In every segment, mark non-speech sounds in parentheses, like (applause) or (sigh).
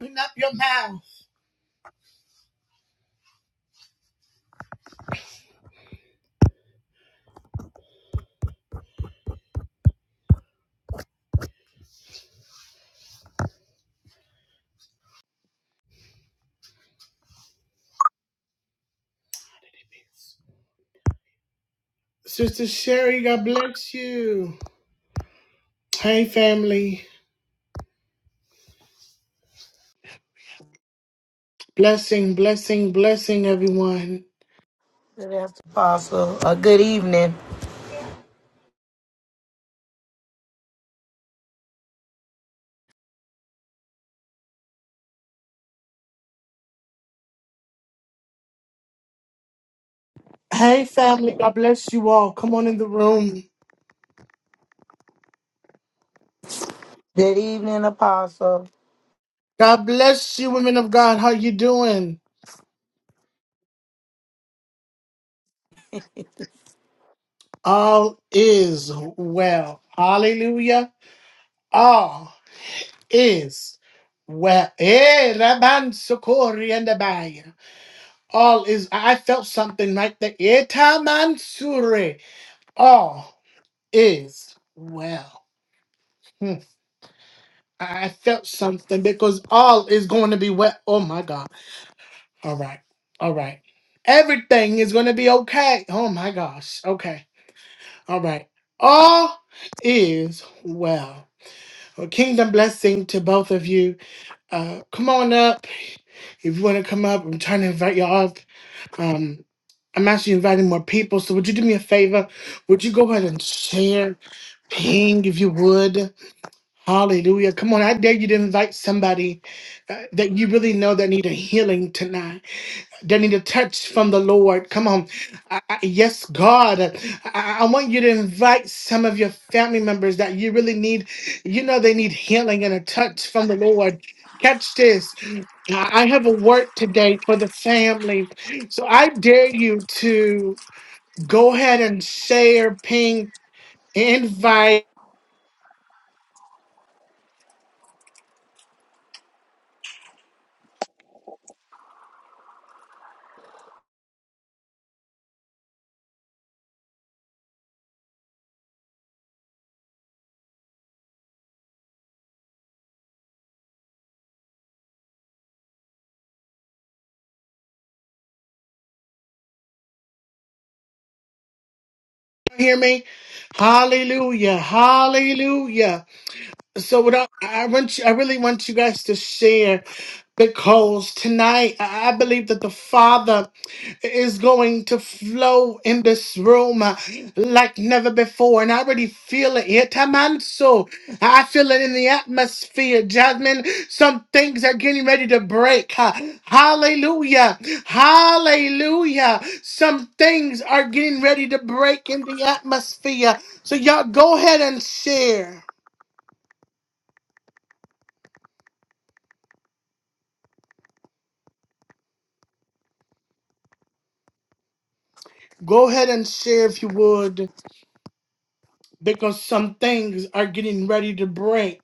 Open up your mouth. Sister Sherry, God bless you. Hey, family. Blessing, blessing, blessing, everyone. Good afternoon, Apostle. Uh, good evening. Hey, family. God bless you all. Come on in the room. Good evening, Apostle. God bless you, women of God. How you doing? All is well. Hallelujah. All is well. Eh, Rabban Sokori and Abaya. All is. I felt something right there. Eta Mansure. All. is well. Hmm. I I felt something because all is going to be well. Oh my God. All right. All right. Everything is going to be okay. Oh my gosh. Okay. All right. All is well. Well, kingdom blessing to both of you. Uh, come on up if you want to come up. I'm trying to invite y'all up. Um, I'm actually inviting more people. So would you do me a favor? Would you go ahead and share, ping if you would? Hallelujah. Come on, I dare you to invite somebody uh, that you really know that need a healing tonight, that need a touch from the Lord. Come on. I- I- yes, God. I, I I want you to invite some of your family members that you really need, you know, they need healing and a touch from the Lord. Catch this. I I have a word today for the family. So I dare you to go ahead and share, ping, invite. Hear me? Hallelujah. Hallelujah. So what I, I want you, I really want you guys to share because tonight I I believe that the Father is going to flow in this room uh, like never before, and I already feel it. here. Tamanso, I feel it in the atmosphere. Jasmine, some things are getting ready to break. huh? Hallelujah, Hallelujah. Some things are getting ready to break in the atmosphere. So y'all go ahead and share. Go ahead and share if you would, because some things are getting ready to break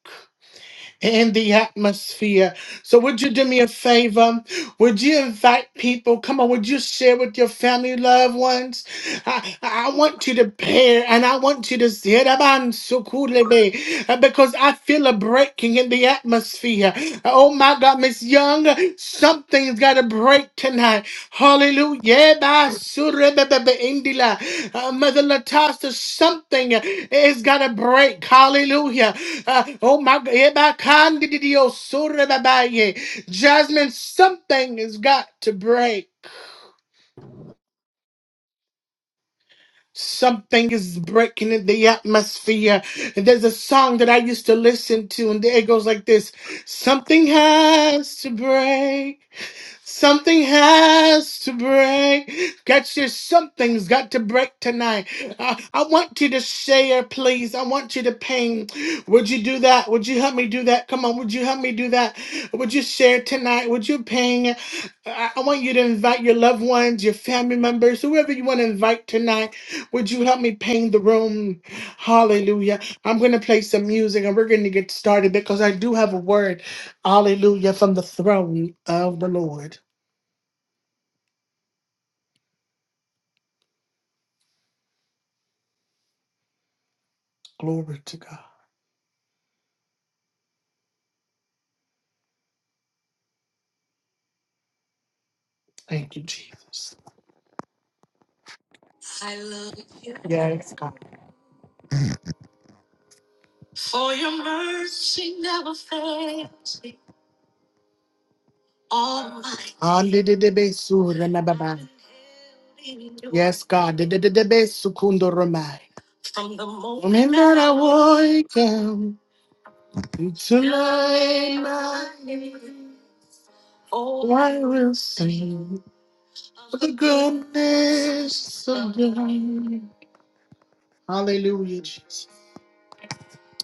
in the atmosphere. So, would you do me a favor? Would you invite people? Come on, would you share with your family, loved ones? I, I want you to pair and I want you to see it. Aban sukulebe, uh, because I feel a breaking in the atmosphere. Oh my God, Miss Young, something's got to break tonight. Hallelujah. Ba- surebebebe indila. Uh, Mother Latasa, something is going to break. Hallelujah. Uh, oh my God. Eba kandidio surebebaye. Jasmine, something has got to break. Something is breaking in the atmosphere. And there's a song that I used to listen to, and it goes like this Something has to break. Something has to break. Got your something's got to break tonight. I, I want you to share, please. I want you to ping. Would you do that? Would you help me do that? Come on, would you help me do that? Would you share tonight? Would you ping? I, I want you to invite your loved ones, your family members, whoever you want to invite tonight. Would you help me ping the room? Hallelujah. I'm going to play some music and we're going to get started because I do have a word. Hallelujah from the throne of the Lord. Glory to God. Thank you, Jesus. Yes, God. Hallelujah. Remember. Yes, God. Dedededebesukundoromai. Moment that I wake up until I am. Oh, I will sing of the goodness of God. Hallelujah, Jesus.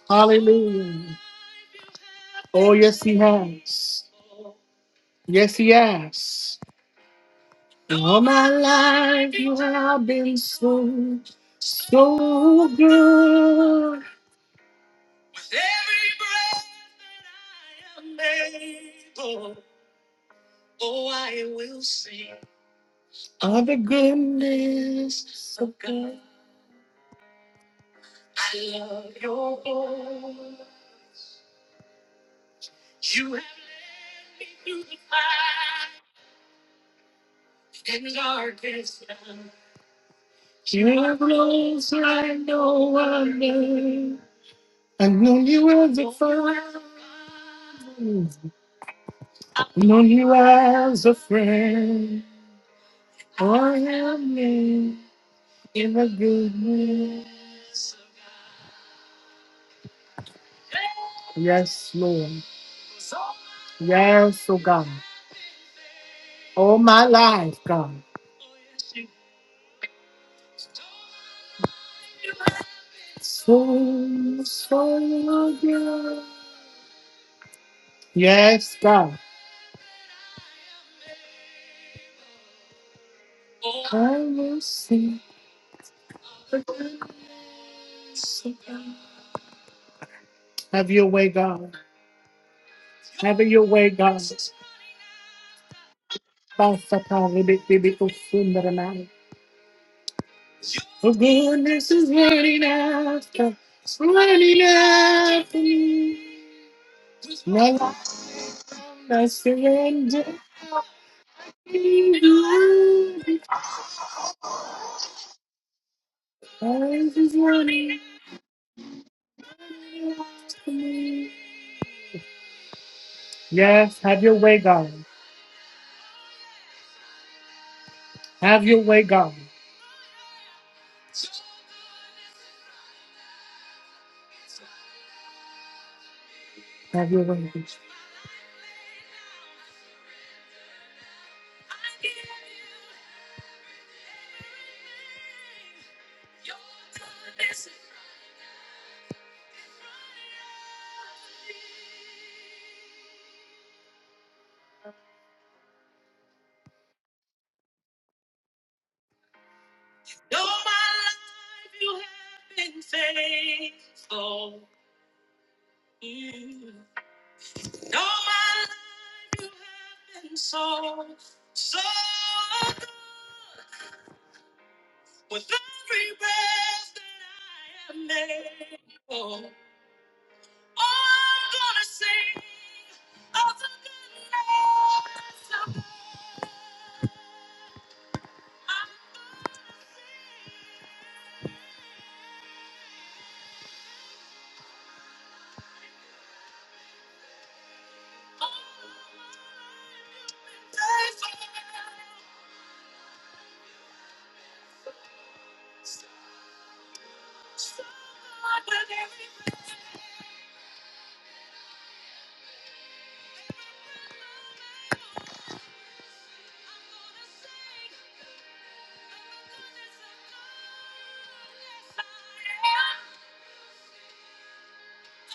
Hallelujah. Oh, yes, He has. Yes, He has. All my life you have been so, so good. All the goodness of God. You have led me through the fire. You have rose like no other. I know you as a friend. Known you as a friend. I am in the goodness. Yes, Lord. Yes, oh God. All my life, God. So, so good. Yes, God. I will sing. Have your way, God. Have your way, God. Basta Padre, big, big, big, oh, Sundaramai. Oh, goodness is running after, it's running after me. My life I surrender to you. This is running. Yes, have your way, God. Have your way, God. Have your way.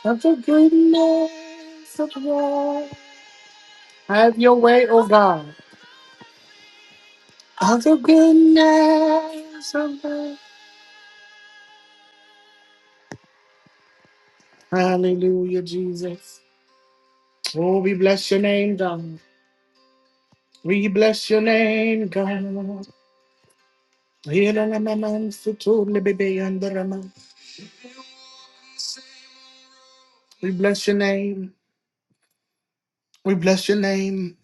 Of the goodness of God. Have your way, oh God. Of the goodness of God. Hallelujah, Jesus. Oh, we bless your name, God. We bless your name, God. We bless your name. We bless your name.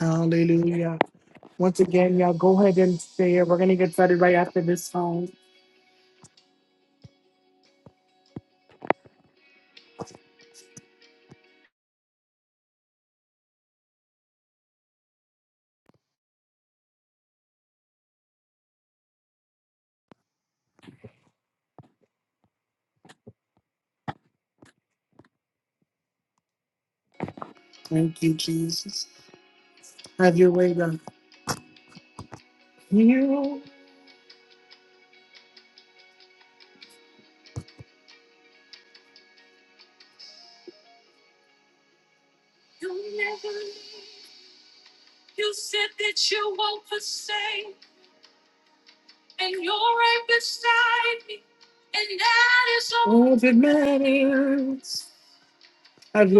Hallelujah. Once again, y'all go ahead and stay. We're gonna get started right after this song. Thank you, Jesus. Have your way, God. You hold it matters. Have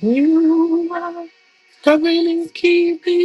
you covering and keeping.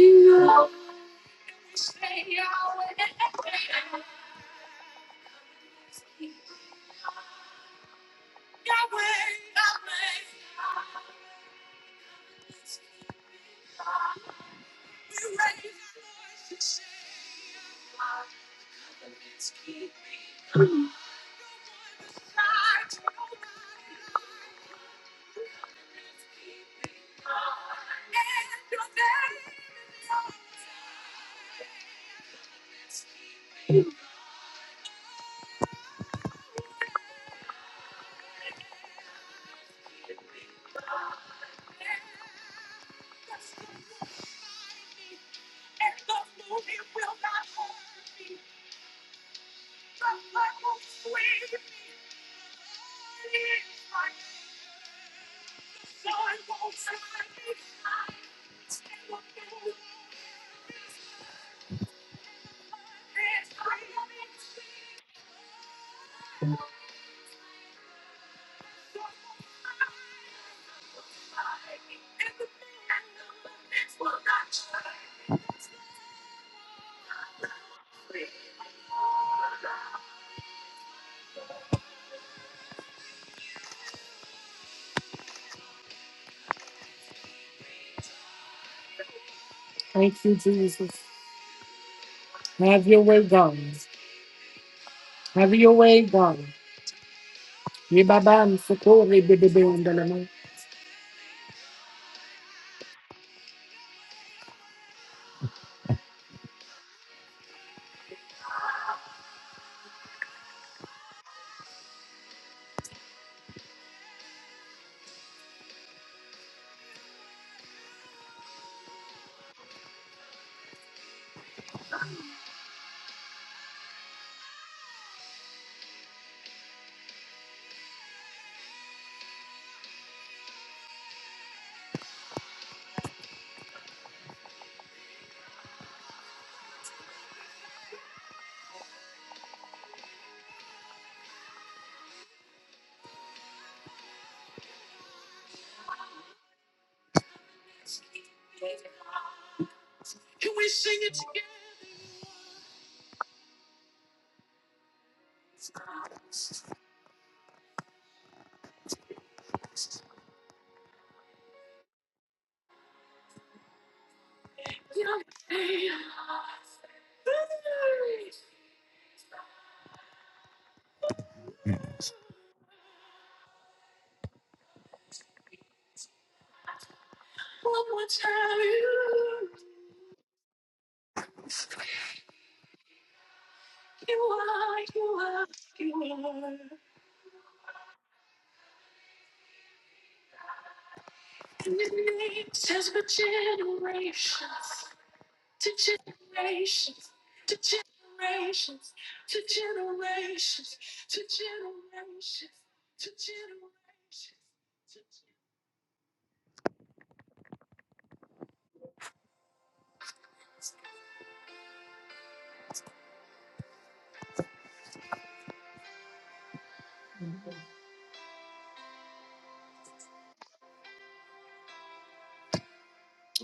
Thank you, Jesus. Have your way, God. Have your way, God. Yibabam sokori bebebe ondalama.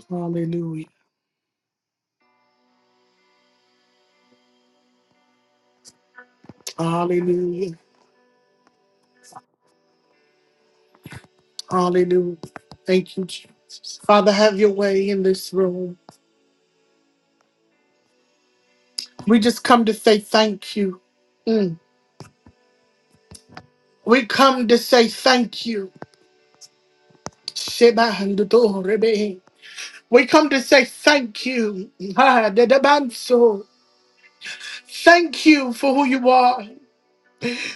Hallelujah. Hallelujah. Hallelujah. Thank you, Jesus. Father, have your way in this room. We just come to say thank you. We come to say thank you. Sheba We come to say thank you. Ha, Dedebanso. Thank you for who you are.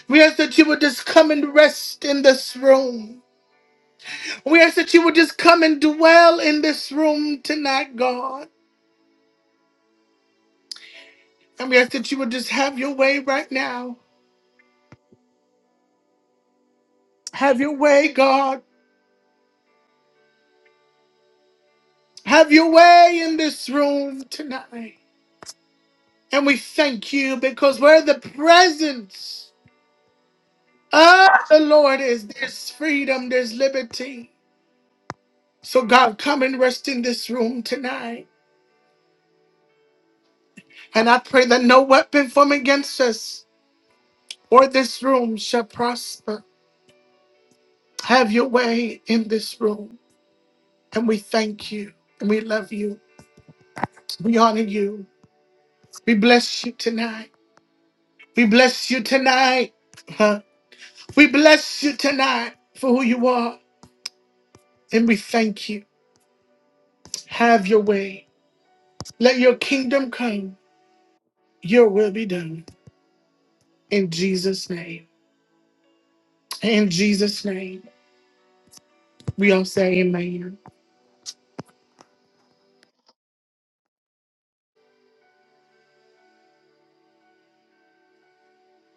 We ask that you would just come and rest in this room. We ask that you would just come and dwell in this room tonight, God. And we ask that you would just have your way right now. Have your way, God. Have your way in this room tonight. And we thank you because we're the presence. Ah, the Lord is there's freedom, there's liberty. So, God, come and rest in this room tonight. And I pray that no weapon formed against us or this room shall prosper. Have your way in this room. And we thank you. And we love you. We honor you. We bless you tonight. We bless you tonight. Huh? We bless you tonight for who you are. And we thank you. Have your way. Let your kingdom come. Your will be done. In Jesus' name. In Jesus' name. We all say amen.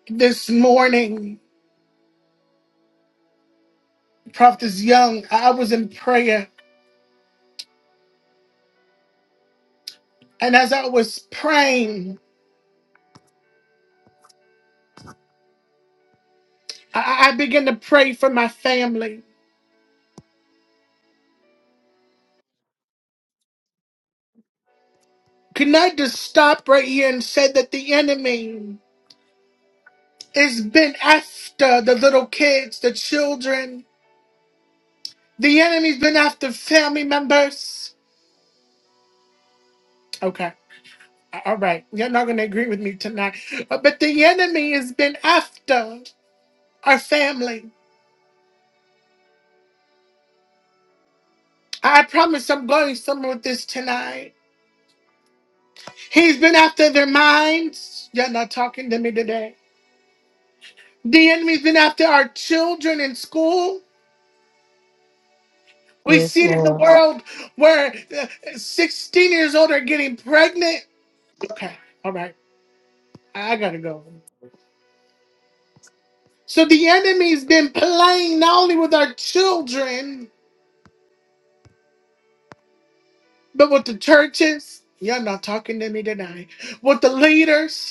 This morning, Prophet Young, I was in prayer. And as I was praying, I, I began to pray for my family. Can I just stop right here and say that the enemy has been after the little kids, the children? The enemy's been after family members. Okay. All right. You're not going to agree with me tonight. Uh, But the enemy has been after our family. I promise I'm going somewhere with this tonight. He's been after their minds. You're not talking to me today. The enemy's been after our children in school. We Yes, see it in the Lord. world where uh, 16 years old are getting pregnant. Okay, all right, I gotta go. So the enemy's been playing not only with our children, but with the churches. You're not talking to me tonight. With the leaders.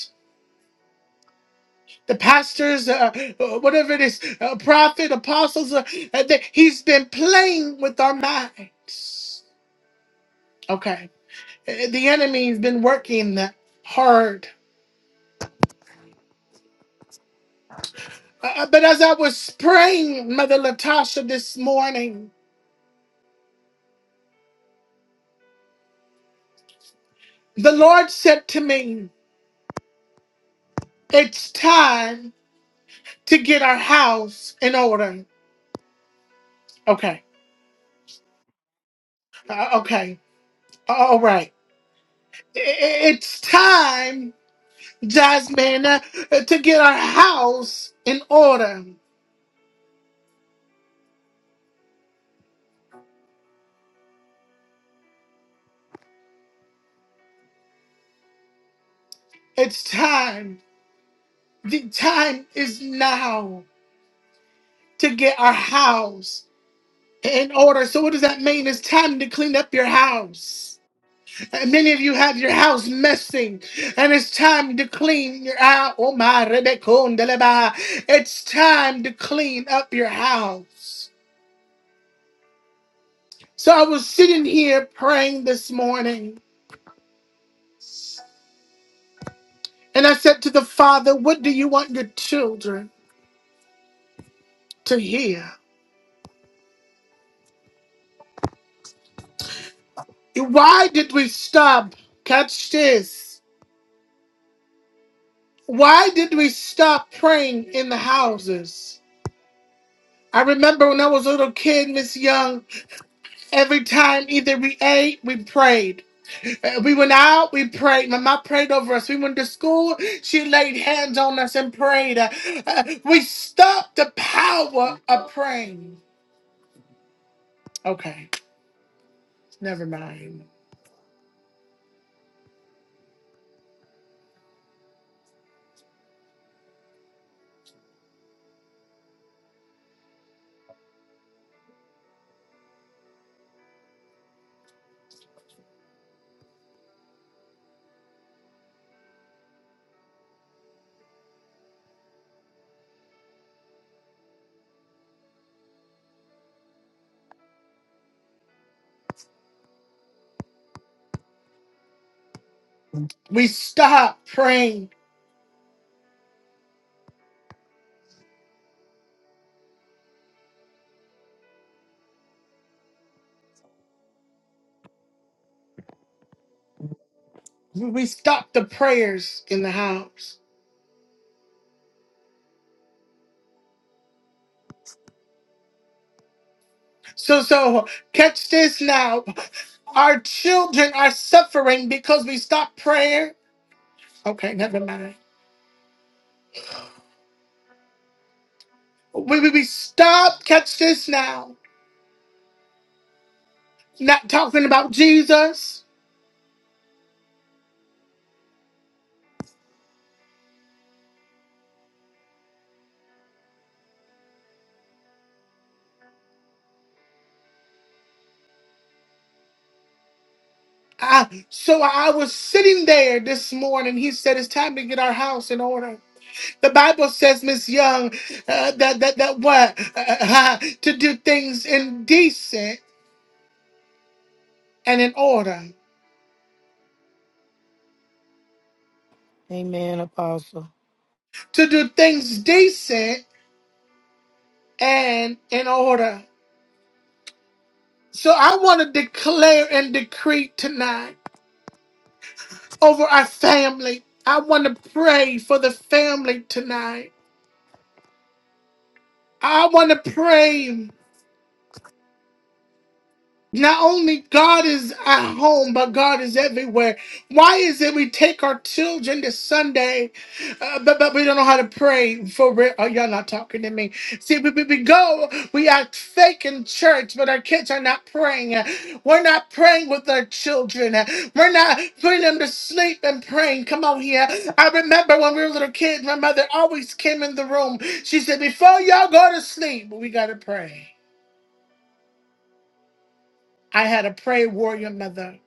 the pastors, uh, uh, whatever it is, uh, prophet, apostles. Uh, uh, that he's been playing with our minds. Okay, Uh, the enemy's been working hard. Uh, uh, but as I was praying, Mother Latasha, this morning, the Lord said to me, "It's time to get our house in order." Okay, uh, okay, Uh, all right. I- I- It's time, Jasmine, uh, to get our house in order. It's time. The time is now to get our house in order. So, what does that mean? It's time to clean up your house. And many of you have your house messing, and it's time to clean your house. Oh my, Rebekondeleba. it's time to clean up your house. So I was sitting here praying this morning, and I said to the Father, "What do you want your children to hear? Why did we stop? Catch this." Why did we stop praying in the houses? I remember when I was a little kid, Miss Young, every time either we ate, we prayed. Uh, We went out, we prayed. My mom prayed over us. We went to school, she laid hands on us and prayed. Uh, uh, we stopped the power of praying. Okay, never mind. We stopped praying. We we stopped the prayers in the house. So, so catch this now. Our children are suffering because we stopped prayer. Okay, never mind. We, we, we stopped, catch this now, not talking about Jesus. I, so I was sitting there this morning. He said, It's time to get our house in order. The Bible says, Miss Young, uh, that, that, that what? Uh, uh, (laughs) to do things in decent and in order. Amen, Apostle. To do things decent and in order. So I want to declare and decree tonight over our family. I want to pray for the family tonight. I want to pray. Not only God is at home, but God is everywhere. Why is it we take our children to Sunday, uh, but, but we don't know how to pray for real? Oh, y'all not talking to me. See, we, we, we go, we act fake in church, but our kids are not praying. We're not praying with our children. We're not putting them to sleep and praying. Come on here. I remember when we were little kids, my mother always came in the room. She said, before y'all go to sleep, we got to pray. I had a pray warrior mother.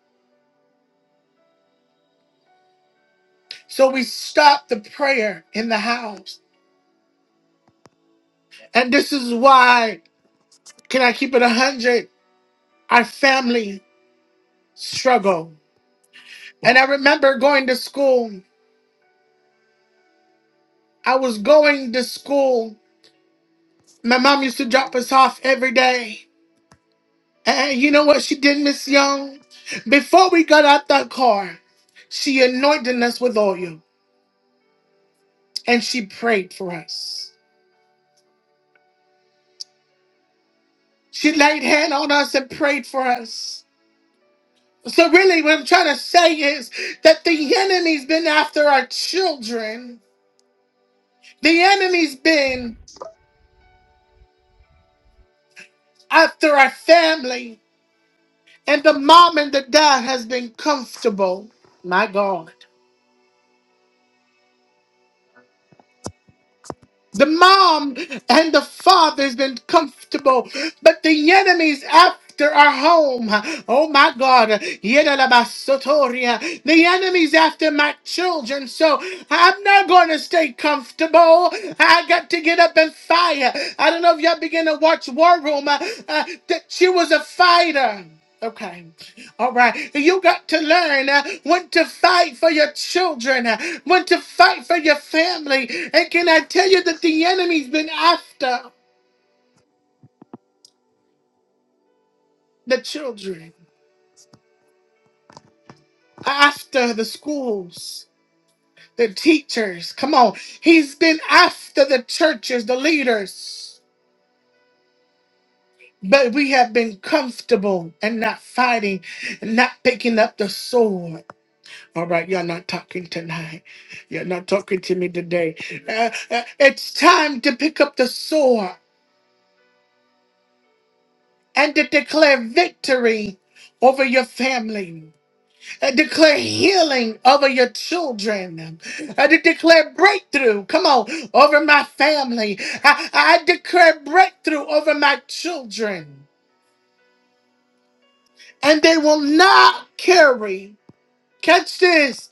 So we stopped the prayer in the house. And this is why, can I keep it 100? Our family struggle. And I remember going to school. I was going to school. My mom used to drop us off every day. And you know what she did, Miss Young? Before we got out that car, she anointed us with oil and she prayed for us. She laid hand on us and prayed for us. So really what I'm trying to say is that the enemy's been after our children. The enemy's been after our family. And the mom and the dad has been comfortable. My God. The mom and the father has been comfortable, but the enemy's after our home. Oh my God. Yedalabasotoria. The enemy's after my children, so I'm not going to stay comfortable. I got to get up and fire. I don't know if y'all begin to watch War Room, uh, uh, that she was a fighter. Okay. All right. You got to learn uh, when to fight for your children, uh, when to fight for your family. And can I tell you that the enemy's been after the children, after the schools, the teachers? Come on. He's been after the churches, the leaders. But we have been comfortable and not fighting, and not picking up the sword. All right, you're not talking tonight. You're not talking to me today. Uh, uh, it's time to pick up the sword and to declare victory over your family. And declare healing over your children. I de- declare breakthrough. Come on, over my family. I, I declare breakthrough over my children. And they will not carry, catch this,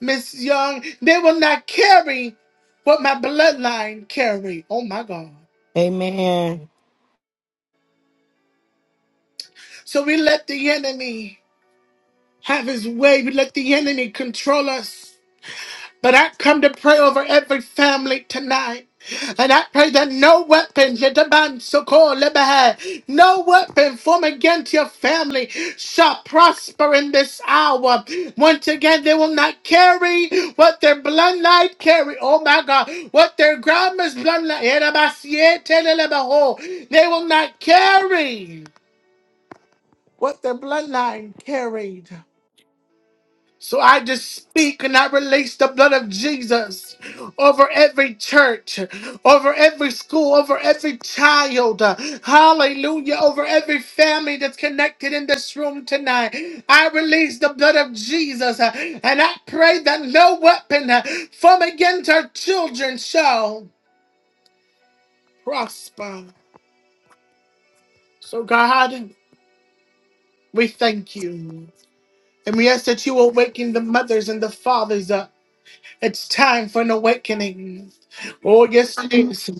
Miss Young, they will not carry what my bloodline carry. Oh my God. Amen. So we let the enemy have his way. We let the enemy control us. But I come to pray over every family tonight. And I pray that no weapon, Yetaban Sokol Lebehe, no weapon formed against your family shall prosper in this hour. Once again, they will not carry what their bloodline carry. Oh my God, what their grandma's bloodline. Yetabasiete Lelebeho. They will not carry what their bloodline carried. So I just speak and I release the blood of Jesus over every church, over every school, over every child. Hallelujah. Over every family that's connected in this room tonight. I release the blood of Jesus uh, and I pray that no weapon uh, from against our children shall prosper. So, God, we thank you. And we ask that you awaken the mothers and the fathers up. It's time for an awakening. Oh, yes, it is.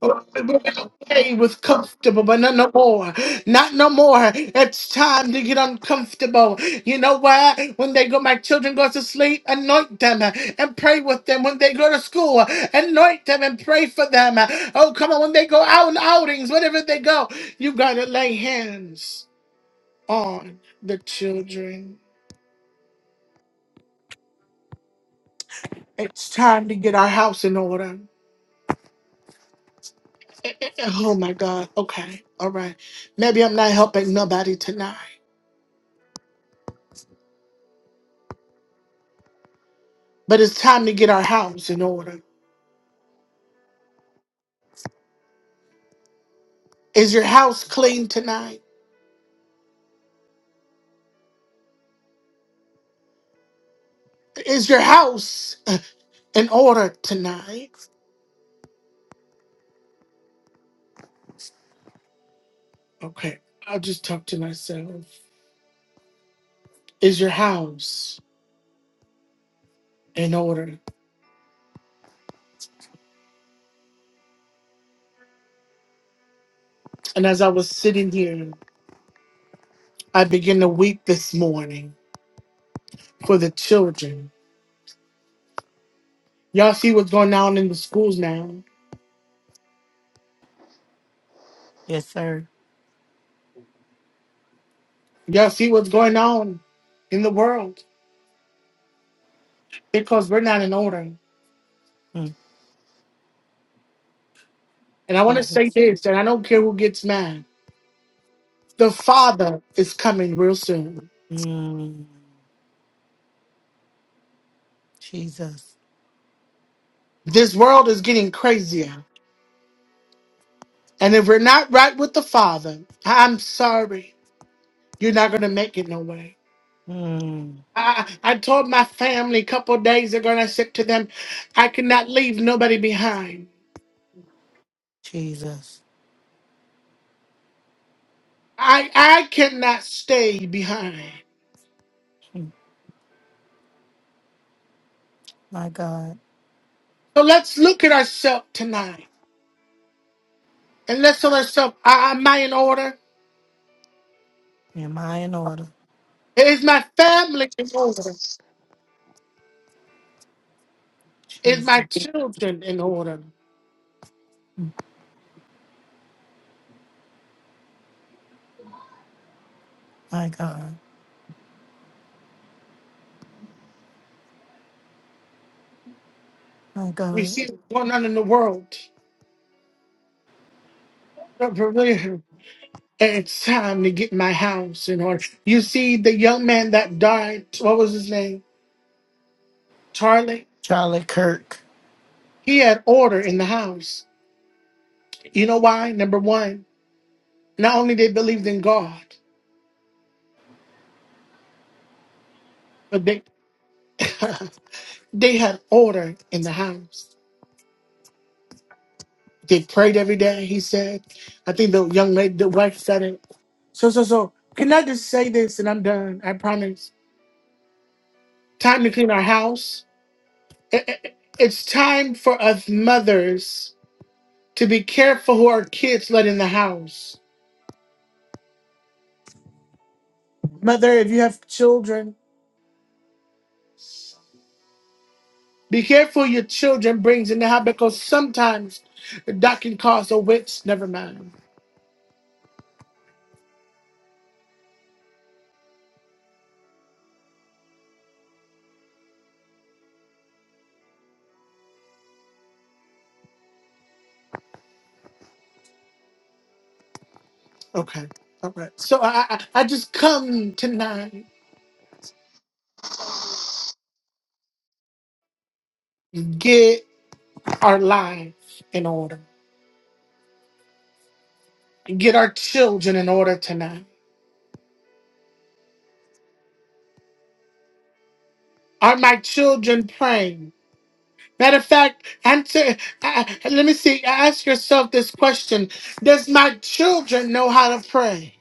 Oh, we're Okay, with comfortable, but not no more. Not no more. It's time to get uncomfortable. You know why? When they go, my children go to sleep, anoint them and pray with them. When they go to school, anoint them and pray for them. Oh, come on. When they go out on outings, wherever they go, you gotta lay hands on the children. It's time to get our house in order. Oh my God. Okay. All right. Maybe I'm not helping nobody tonight, but it's time to get our house in order. Is your house clean tonight? Is your house uh, in order tonight? Okay. I'll just talk to myself. Is your house in order? And as I was sitting here, I began to weep this morning for the children. Y'all see what's going on in the schools now. Yes, sir. Y'all see what's going on in the world because we're not in order. Mm, And I want to say Jesus. this, and I don't care who gets mad. The Father is coming real soon. Mm, Jesus. This world is getting crazier. And if we're not right with the Father, I'm sorry. You're not going to make it no way. Mm, I, I told my family a couple of days ago, and I said to them, I cannot leave nobody behind. Jesus. I, I cannot stay behind. My God. So let's look at ourselves tonight. And let's tell ourselves, am I in order? Am I in order? Is my family in order? Is my Jesus. children in order? My God. My We God. see what's going on in the world. But for real, It's time to get my house in order. You see, the young man that died, what was his name? Charlie? Charlie Kirk. He had order in the house. You know why? Number one, not only they believed in God, but they (laughs) they had order in the house. They prayed every day, he said. I think the young lady, the wife said it. So, so, so, can I just say this and I'm done? I promise. Time to clean our house I- I- It's time for us mothers to be careful who our kids let in the house. Mother, if you have children, be careful your children brings in the house because sometimes that can cause a witch. Never mind. Okay. All right. So I, I, I just come tonight, get our life in order, get our children in order tonight. Are my children praying? Matter of fact, answer. Uh, uh, let me see. Ask yourself this question: Does my children know how to pray?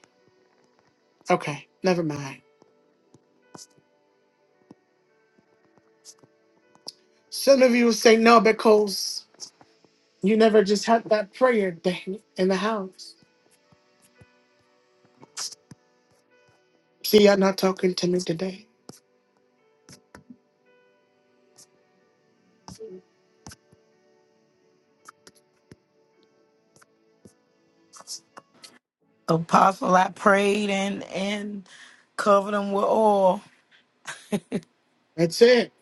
Okay, never mind. Some of you will say no because you never just had that prayer day in the house. See, you're not talking to me today. Apostle, I prayed and and covered them with oil. That's it.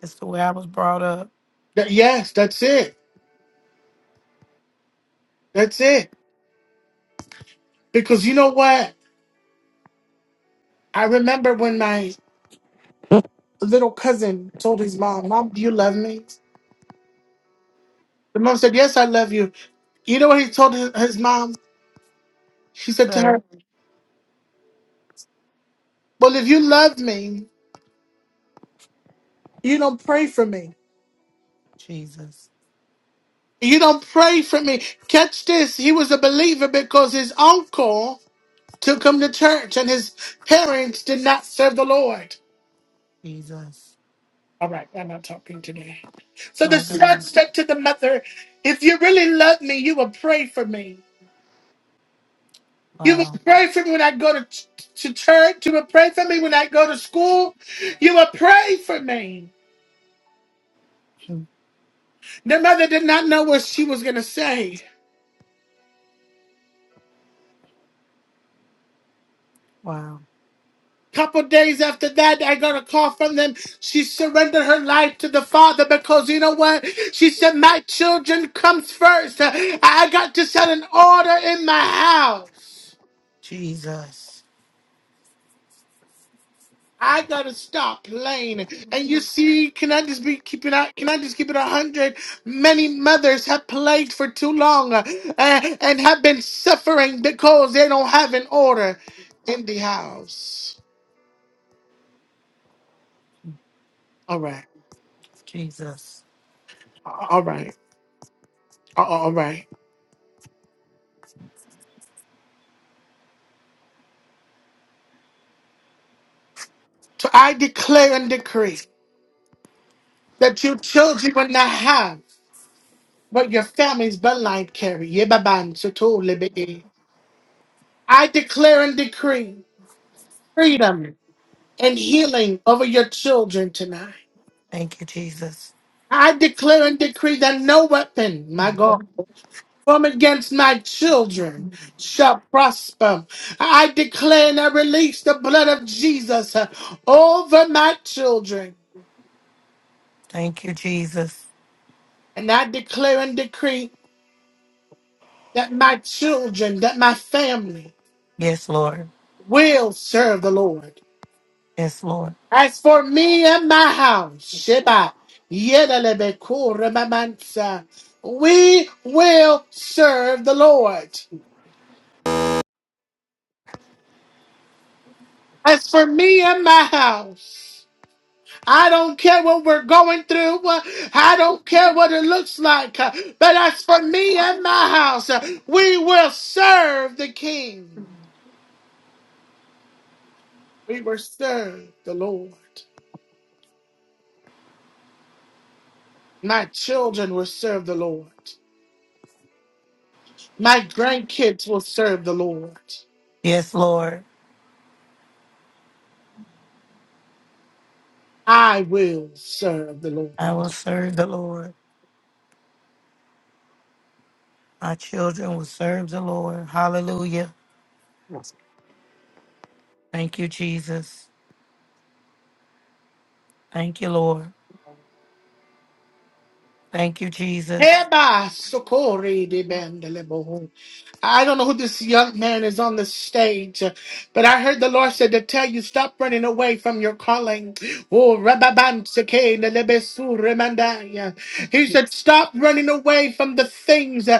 That's the way I was brought up, That- yes, that's it. That's it. Because you know what? I remember when my little cousin told his mom, "Mom, do you love me?" The mom said, "Yes, I love you." You know what he told his his mom? She said to sir. her. Well, if you love me, you don't pray for me. Jesus. You don't pray for me. Catch this. He was a believer because his uncle took him to church and his parents did not serve the Lord. Jesus. All right, I'm not talking today. So the My son God. said to the mother, If you really love me, you will pray for me. You will Wow. pray for me when I go to, ch- to church. You will pray for me when I go to school. You will pray for me. The mother did not know what she was going to say. Wow. Couple days after that, I got a call from them. She surrendered her life to the Father because you know what? She said, "My children comes first. I got to set an order in my house. Jesus. I gotta stop playing." And you see, can I just be keeping out? Can I just keep it a hundred? Many mothers have played for too long uh, and have been suffering because they don't have an order in the house. All right, Jesus. all right, all right. So I declare and decree that your children will not have what your family's bloodline carry. Yebaban soto lebe'e. I declare and decree freedom and healing over your children tonight. Thank you, Jesus. I declare and decree that no weapon, my God, Mhm. formed against my children shall prosper. I declare and I release the blood of Jesus uh, over my children. Thank you, Jesus. And I declare and decree that my children, that my family, Yes, Lord. will serve the Lord. Yes, Lord. As for me and my house, Sheba, Yedelebeku, Remamansa, we will serve the Lord. As for me and my house, I don't care what we're going through. uh, I don't care what it looks like. uh, But as for me and my house, uh, we will serve the King. We will serve the Lord. My children will serve the Lord. My grandkids will serve the Lord. Yes, Lord. I will serve the Lord. I will serve the Lord. My children will serve the Lord. Hallelujah. Thank you, Jesus. Thank you, Lord. Thank you, Jesus. Hereby, Sokori de Bandelebo. I don't know who this young man is on the stage, but I heard the Lord said to tell you stop running away from your calling. Oh, Rababan Seke Nelebesu Remandaya. He said stop running away from the things.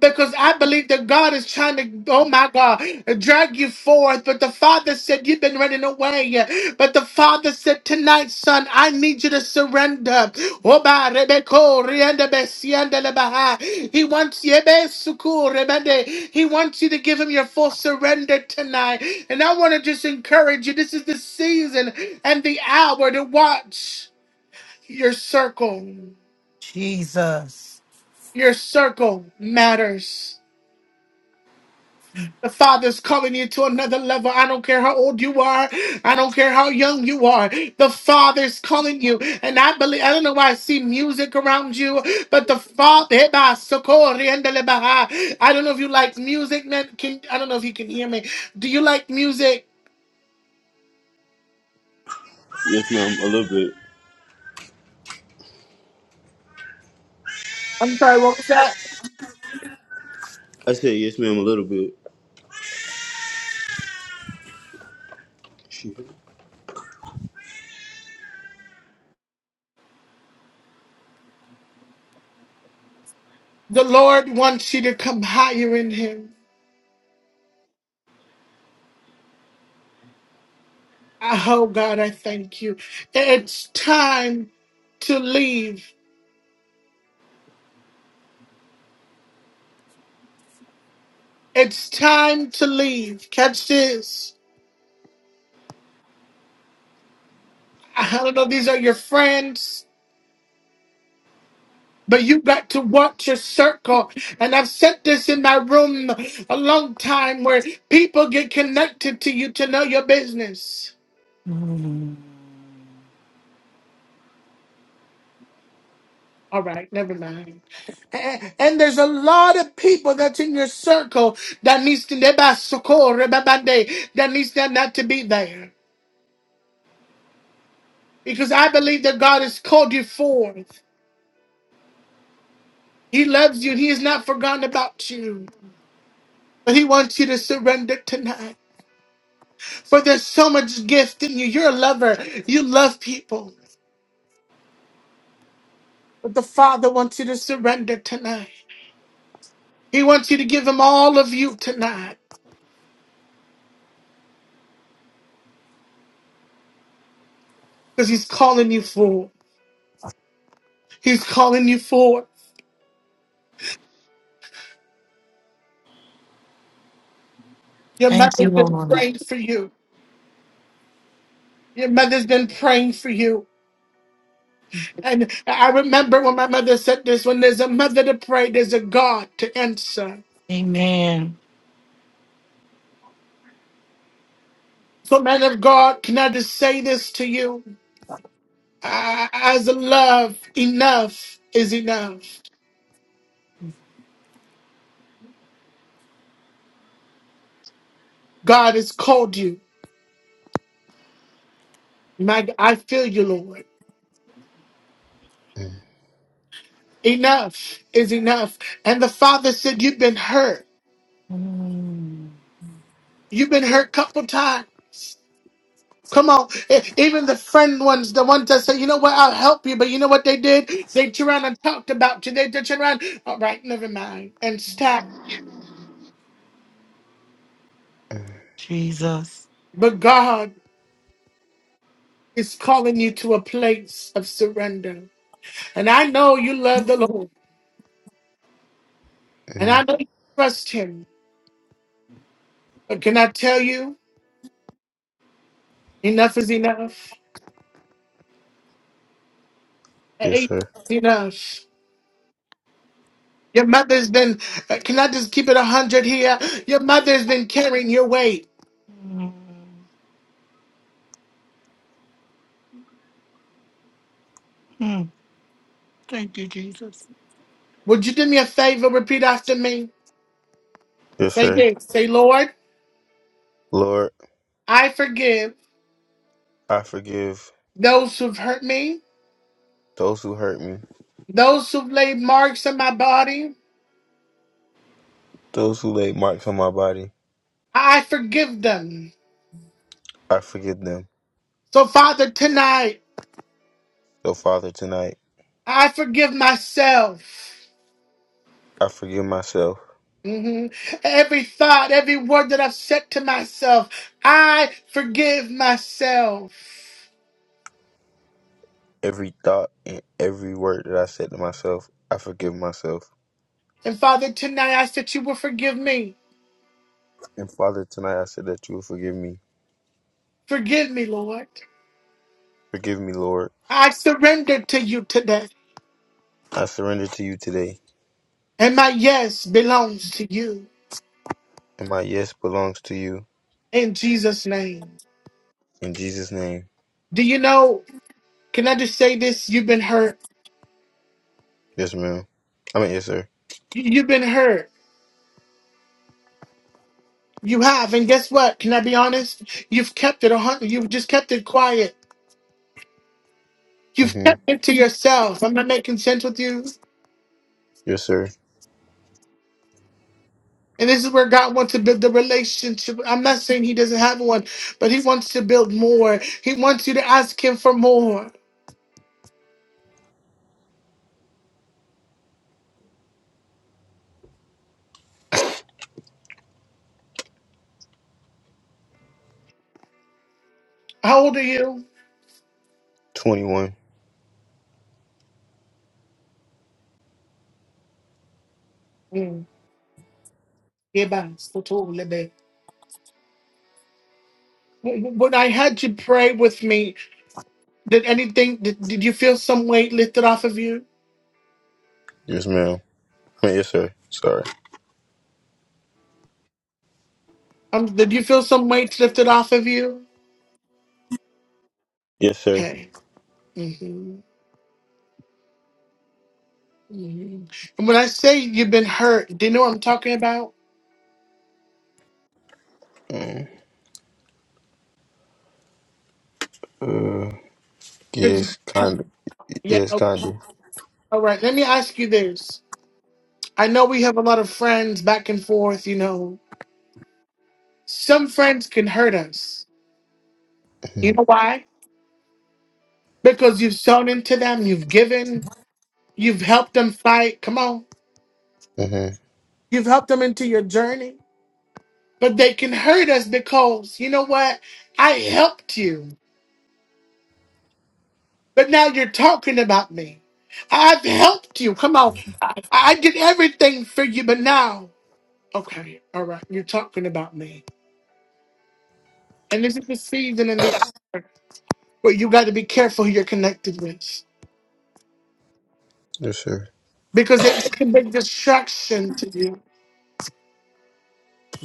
Because I believe that God is trying to, oh my God, drag you forth. But the Father said, You've been running away. But the Father said, Tonight, son, I need you to surrender. Oh, ba, rebeko, riende, be, siende, le, ba, He wants you, be, suku, rebende. He wants you to give him your full surrender tonight. And I want to just encourage you this is the season and the hour to watch your circle. Jesus. Your circle matters. The Father's calling you to another level. I don't care how old you are. I don't care how young you are. The Father's calling you. And I believe, I don't know why I see music around you, but the Father, Eba, Soko, Riendele, Baha. I don't know if you like music, man. Can, I don't know if you can hear me. Do you like music? Yes, ma'am, a little bit. I'm sorry, what was that? I said yes, ma'am, a little bit. Shit. The Lord wants you to come higher in Him. Oh, God, I thank you. It's time to leave. It's time to leave. Catch this. I don't know, these are your friends. But you got to watch your circle. And I've said this in my room a long time where people get connected to you to know your business. Mm. All right, never mind. A- And there's a lot of people that's in your circle that needs to that needs to not to be there. Because I believe that God has called you forth. He loves you. He has not forgotten about you. But he wants you to surrender tonight. For there's so much gift in you. You're a lover. You love people. But the Father wants you to surrender tonight. He wants you to give him all of you tonight. Because he's calling you forward. He's calling you forward. Your Thank you, mother's been Lord. praying for you. Your mother's been praying for you. And I remember when my mother said this when there's a mother to pray, there's a God to answer. Amen. So, man of God, can I just say this to you? Uh, As a love, enough is enough. God has called you. My, g- I feel you, Lord. Enough is enough. And the father said, You've been hurt. Mm. You've been hurt couple times. Come on. E- Even the friend ones, the ones that say, you know what, I'll help you. But you know what they did? They turned around and talked about you. They turned around, all right, never mind, and stop. Jesus. But God is calling you to a place of surrender. And I know you love the Lord. And I know you trust him. But can I tell you, enough is enough. Enough Yes, sir. is enough. Your mother's been, uh, can I just keep it 100 here? Your mother's been carrying your weight. Mm. Mm. Thank you, Jesus. Would you do me a favor? Repeat after me. Yes, Say sir. this. Say, Lord, Lord, I forgive I forgive those who've hurt me, those who hurt me, those who've laid marks on my body. those who laid marks on my body. I forgive them. I forgive them. So, Father, tonight, So, Father, tonight, I forgive myself. I forgive myself. Mhm. Every thought, every word that I've said to myself, I forgive myself. Every thought and every word that I said to myself, I forgive myself. And Father, tonight I ask that you will forgive me. And, Father, tonight, I said that you will forgive me. Forgive me, Lord. Forgive me, Lord. I surrender to you today, I surrender to you today, and my yes belongs to you and my yes belongs to you. in Jesus' name. In Jesus' name. Do you know? Can I just say this? You've been hurt. Yes, ma'am. I mean, yes, sir. You- You've been hurt. You have, and guess what? Can I be honest? You've kept it a hundred. You've just kept it quiet. You've hmm kept it to yourself. I'm not making sense with you. Yes, sir. And this is where God wants to build the relationship. I'm not saying He doesn't have one, but He wants to build more. He wants you to ask Him for more. How old are you? 21. Eba, soto, When I had you pray with me, did anything, did, did you feel some weight lifted off of you? Yes, ma'am. I mean, yes, sir. Sorry. Um, did you feel some weight lifted off of you? Yes, sir. Okay. hmm hmm And when I say you've been hurt, do you know what I'm talking about? Mm, Uh, 'Cause- yes, kind of. Yeah. Yes, okay. kind of. All right. Let me ask you this. I know we have a lot of friends back and forth, you know. Some friends can hurt us. You Mm-hmm. know why? Because you've sown into them, you've given, you've helped them fight. Come on. hmm You've helped them into your journey, but they can hurt us because, you know what? I helped you, but now you're talking about me. I've helped you. Come on. I, I did everything for you, but now, okay, all right, you're talking about me. And this is the season and the hour where you got to be careful who you're connected with Yes, sir. because they, they can bring distraction to you.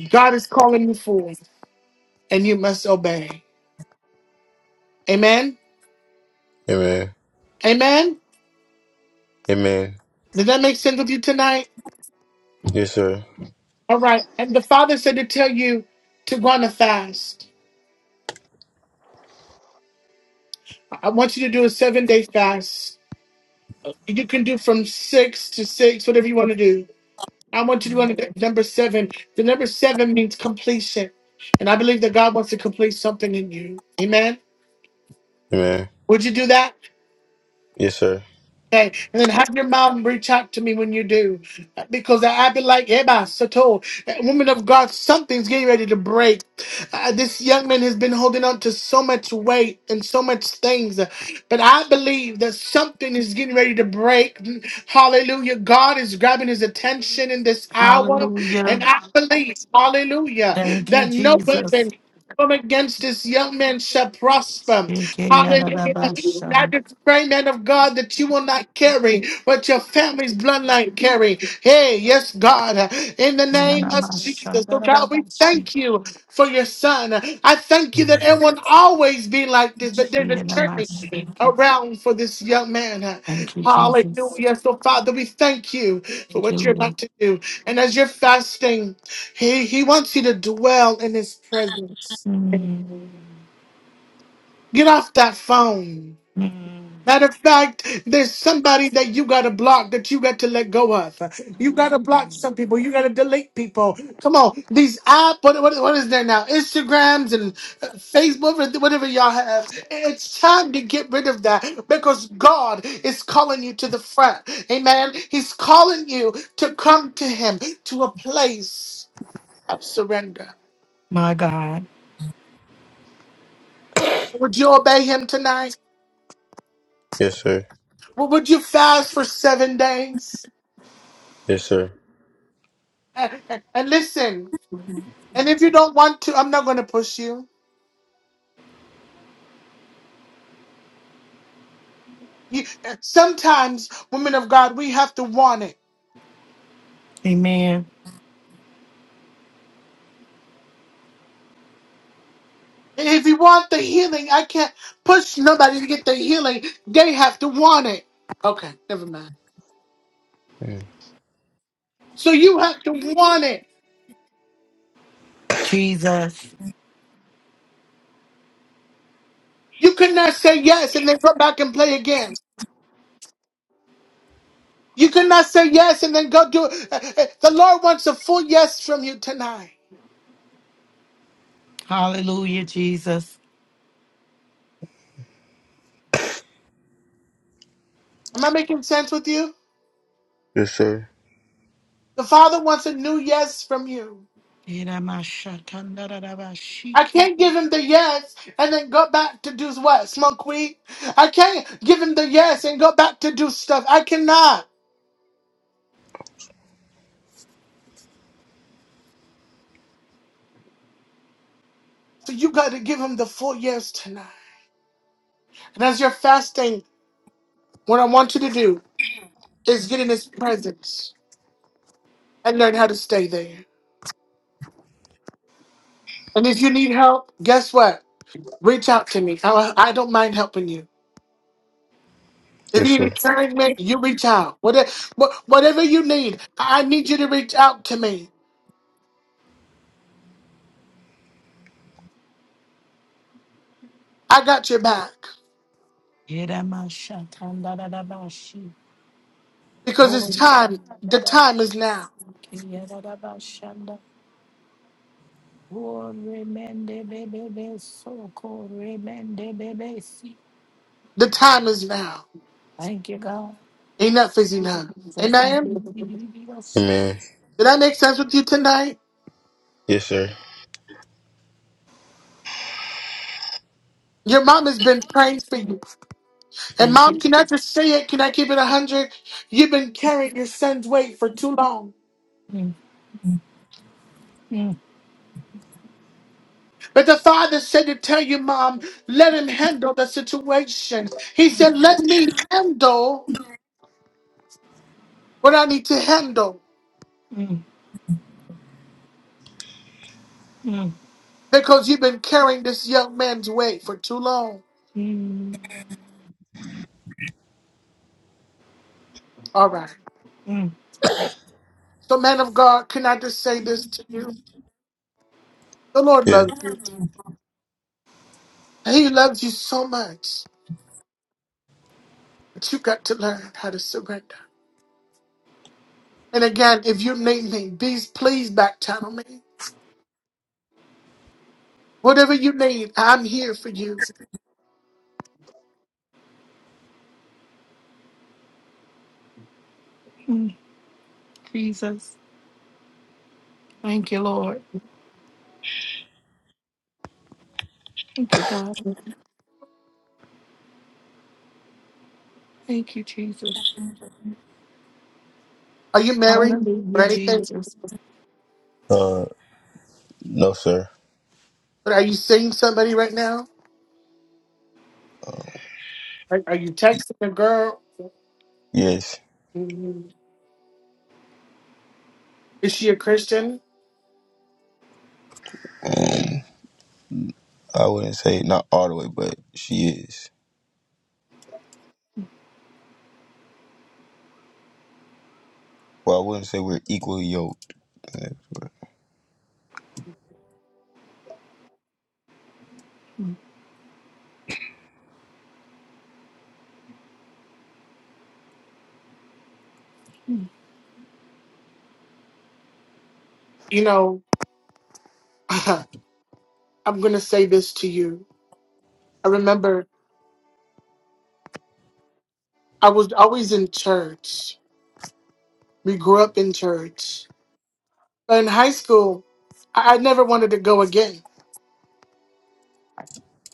God is calling you forth, and you must obey. Amen. Amen. Amen. Amen. Does that make sense with you tonight? Yes, sir. All right. And the Father said to tell you to go on a fast. I want you to do a seven day fast. You can do from six to six, whatever you want to do. I want you to go on to number seven. The number seven means completion. And I believe that God wants to complete something in you. Amen. Amen. Would you do that? Yes, sir. Okay, and then have your mom reach out to me when you do, because I, I be like, Eba Sato, woman of God, something's getting ready to break. Uh, this young man has been holding on to so much weight and so much things, but I believe that something is getting ready to break. Hallelujah! God is grabbing his attention in this hour, and Hallelujah. I believe, Hallelujah, Thank you, that no weapon. Jesus. Come against this young man shall prosper. Hallelujah. That Ekeyarabashan, is praying, man of God, that you will not carry but your family's bloodline carry. Hey, yes, God, in the name of Jesus. So, God, we yanamashandarabashi, thank you for your son. I thank you that it Mhm. won't always be like this, but there's a journey shiyanamashoki. around for this young man. Thank you, Jesus. Hallelujah. So, Father, we thank you for Thank you, what you're Lord. about to do. And as you're fasting, he, he wants you to dwell in his presence. Mm, Get off that phone. mm. Matter of fact, there's somebody that you got to block that you got to let go of. You got to block some people. You got to delete people. Come on. These app, what, what, what is there now? Instagrams and uh, Facebook, whatever whatever y'all have. It's time to get rid of that because God is calling you to the front. Amen. He's calling you to come to Him to a place of surrender. My God. Would you obey Him tonight? Yes, sir. Would would you fast for seven days? (laughs) Yes, sir. And, and listen. And if you don't want to, I'm not going to push you. you. Sometimes, women of God, we have to want it. Amen. And if you want the healing, I can't push nobody to get the healing. They have to want it. Okay, never mind. Mm. So you have to want it. Jesus. You cannot say yes and then go back and play again. You cannot say yes and then go do it. Uh, uh, The Lord wants a full yes from you tonight. Hallelujah, Jesus. Am I making sense with you? Yes, sir. The Father wants a new yes from you. I Yanamashatandarabashiki, can't give him the yes and then go back to do what? Smoke weed? I can't give him the yes and go back to do stuff. I cannot. So you got to give him the full yes tonight. And as you're fasting, what I want you to do is get in his presence and learn how to stay there. And if you need help, guess what? Reach out to me. I, I don't mind helping you. If Yes, you need sir. encouragement, you reach out. Whatever, whatever you need, I I need you to reach out to me. I got your back. yanamashatandarabashiki. Because Oh, it's time. The time is now. yanamashandarabashi, Thank The time is now. you, God. Enough is enough. Jesus. Amen. Amen. Did that make sense with you tonight? Yes, sir. Your mom has been praying for you. And Thank you, mom, can I Jesus. just say it? Can I keep it a hundred? You've been carrying your son's weight for too long. Mm, mm, But the father said to tell you, mom, let him handle the situation. He said, let me handle what I need to handle. mm, mm, Because you've been carrying this young man's weight for too long. mm, All right. mm, So, man of God, can I just say this to you? The Lord Yeah. loves you. He loves you so much, but you got to learn how to surrender. And again, if you need me, please, please back channel me. Whatever you need, I'm here for you. mm. Jesus. Thank you, Lord. Thank you, God. Thank you, Jesus. Are you married or Hallelujah, anything? Jesus. Uh, no, sir. But are you seeing somebody right now? Are, are you texting a girl? Yes. Mhm. Is she a Christian? Um, I wouldn't say not all the way, but she is. Well, I wouldn't say we're equally yoked. You know, (laughs) I'm going to say this to you. I remember I was always in church. We grew up in church. But in high school, I, I never wanted to go again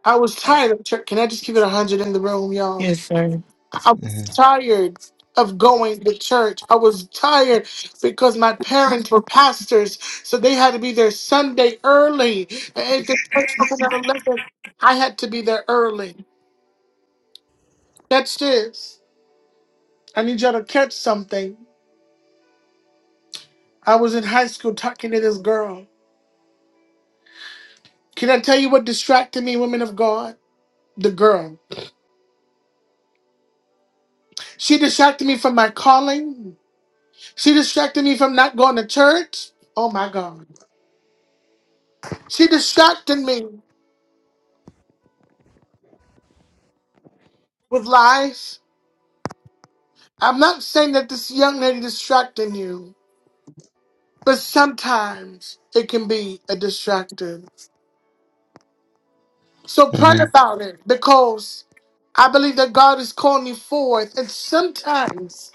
I was tired of church. Can I just keep it 100 in the room, y'all? Yes, sir. I was Mm-hmm. tired of going to church. I was tired because my parents were pastors, so they had to be there Sunday early. And if the church opened at 11, I had to be there early. That's this. I need y'all to catch something. I was in high school talking to this girl. Can I tell you what distracted me, women of God? The girl. She distracted me from my calling. She distracted me from not going to church. Oh my God. She distracted me with lies. I'm not saying that this young lady distracting you, but sometimes it can be a distractor. So pray hmm about it because I believe that God is calling you forth. And sometimes,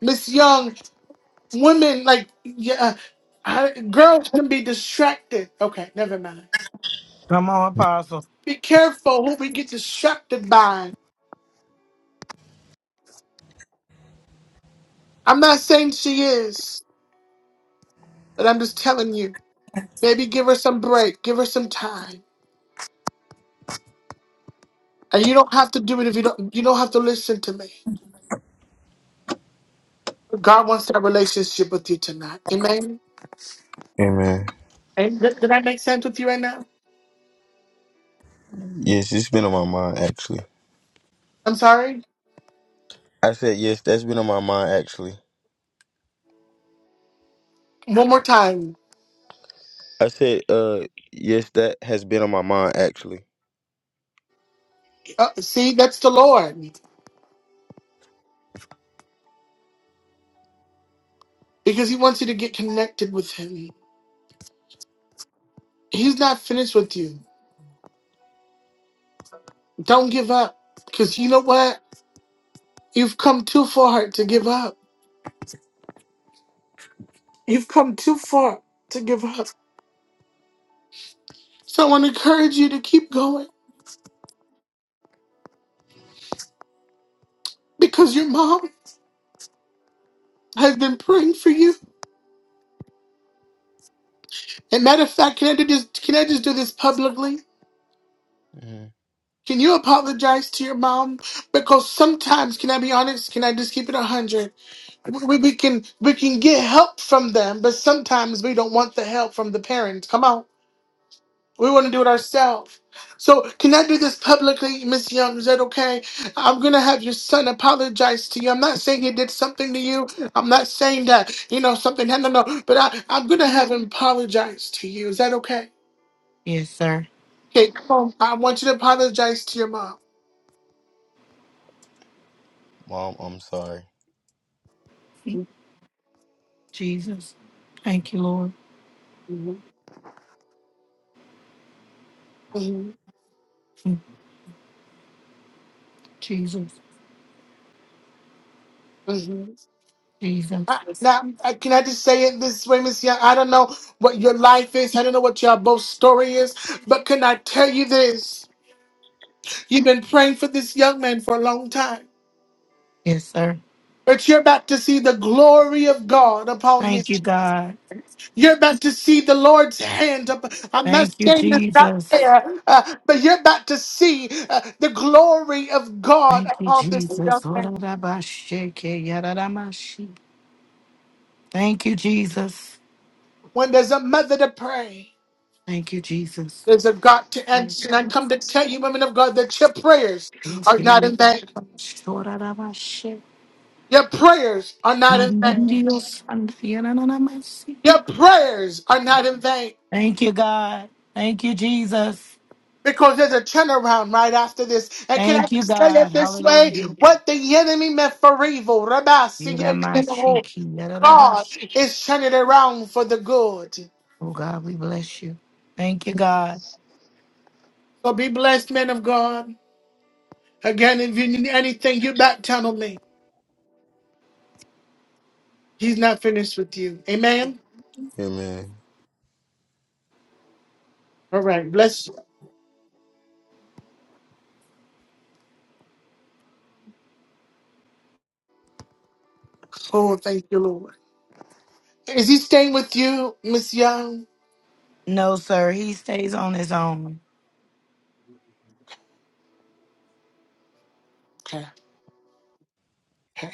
Miss Young, women like yeah, uh, I, girls can be distracted. Okay, never mind. Come on, Apostle. Be careful who we get distracted by. I'm not saying she is. But I'm just telling you, maybe give her some break, give her some time. And you don't have to do it if you don't you don't have to listen to me. God wants that relationship with you tonight. Amen. Amen. And did, did that make sense with you right now? Yes, it's been on my mind actually. I'm sorry? I said, yes, that's been on my mind actually. One more time. I said, uh, yes, that has been on my mind actually. Uh, see, that's the Lord. Because he wants you to get connected with him. He's not finished with you. Don't give up. Because you know what? You've come too far to give up. You've come too far to give up. So I want to encourage you to keep going. Because your mom has been praying for you. And matter of fact, can I do this? Can I just do this publicly? hmm Can you apologize to your mom? Because sometimes, can I be honest? Can I just keep it a hundred? We, we we can we can get help from them, but sometimes we don't want the help from the parents. Come on, we want to do it ourselves. So can I do this publicly, Miss Young? Is that okay? I'm gonna have your son apologize to you. I'm not saying he did something to you. I'm not saying that you know something. No, no, no. But I I'm gonna have him apologize to you. Is that okay? Yes, sir. Okay, come on. I want you to apologize to your mom. Mom, I'm sorry. Mm, Jesus. Thank you, Lord. hmm hmm Mm, Jesus. hmm Jesus. I, now, I, can I just say it this way, Miss Young? I don't know what your life is. I don't know what your both story is. But can I tell you this? You've been praying for this young man for a long time. Yes, sir. But you're about to see the glory of God upon him. Thank you, God. You're about to see the Lord's hand. Up. I'm not Thank you, saying that's not Jesus. there, uh, but you're about to see uh, the glory of God Thank you, upon this Jesus. young man Orarabashake, yararamashi. Thank you, Jesus. when there's a mother to pray. Thank you, Jesus. There's a God to answer. And I come to tell you, women of God, that your prayers are Okay, not in vain. yararabash, orarabashe. Your prayers are not in vain. Indios and yararamashi. Your prayers are not in vain. Thank you, God. Thank you, Jesus. Because there's a turnaround right after this. And can I Thank you, just say it God. this way? Hallelujah. What the enemy meant for evil, Rabbi, see it in the whole. Yaramashiki, God yararabash. is turning it around for the good. Oh, God, we bless you. Thank you, God. So be blessed, men of God. Again, if you need anything, you back channel me. He's not finished with you. Amen. Yeah, man. All right. Bless you. Oh, thank you, Lord. Is he staying with you, Miss Young? No, sir, he stays on his own. Okay. okay.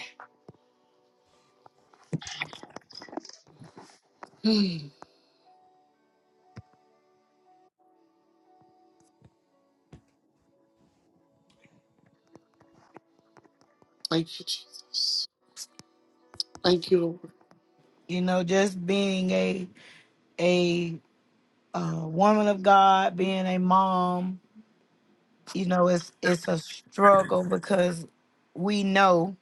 Thank you, Jesus. Thank you. You know, just being a a uh, woman of God, being a mom, you know, it's it's a struggle because we know,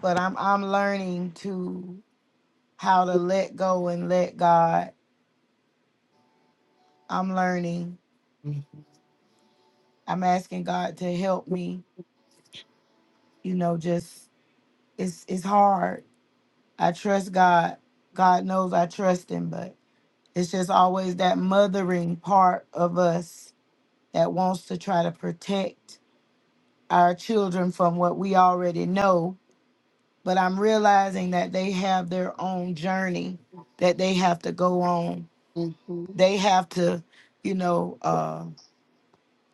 but I'm I'm learning to how to let go and let God. I'm learning. I'm asking God to help me. You know, just it's it's hard. I trust God. God knows I trust Him, but it's just always that mothering part of us that wants to try to protect our children from what we already know but I'm realizing that they have their own journey that they have to go on. hmm They have to, you know, uh,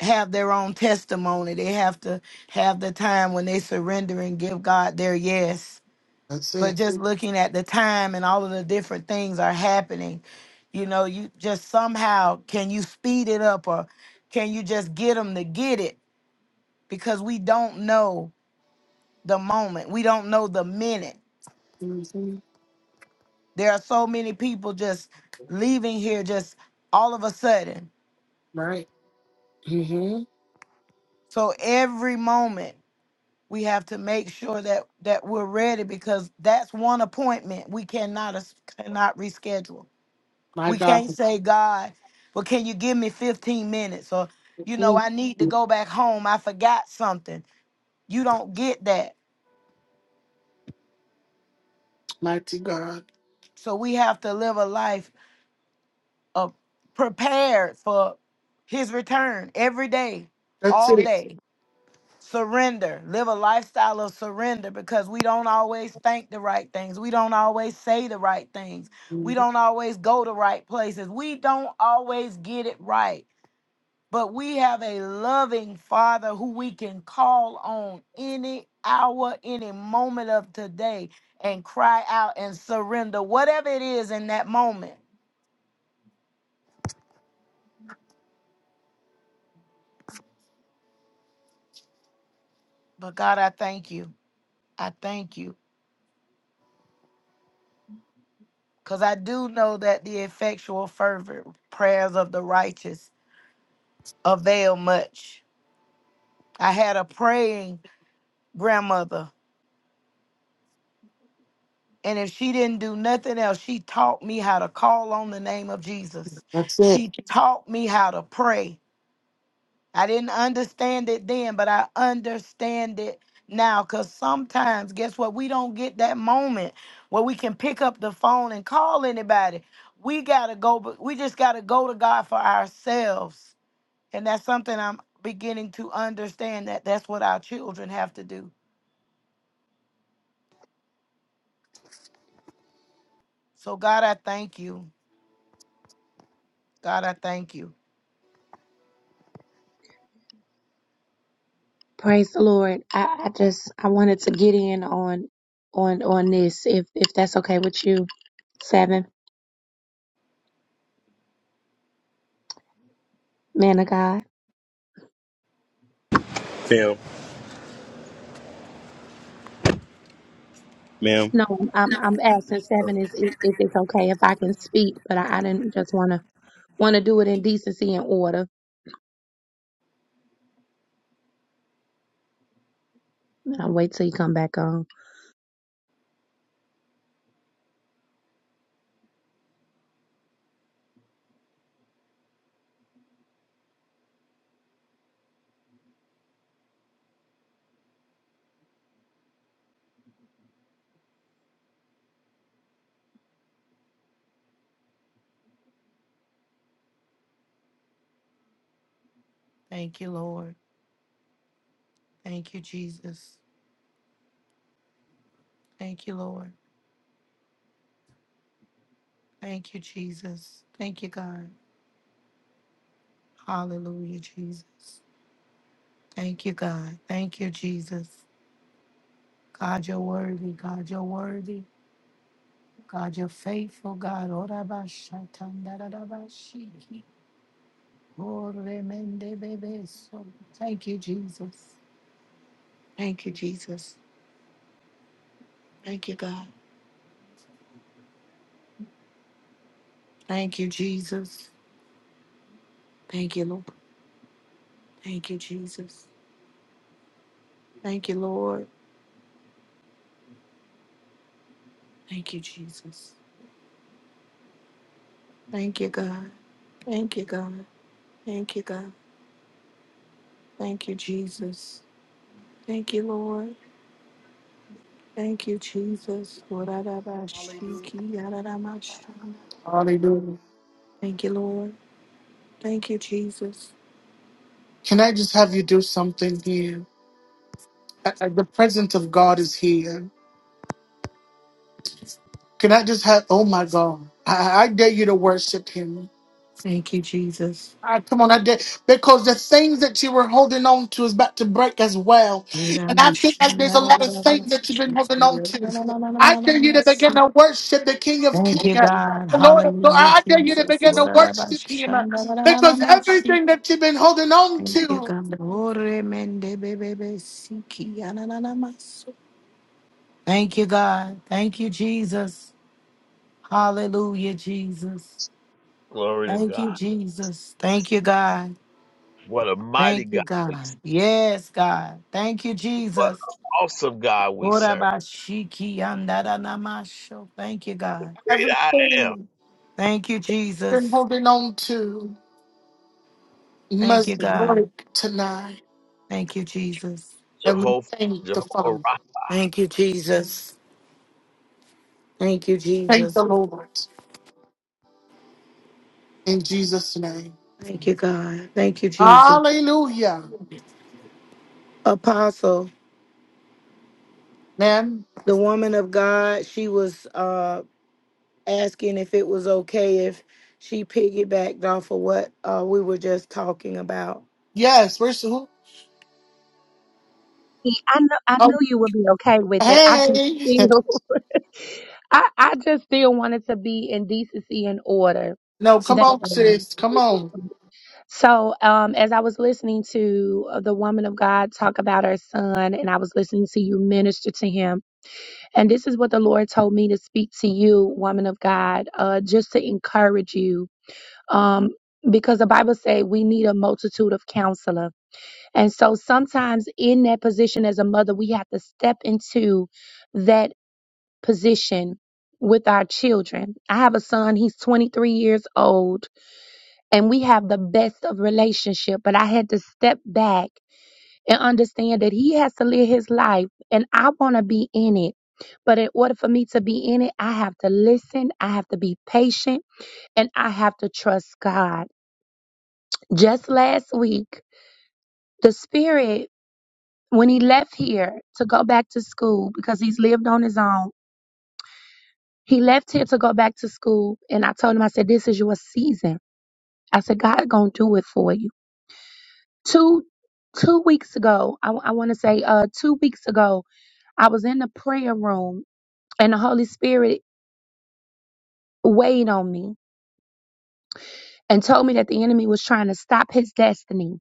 have their own testimony. They have to have the time when they surrender and give God their yes. That's But it. just looking at the time and all of the different things are happening, you know, you just somehow can you speed it up or can you just get them to get it? Because we don't know the moment, we don't know the minute hmm There are so many people just leaving here just all of a sudden. Right. hmm So every moment we have to make sure that that we're ready because that's one appointment we cannot es- cannot reschedule. My We God. can't say God, well can you give me 15 minutes or you know Mhm. I need to go back home. I forgot something. You don't get that. Mighty God. So we have to live a life of prepared for his return every day, That's all it. day. surrender live a lifestyle of surrender because we don't always think the right things we don't always say the right things we don't always go to right places we don't always get it right but we have a loving father who we can call on any hour any moment of today and cry out and surrender whatever it is in that moment but god i thank you i thank you because i do know that the effectual fervent prayers of the righteous avail much. I had a praying grandmother, and if she didn't do nothing else, she taught me how to call on the name of Jesus. That's it. She taught me how to pray. I didn't understand it then, but I understand it now because sometimes, guess what? We don't get that moment where we can pick up the phone and call anybody. We got to go, but we just got to go to God for ourselves. And that's something I'm beginning to understand that that's what our children have to do So, God, I thank you. God, I thank you. Praise the Lord. I, I just I wanted to get in on on on this if if that's okay with you, seven man of God. Fam, ma'am. No, I'm I'm asking seven is if if it's okay if I can speak, but I, I didn't just wanna wanna do it in decency and order. And I'll wait till you come back on. Thank you, Lord. Thank you, Jesus. Thank you, Lord. Thank you, Jesus. Thank you, God. Hallelujah, Jesus. Thank you, God. Thank you, Jesus. God, you're worthy. God, you're worthy. God, you're faithful. God, Ora ba shatan da da da ba shiki. Ore mende bebe so. thank you, Jesus. Thank you, Jesus. Thank you, God. Thank you, Jesus. Thank you, Lord. Thank you, Jesus. Thank you, Lord. Thank you, Jesus. Thank you, God. Thank you, God. Thank you, God. Thank you, Jesus. Thank you, Lord. Thank you, Jesus. wa ra Hallelujah. Thank you, Lord. Thank you, Jesus. Can I just have you do something here? I, I- the presence of God is here. Can I just have, oh my God. I, I dare you to worship him. Thank you, Jesus. Ah, come on, I did. Because the things that you were holding on to is about to break as well. wa ra And ma I think that there's a lot of things that you've been holding on to. I dare you to begin to worship the King of Thank Kings, you, God. the Lord of Lords. Hallelujah, I dare you to Jesus. begin wa to ra worship Him because everything that you've been holding on Thank you, to, God. Ore mende bebebe siki ananamasu. Thank you, God. Thank you, Jesus. Hallelujah, Jesus. Glory to Thank you, God. Jesus. Thank you, God. What a mighty Thank you, God God. we serve. Yes, God. Thank you, What Jesus. an awesome God we Ora serve. bashiki andaranamasho. Thank you, God. Great everything I am. you've Thank you, been Jesus. holding on to, Thank you, must God. break tonight. Thank you, Jesus. And we Jehovah, thank the Father, Jehovah Thank you, Jesus. Thank you, thank Jesus. the Lord in Jesus' name. Thank you, God. Thank you, Jesus. Hallelujah. Apostle. Man. the woman of God, she was uh, asking if it was okay if she piggybacked off of what uh, we were just talking about. Yes, we're so. Yeah, I know I Oh, knew you would be okay with it. I just hey. feel (laughs) I, I just still wanted to be in decency and order. No, come That's on, all. sis. Come on. So, um, as I was listening to uh, the woman of God talk about her son, and I was listening to you minister to him, and this is what the Lord told me to speak to you, woman of God, uh, just to encourage you. Um, because the Bible says we need a multitude of counselor. And so sometimes in that position as a mother, we have to step into that position with our children. I have a son, he's 23 years old and we have the best of relationship but i had to step back and understand that he has to live his life and i want to be in it but in order for me to be in it i have to listen i have to be patient and i have to trust god just last week the spirit when he left here to go back to school because he's lived on his own he left here to go back to school and i told him i said this is your season i said god gonna do it for you two two weeks ago i, want to say uh two weeks ago i was in the prayer room and the holy spirit weighed on me and told me that the enemy was trying to stop his destiny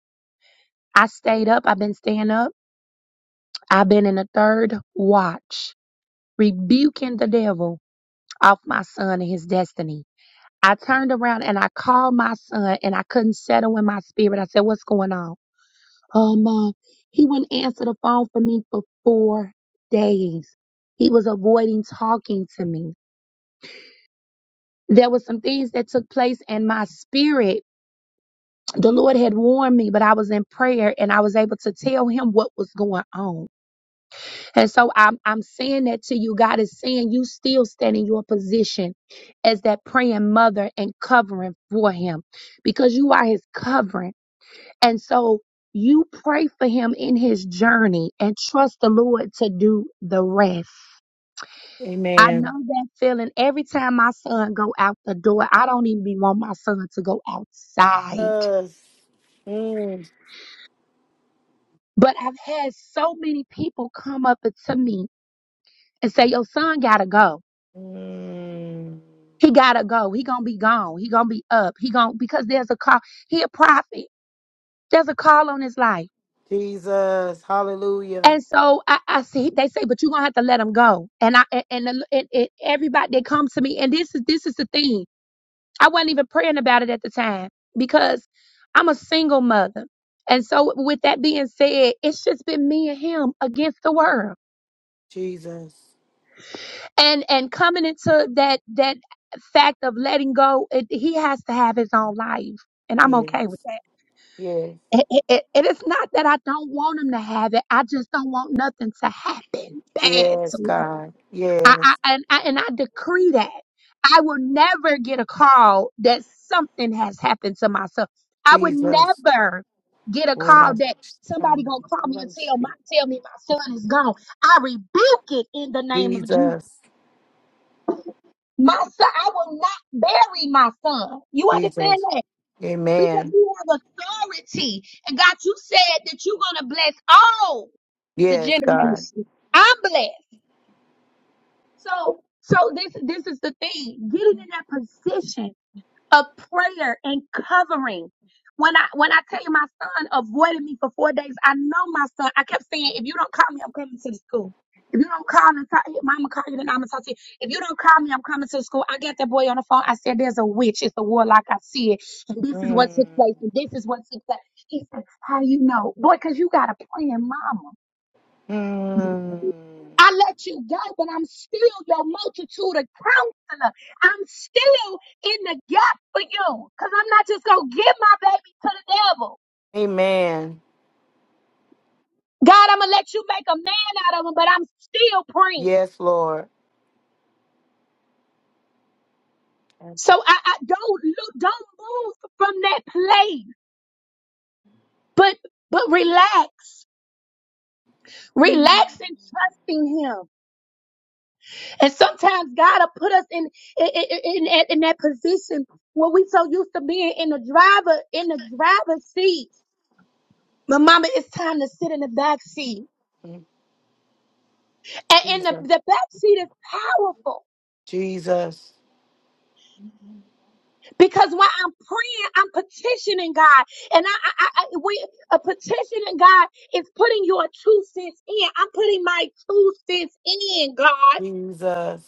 i stayed up i've been staying up i've been in the third watch rebuking the devil off my son and his destiny i turned around and i called my son and i couldn't settle in my spirit i said what's going on per month. He wouldn't answer the phone for me for four days. He was avoiding talking to me. There were some things that took place in my spirit. The Lord had warned me, but I was in prayer and I was able to tell him what was going on. And so I'm, I'm saying that to you. God is saying you still stand in your position as that praying mother and covering for him because you are his covering. And so you pray for him in his journey and trust the Lord to do the rest. I Amen. know that feeling every time my son go out the door. I don't even be want my son to go outside. Jesus. Mm. But I've had so many people come up to me and say, "Your son gotta go. Mm. He gotta go. He gonna be gone. He gonna be up. He gonna because there's a call. He a prophet. There's a call on his life." Jesus. Hallelujah. And so I, I see they say, but you're gonna have to let them go. And I and, and, the- and, and everybody that comes to me, and this is this is the thing. I wasn't even praying about it at the time because I'm a single mother. And so with that being said, it's just been me and him against the world. Jesus. And and coming into that that fact of letting go, it, he has to have his own life. And I'm Yes. okay with that. Yes. It, it, it, it is not that I don't want him to have it. I just don't want nothing to happen bad to Yes, him. God. I, Yes. I and I and I decree that I will never get a call that something has happened to myself. I would Jesus. never get a call that somebody gonna call me and tell my tell me my son is gone. I rebuke it in the name of Jesus. Jesus. My son, I will not bury my son. You understand Jesus. that? Because Amen. you have authority. And God, you said that you're gonna bless all the Yes, God. generations. I'm blessed. So, so this this is the thing: getting in that position of prayer and covering. When I when I tell you my son avoided me for four days, I know my son. I kept saying, if you don't call me, I'm coming to the school. If you don't call me, talk, hey, mama call you, then I'ma talk to you. If you don't call me, I'm coming to the school. I got that boy on the phone. I said, there's a witch. It's a warlock. I see it. And this is what Mm, took place. And this is what took place. He said, how you know? Boy, because you got a praying mama. mm. I let you go, but I'm still your multitude of counselor. I'm still in the gap for you because I'm not just going to give my baby to the devil. Amen. God, I'm going to let you make a man out of him, but I'm still praying. Yes, Lord. Yes. So I, I don't lo- don't move from that place, but but relax, relax and trust in Him. And sometimes God will put us in in in, in that in that position where we so used to being in the driver in the driver's seat But mama, it's time to sit in the back seat. Mm. And in the, Jesus. the back seat is powerful Jesus. because when I'm praying, I'm petitioning God. And I, I, I we, a petitioning God is putting your two cents in. I'm putting my two cents in, God. Jesus.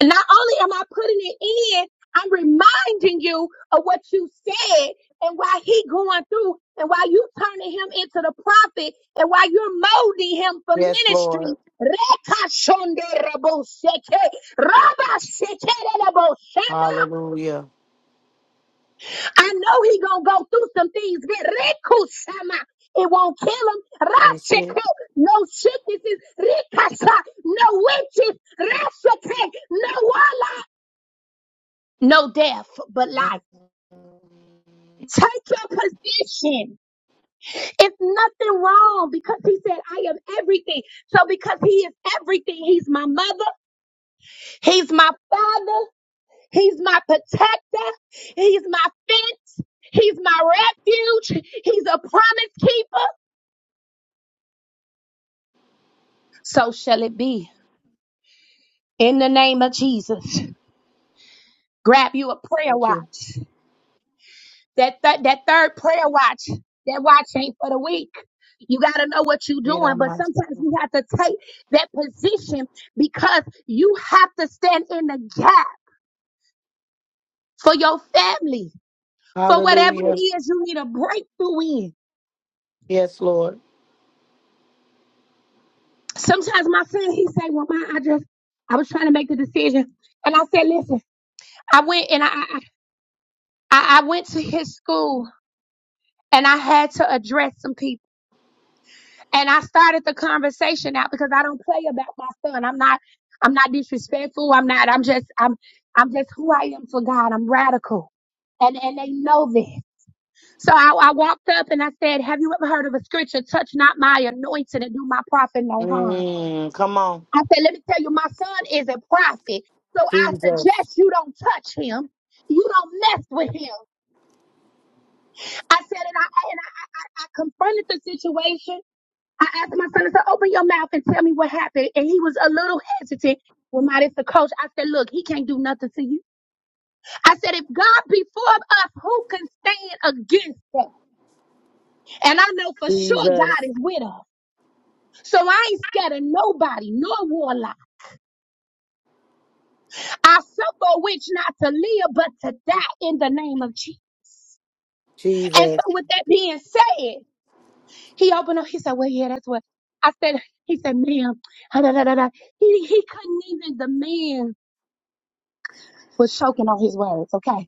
And not only am I putting it in, I'm reminding you of what you said and why he going through and why you turning him into the prophet and why you're molding him for Yes, ministry. Lord. Rekashonderaboseke, rabashekererabosema. Hallelujah. I know he gonna go through some things, but rekusama, it won't kill him. That's it. Rasheko, no sicknesses. Rikasa, no witches. Rasheke, no warlocks. no death but Mm. life. Take your position. It's nothing wrong because he said, I am everything. So because he is everything, he's my mother, he's my father, he's my protector, he's my fence, he's my refuge, he's a promise keeper. So shall it be. In the name of Jesus, grab you a prayer Thank wire. you. That th- that third prayer watch, that watch ain't for the weak. You got to know what you're Read our doing, but minds. sometimes you have to take that position because you have to stand in the gap for your family, for whatever Hallelujah. it is you need a breakthrough in. Yes, Lord. Sometimes my son, he say, "Well, my, I just, I was trying to make the decision," and I said, "Listen, I went and I, I, I I went to his school and I had to address some people." and I started the conversation out because I don't play about my son. I'm not I'm not disrespectful. I'm not I'm just I'm I'm just who I am for God. I'm radical. And and they know this. So I, I walked up and I said, Have you ever heard of a scripture, touch not my anointing and do my prophet no harm? Mm, come on. I said, Let me tell you, my son is a prophet. So I Jesus. suggest you don't touch him. You don't mess with him. I said, and I and I, I, I confronted the situation I asked my son, I said, open your mouth and tell me what happened. And he was a little hesitant. Well, my, this the coach. I said, look, he can't do nothing to you. I said, if God be for us, who can stand against us? And I know for sure Jesus. God is with us. So I ain't scared of nobody, nor warlock. I suffer which not to live, but to die in the name of Jesus. And Jesus. so with that being said, he opened up, he said, well, yeah, that's what I said. He said, ma'am, (laughs) he, he couldn't even demand. was choking on his words. Okay.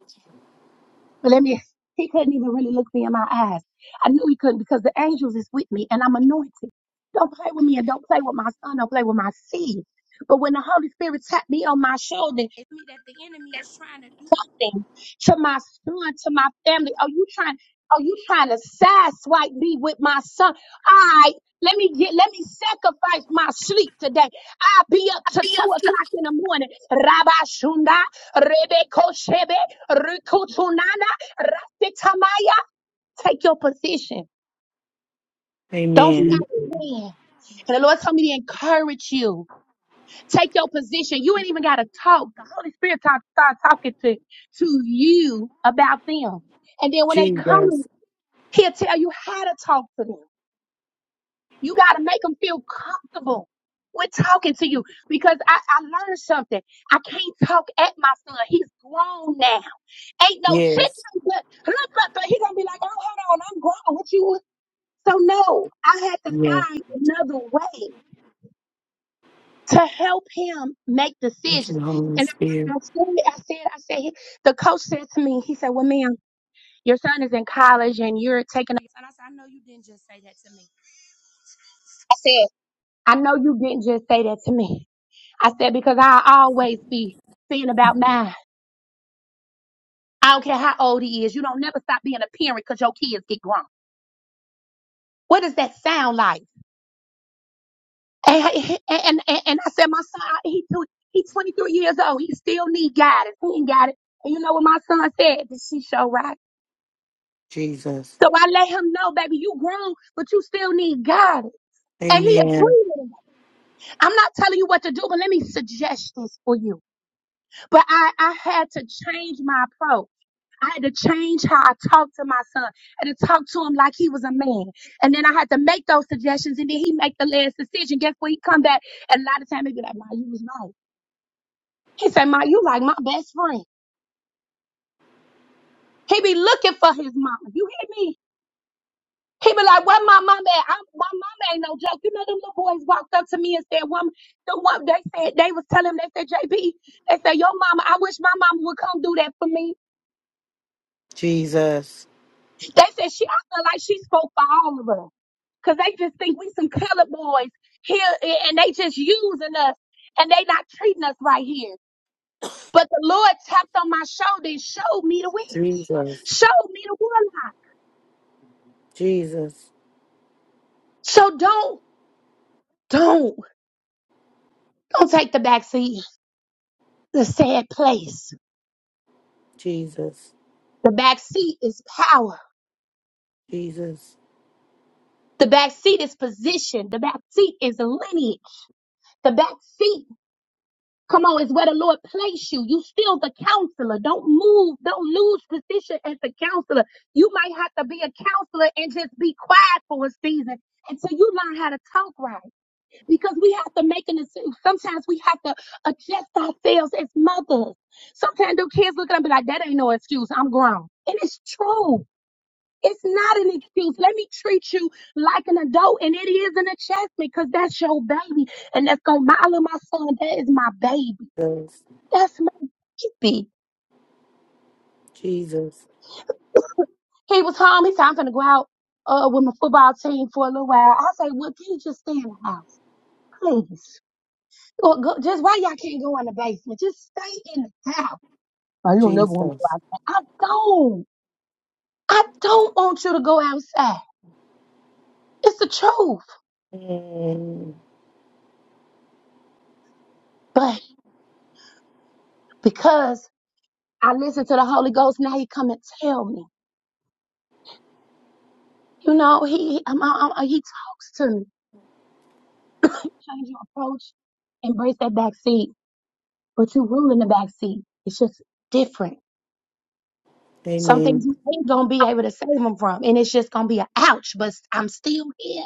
But let me, he couldn't even really look me in my eyes. I knew he couldn't because the angels is with me and I'm anointed. Don't play with me and don't play with my son, don't play with my seed. But when the Holy Spirit tapped me on my shoulder, it's me that the enemy is trying to do something to my son, to my family. Are you trying? Are you trying to sideswipe me with my son? I let me get, let me sacrifice my sleep today. I'll be up to two o'clock in the morning. Rabbi Shunda, Rebbe Rikutunana. Rasitamaya, Take your position. Don't Mm. Amen. stop praying. And the Lord told me to encourage you. Take your position. You ain't even got to talk. The Holy Spirit talk, start talking to, to you about them. And then when they come, Jesus. He'll tell you how to talk to them. You got to make them feel comfortable with talking to you because I, I learned something. I can't talk at my son. He's grown now ain't no shit. Yes. like Look, look, look, He gonna be like, oh, hold on, I'm grown. What you? So no, I had to Yes. find another way to help him make Thank decisions. you, Holy And Spirit. I, I said, I said, I said, the coach said to me, he said, well, ma'am, your son is in college and you're taking a And I said, I know you didn't just say that to me. I said, I know you didn't just say that to me. I said, because I always be thinking about mine. I don't care how old he is. You don't never stop being a parent because your kids get grown. What does that sound like? And, and, and, and I said, my son, I- he two, he's 23 years old. He still need guidance. He ain't got it. And you know what my son said? Did she show right? Jesus. So I let him know, baby, you grown, but you still need guidance. And he Amen. agreed with me. I'm not telling you what to do, but let me suggest this for you. But I, I had to change my approach. I had to change how I talked to my son. I had to talk to him like he was a man. And then I had to make those suggestions and then he make the last decision. Guess what? He come back and a lot of time he be like, Ma, you was right. He said, Ma, you like my best friend. He be looking for his mama. You hear me? He be like, where my mama at? I'm, my mama ain't no joke. You know them little boys walked up to me and said, woman, the one they said they was telling him, they said, JB, they said, your mama, I wish my mama would come do that for me. Jesus. They said she I feel like she spoke for all of us. Cause they just think we some colored boys here and they just using us and they not treating us right here. But the Lord tapped on my shoulder and showed me the witch, Jesus. showed me the warlock. Jesus. So don't Don't. Don't take the back seat. The sad place. Jesus. The back seat is power. Jesus. The back seat is position. The back seat is lineage. The back seat, come on, is where the Lord placed you. You still the counselor. Don't move. Don't lose position as the counselor. You might have to be a counselor and just be quiet for a season until you learn how to talk right. because we have to make an decision. Sometimes we have to adjust ourselves as mothers. Sometimes the kids look at them and be like, that ain't no excuse. I'm grown. And it's true. It's not an excuse. Let me treat you like an adult. And it is an adjustment because that's your baby. And that's going, my, I love my son. That is my baby. Jesus. That's my baby. Jesus. He was home. He said, I'm going to go out uh, with my football team for a little while. I say, well, can you just stay in the house? Please. Or go, just why y'all can't go in the basement? Just stay in the house. Oh, you don't never want me to go Jesus. outside. I don't. I don't want you to go outside. It's the truth. Mm. But because I listen to the Holy Ghost, now He come and tell me. You know, He he- I'm, I'm, I'm- He talks to me. Change your approach, embrace that back seat. But you rule in the back seat. It's just different. Some things Amen. you ain't gonna be able to save them from, and it's just gonna be a ouch. But I'm still here.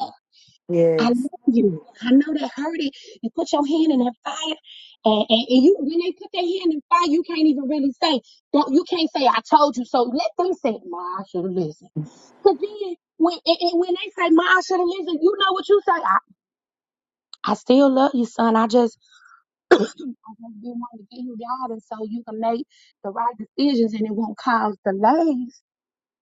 I Yes. love you. I know that hurted. You put your hand in that fire, and, and, and you when they put their hand in fire, you can't even really say. Don't you can't say I told you so. Let them say, "Ma, I should have listened." Cause then when and, and when they say, "Ma, I should have listened," you know what you say. I, I still love you, son. I just I just been wanting to give you guidance so you can make the right decisions and it won't cause delays.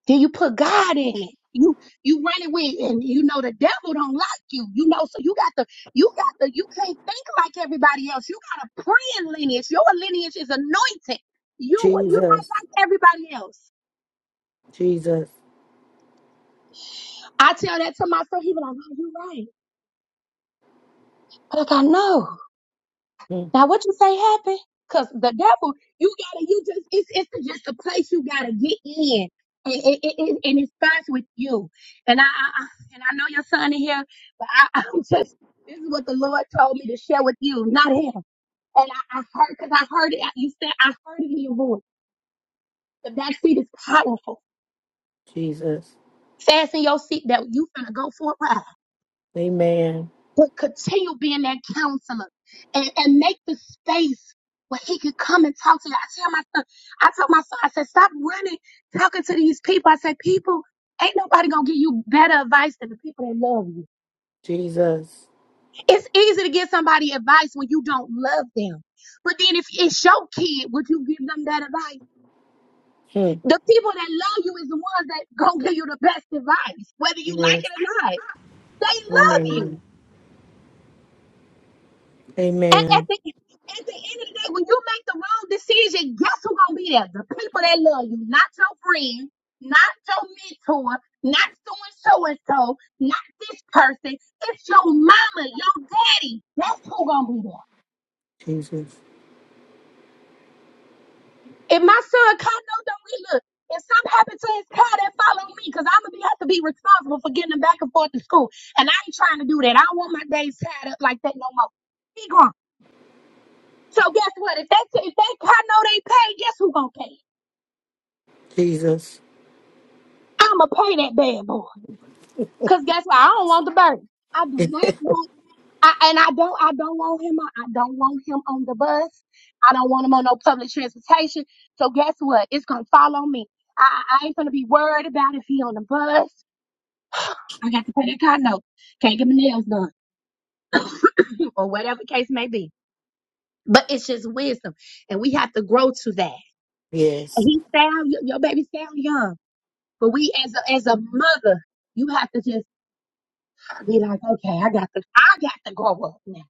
Then you put God in it. You you run it with and you know the devil don't like you. You know, so you got the you got the you can't think like everybody else. You got a praying lineage. Your lineage is anointed. You you not Jesus. like everybody else. Jesus. I tell that to my friend, he be like, oh, you right. But like I know. Mm. Now, what you say happened? Cause the devil, you gotta, you just, it's, it's just a place you gotta get in, and it, it, it, and it starts with you. And I, I, I- and I know your son in here, but I, (laughs) I'm just, this is what the Lord told me to share with you, not him. And I, I heard, cause I heard it. You said I heard it in your voice. The back seat is powerful. Jesus. Fasten your seat that you finna go for a ride. Amen. but continue being that counselor and, and make the space where he could come and talk to you. I tell my son, I told my son, I said, stop running, talking to these people. I said, people, ain't nobody gonna give you better advice than the people that love you. Jesus. It's easy to give somebody advice when you don't love them. But then if it's your kid, would you give them that advice? Mm. The people that love you is the ones that gonna give you the best advice, whether you like Yes. it or not. They love you. Amen. At, at, Amen. the, at the end of the day, when you make the wrong decision, guess who gonna be there? The people that love you, not your friend, not your mentor, not so and so and so, not this person. It's your mama, your daddy. That's who gonna be there. Jesus. If my son Cotto don't we look, if something happened to his car, that follow me, cause I'm gonna be, have to be responsible for getting him back and forth to school. And I ain't trying to do that. I don't want my days tied up like that no more. He gone. So guess what? If they if they Cotto they pay, guess who gonna pay? Jesus. I'ma pay that bad boy. Cause guess what? I don't want the bird. I do not want I and I don't I don't want him on I don't want him on the bus. I don't want him on no public transportation. So guess what? It's gonna follow me. I, I I ain't gonna be worried about if he on the bus. I got to pay that car note. Can't get my nails done. (laughs) Or whatever the case may be. But it's just wisdom. And we have to grow to that. And Yes. he sound your your baby sound young. But we as a as a mother, you have to just be like, okay, I got to, I got to grow up now,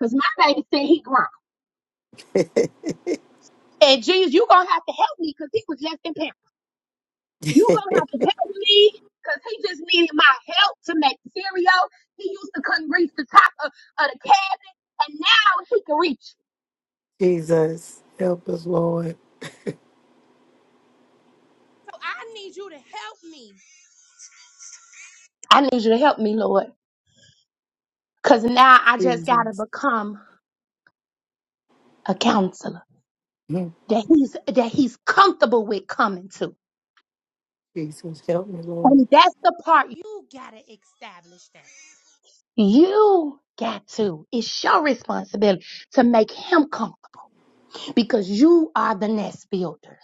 cause my baby said he grown. And Jesus, you gonna have to help me, cause he was just in pain. You gonna have to help me, cause he just needed my help to make cereal. He used to couldn't reach the top of, of the cabinet, and now he can reach. Jesus. Help us, Lord. So I need you to help me. I need you to help me, Lord, cause now I just gotta Jesus. become a counselor Mm. that he's that he's comfortable with coming to, Jesus. Help me, Lord. and that's the part You gotta establish that. You got to. It's your responsibility to make him comfortable because you are the nest builder.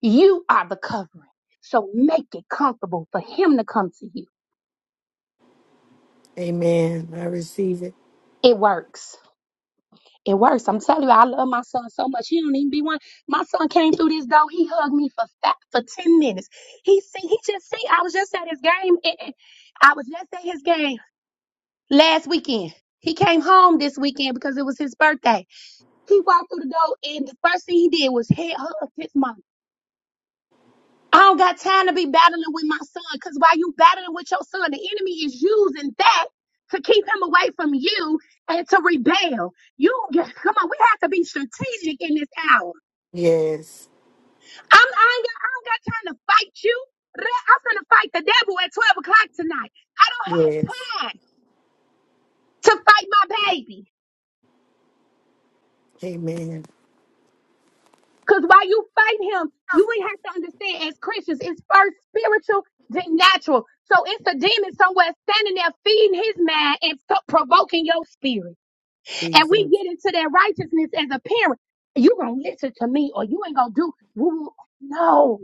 You are the covering. So make it comfortable for him to come to you. Amen. I receive it. It works. It works. I'm telling you, I love my son so much. He don't even be one. My son came through this door. He hugged me for five, for ten minutes. He see. He just see. I was just at his game. and- and I was just at his game last weekend. He came home this weekend because it was his birthday. He walked through the door and the first thing he did was head hug his mom. I don't got time to be battling with my son because while you battling with your son, the enemy is using that to keep him away from you and to rebel. You (laughs) get- come on, we have to be strategic in this hour. Yes. I'm, I, ain't got, I don't got time to fight you. I'm gonna fight the devil at 12 o'clock tonight. I don't Yes. have time to fight my baby. Amen. Because while you fight him, you ain't have to understand as Christians, it's first spiritual, then natural. So it's a demon somewhere standing there feeding his mind and so- provoking your spirit. And we Jesus. get into that righteousness as a parent. you going to listen to me or you ain't going to do. woo- No,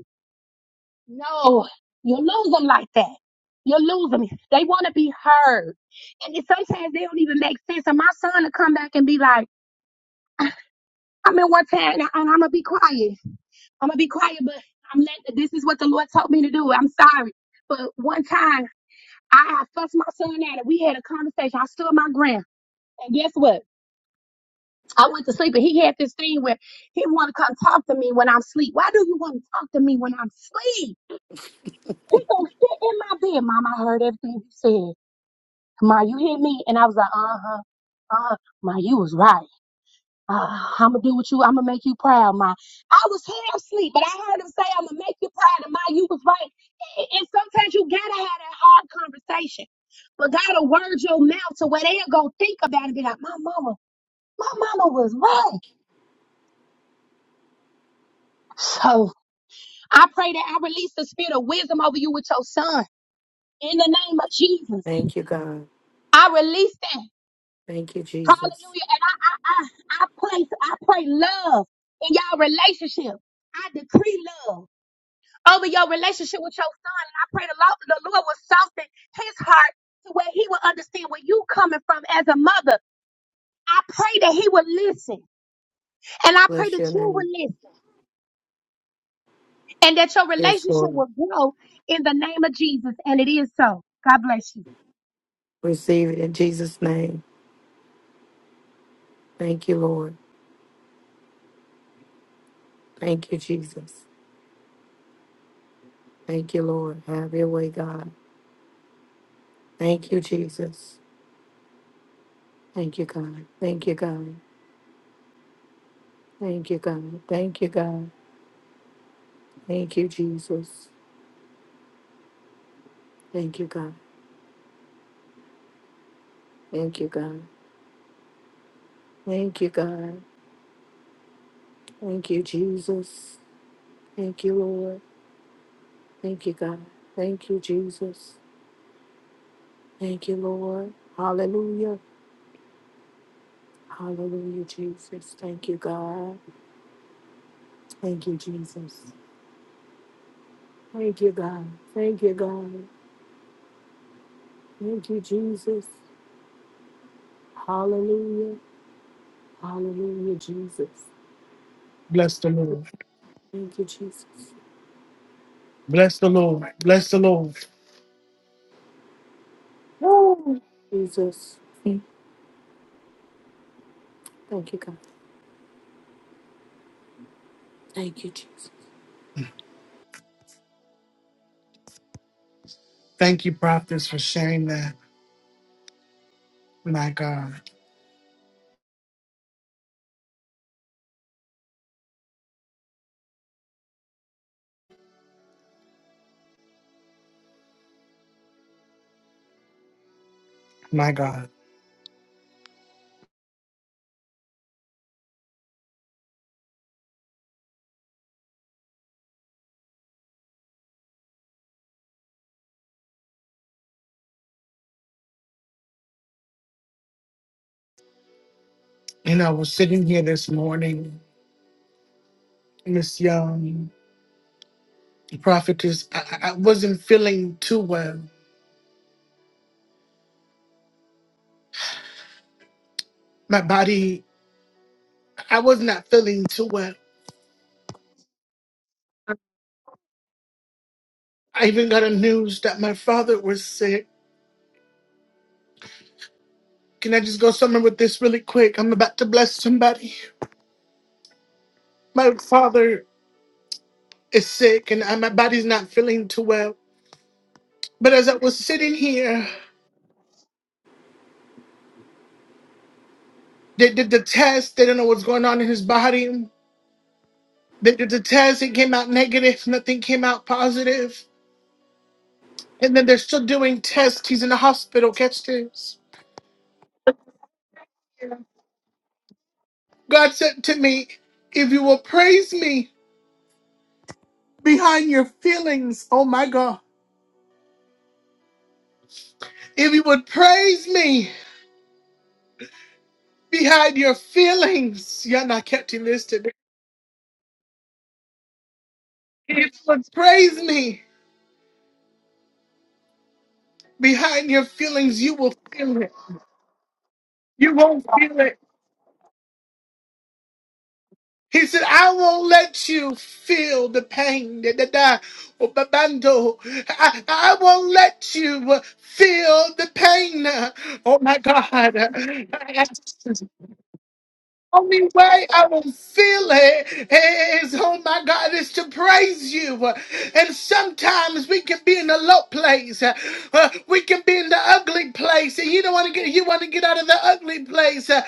no. You lose them like that. You lose them. They want to be heard. And it, sometimes they don't even make sense. And my son will come back and be like, I mean, one time, and, I, and I'm going to be quiet. I'm gonna be quiet, but I'm letting. This is what the Lord told me to do. I'm sorry, but one time I I fussed my son out, and we had a conversation. I stood my ground, and guess what? I went to sleep, and he had this thing where he want to come talk to me when I'm asleep. Why do you want to talk to me when I'm asleep? He gonna sit in my bed, Mom. I heard everything you said, Ma. You hear me? And I was like, uh huh, uh, Ma. You was right. I'm gonna do what you. I'm gonna make you proud, ma. I was half asleep, but I heard him say, "I'm gonna make you proud," and ma, you was right. And and sometimes you gotta have that hard conversation, but gotta word your mouth to where they'll go think about it. and Be like, "My mama, my mama was right." So I pray that I release the spirit of wisdom over you with your son in the name of Jesus. Thank you, God. I release that. Thank you, Jesus. Hallelujah. And I, I, I, I place, I pray love in y'all relationship. I decree love. over your relationship with your son. And I pray the Lord, the Lord will soften his heart to where he will understand where you coming from as a mother. I pray that he will listen. And I pray Bless that your you name. will listen and that your Yes, relationship Lord. will grow in the name of Jesus. And it is so. God bless you. Receive it in Jesus' name. Thank you, Lord. Thank you, Jesus. Thank you, Lord. Have your way, God. Thank you, Jesus. Thank you, God. Thank you, God. Thank you, God. Thank you, God. Thank you, Jesus. Thank you, God. Thank you, God. Thank you, God. Thank you, Jesus. Thank you, Lord. Thank you, God. Thank you, Jesus. Thank you, Lord. Hallelujah. Hallelujah, Jesus. Thank you, God. Thank you, Jesus. Thank you, God. Thank you, God. Thank you, Jesus. Hallelujah. Hallelujah, Jesus. Thank you, Jesus. Jesus. Mm. Thank you, God. Thank you, Jesus. And I was sitting here this morning, Miss Young, prophetess. I, I I wasn't feeling too well. My body, I was not feeling too well. I even got a news that my father was sick. Can I just go somewhere with this really quick? I'm about to bless somebody. My father is sick, and I, my body's not feeling too well. But as I was sitting here, they did the test. They don't know what's going on in his body. They did the test, it came out negative, nothing came out positive. And then they're still doing tests. He's in the hospital, catch this. God said to me, If you will praise me behind your feelings, oh my God. If you would praise me behind your feelings, y'all not catching this today. If you would praise me behind your feelings, you will feel it. You won't feel it He said, I won't let you feel the pain. Da, da, da. Oh, babando. I, I won't let you uh, feel the pain. Oh my God. (laughs) Only way I will feel it is, oh my God, is to praise you. And sometimes we can be in a low place. Uh, we can be in the ugly place. And you don't want to get you want to get out of the ugly place. Uh,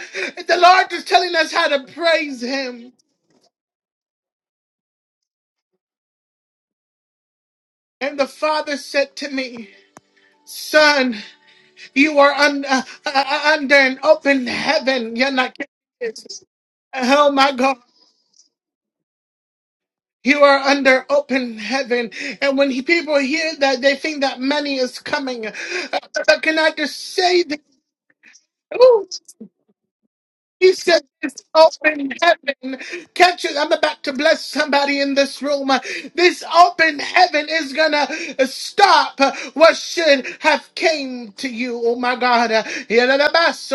the Lord is telling us how to praise him. And the father said to me, Son, you are un- uh, uh, uh, under an open heaven. You're not getting this. Oh my God. You are under open heaven. And when he, people hear that, they think that money is coming. Uh, but can I just say this? He said, This open heaven catches. I'm about to bless somebody in this room. This open heaven is gonna stop what should have came to you. Oh my God. It's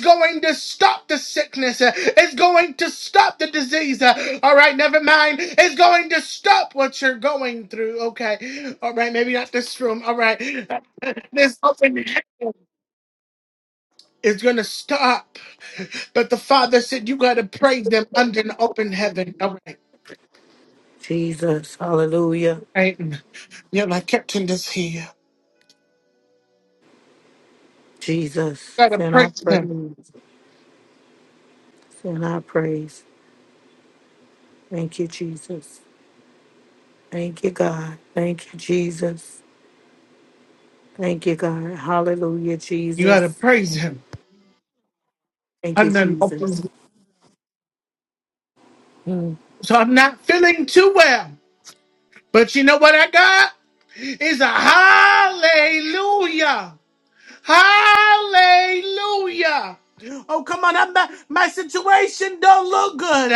going to stop the sickness. It's going to stop the disease. All right, never mind. It's going to stop what you're going through. Okay. All right, maybe not this room. All right. (laughs) This open heaven is going to stop. But the Father said, You got to praise them under an open heaven. All right, Jesus. Hallelujah. right. You're like, Captain, is here. You Jesus. got to And I praise him. praise. And I praise. Thank you, Jesus. Thank you, God. Thank you, Jesus. Thank you, God. Hallelujah, You got to Jesus. praise him Thank you, under an open Jesus. heaven. Mm. So I'm not feeling too well. But you know what I got? Is a hallelujah. Hallelujah. Oh, come on. I'm not, my situation don't look good.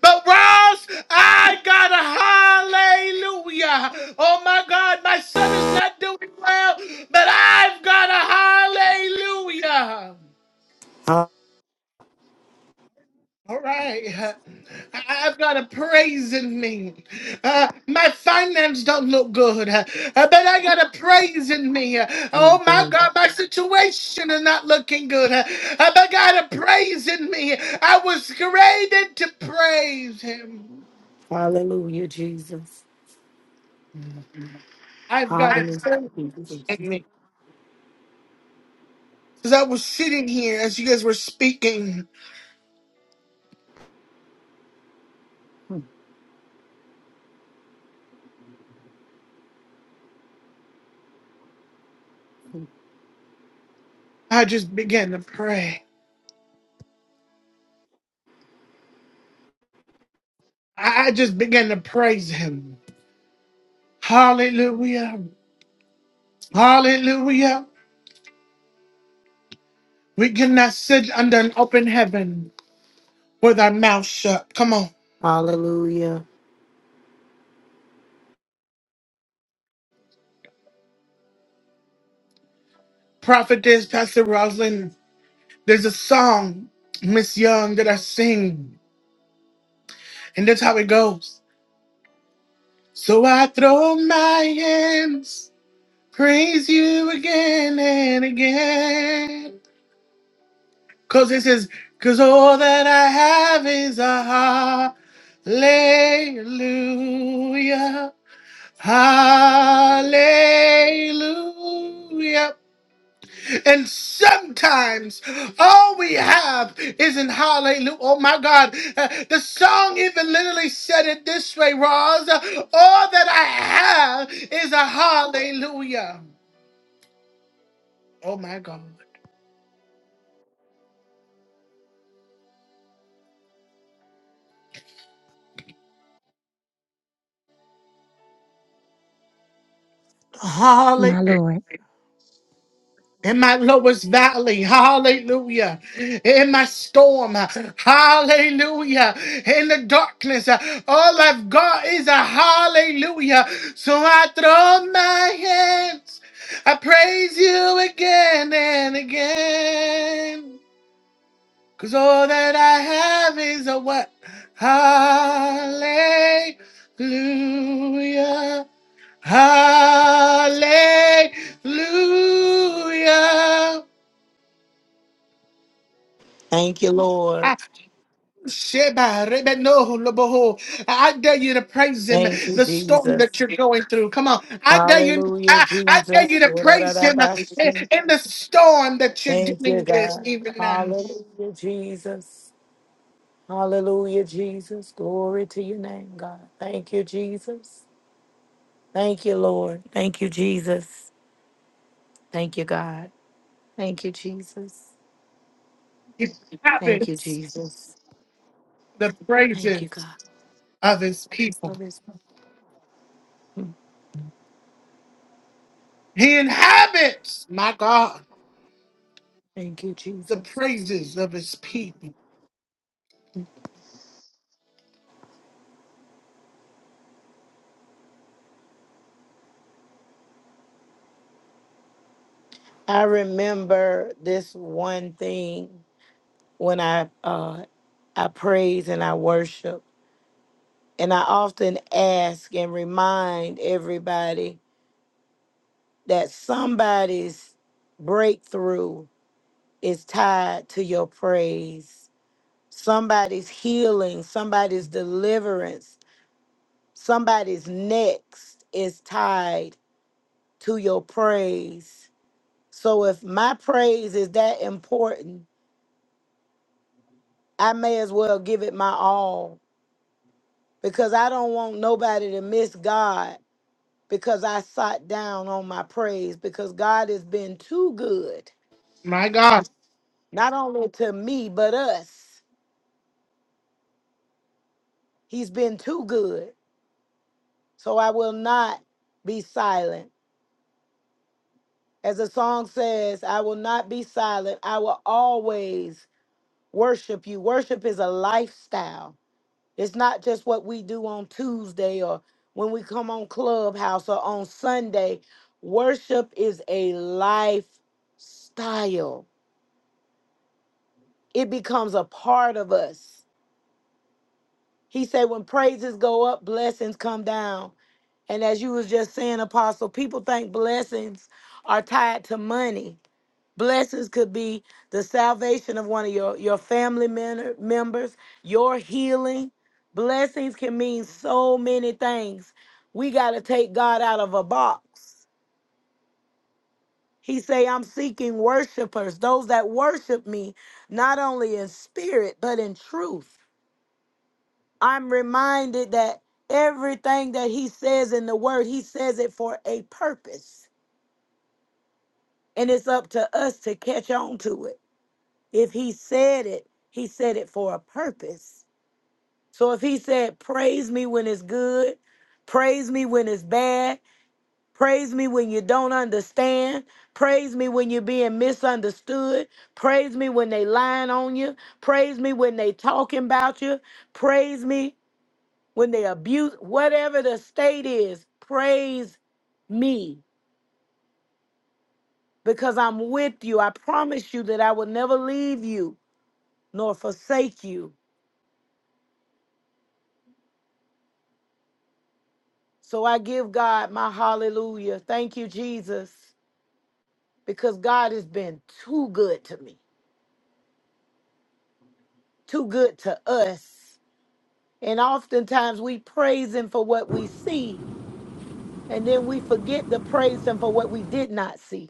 But Ross, I got a hallelujah. Oh my God, my son is not doing well, but I've got a hallelujah. All right, I- I've got a praise in me. Uh, my finance don't look good, uh, but I got a praise in me. Uh, oh my Hallelujah, God, my situation is not looking good, uh, but I got a praise in me. I was created to praise Him. Hallelujah, Jesus. I've got a Hallelujah, praise in Jesus. me. As I was sitting here, as you guys were speaking, Mm. I just began to pray. I I just began to praise Him. Hallelujah. Hallelujah. We cannot sit under an open heaven with our mouth shut. Come on. Hallelujah. Prophetess, Pastor Rosalind, there's a song, Miss Young, that I sing, and that's how it goes. So I throw my hands, praise you again and again. Cause it says, cause all that I have is a hallelujah. Hallelujah. And sometimes all we have isn't hallelujah. Oh my God. Uh, the song even literally said it this way, Roz. Uh, all that I have is a hallelujah. Oh my God. My Lord. in my lowest valley, hallelujah, in my storm, hallelujah, in the darkness, all I've got is a hallelujah. So I throw my hands, I praise you again and again, because all that I have is a what? Hallelujah, hallelujah. Thank you, Lord. Sheba, Rebe, no, Loboho. I dare you to praise him. Thank you, The storm that Jesus. you're going through. Come on. I dare you. Hallelujah, I, I dare you Jesus. to praise him in, Ra-ra-ra-ba-shi. in the storm that you're Thank you, dealing with God. even now. Hallelujah, Jesus. Hallelujah, Jesus. Glory to your name, God. Thank you, Jesus. Thank you, Lord. Thank you, Jesus. Thank you, God. Thank you, Jesus. He Thank you, inhabits Jesus. the Thank you, praises God. of his people. for this. He inhabits, my God, Thank you, the Jesus. praises of his people. I remember this one thing when I uh, I praise and I worship, and I often ask and remind everybody that somebody's breakthrough is tied to your praise. Somebody's healing, somebody's deliverance, somebody's next is tied to your praise. So if my praise is that important, I may as well give it my all because I don't want nobody to miss God because I sat down on my praise because God has been too good, My God, not only to me, but us. He's been too good. So I will not be silent. As the song says, I will not be silent. I will always worship you. Worship is a lifestyle It's not just what we do on Tuesday or when we come on Clubhouse or on Sunday. Worship is a lifestyle, it becomes a part of us. He said, when praises go up, blessings come down. And as you was just saying, Apostle, people think blessings are tied to money Blessings could be the salvation of one of your, your family men- members, your healing. Blessings can mean so many things. We got to take God out of a box. He say, I'm seeking worshipers, those that worship me, not only in spirit, but in truth. I'm reminded that everything that he says in the word, he says it for a purpose. And it's up to us to catch on to it. If he said it, he said it for a purpose. So if he said, Praise me when it's good, praise me when it's bad, praise me when you don't understand, praise me when you're being misunderstood, praise me when they lying on you, praise me when they talking about you, praise me when they abuse, whatever the state is, praise me because I'm with you. I promise you that I will never leave you nor forsake you. So I give God my hallelujah. Thank you, Jesus, because God has been too good to me, too good to us. And oftentimes we praise Him for what we see, and then we forget to praise Him for what we did not see.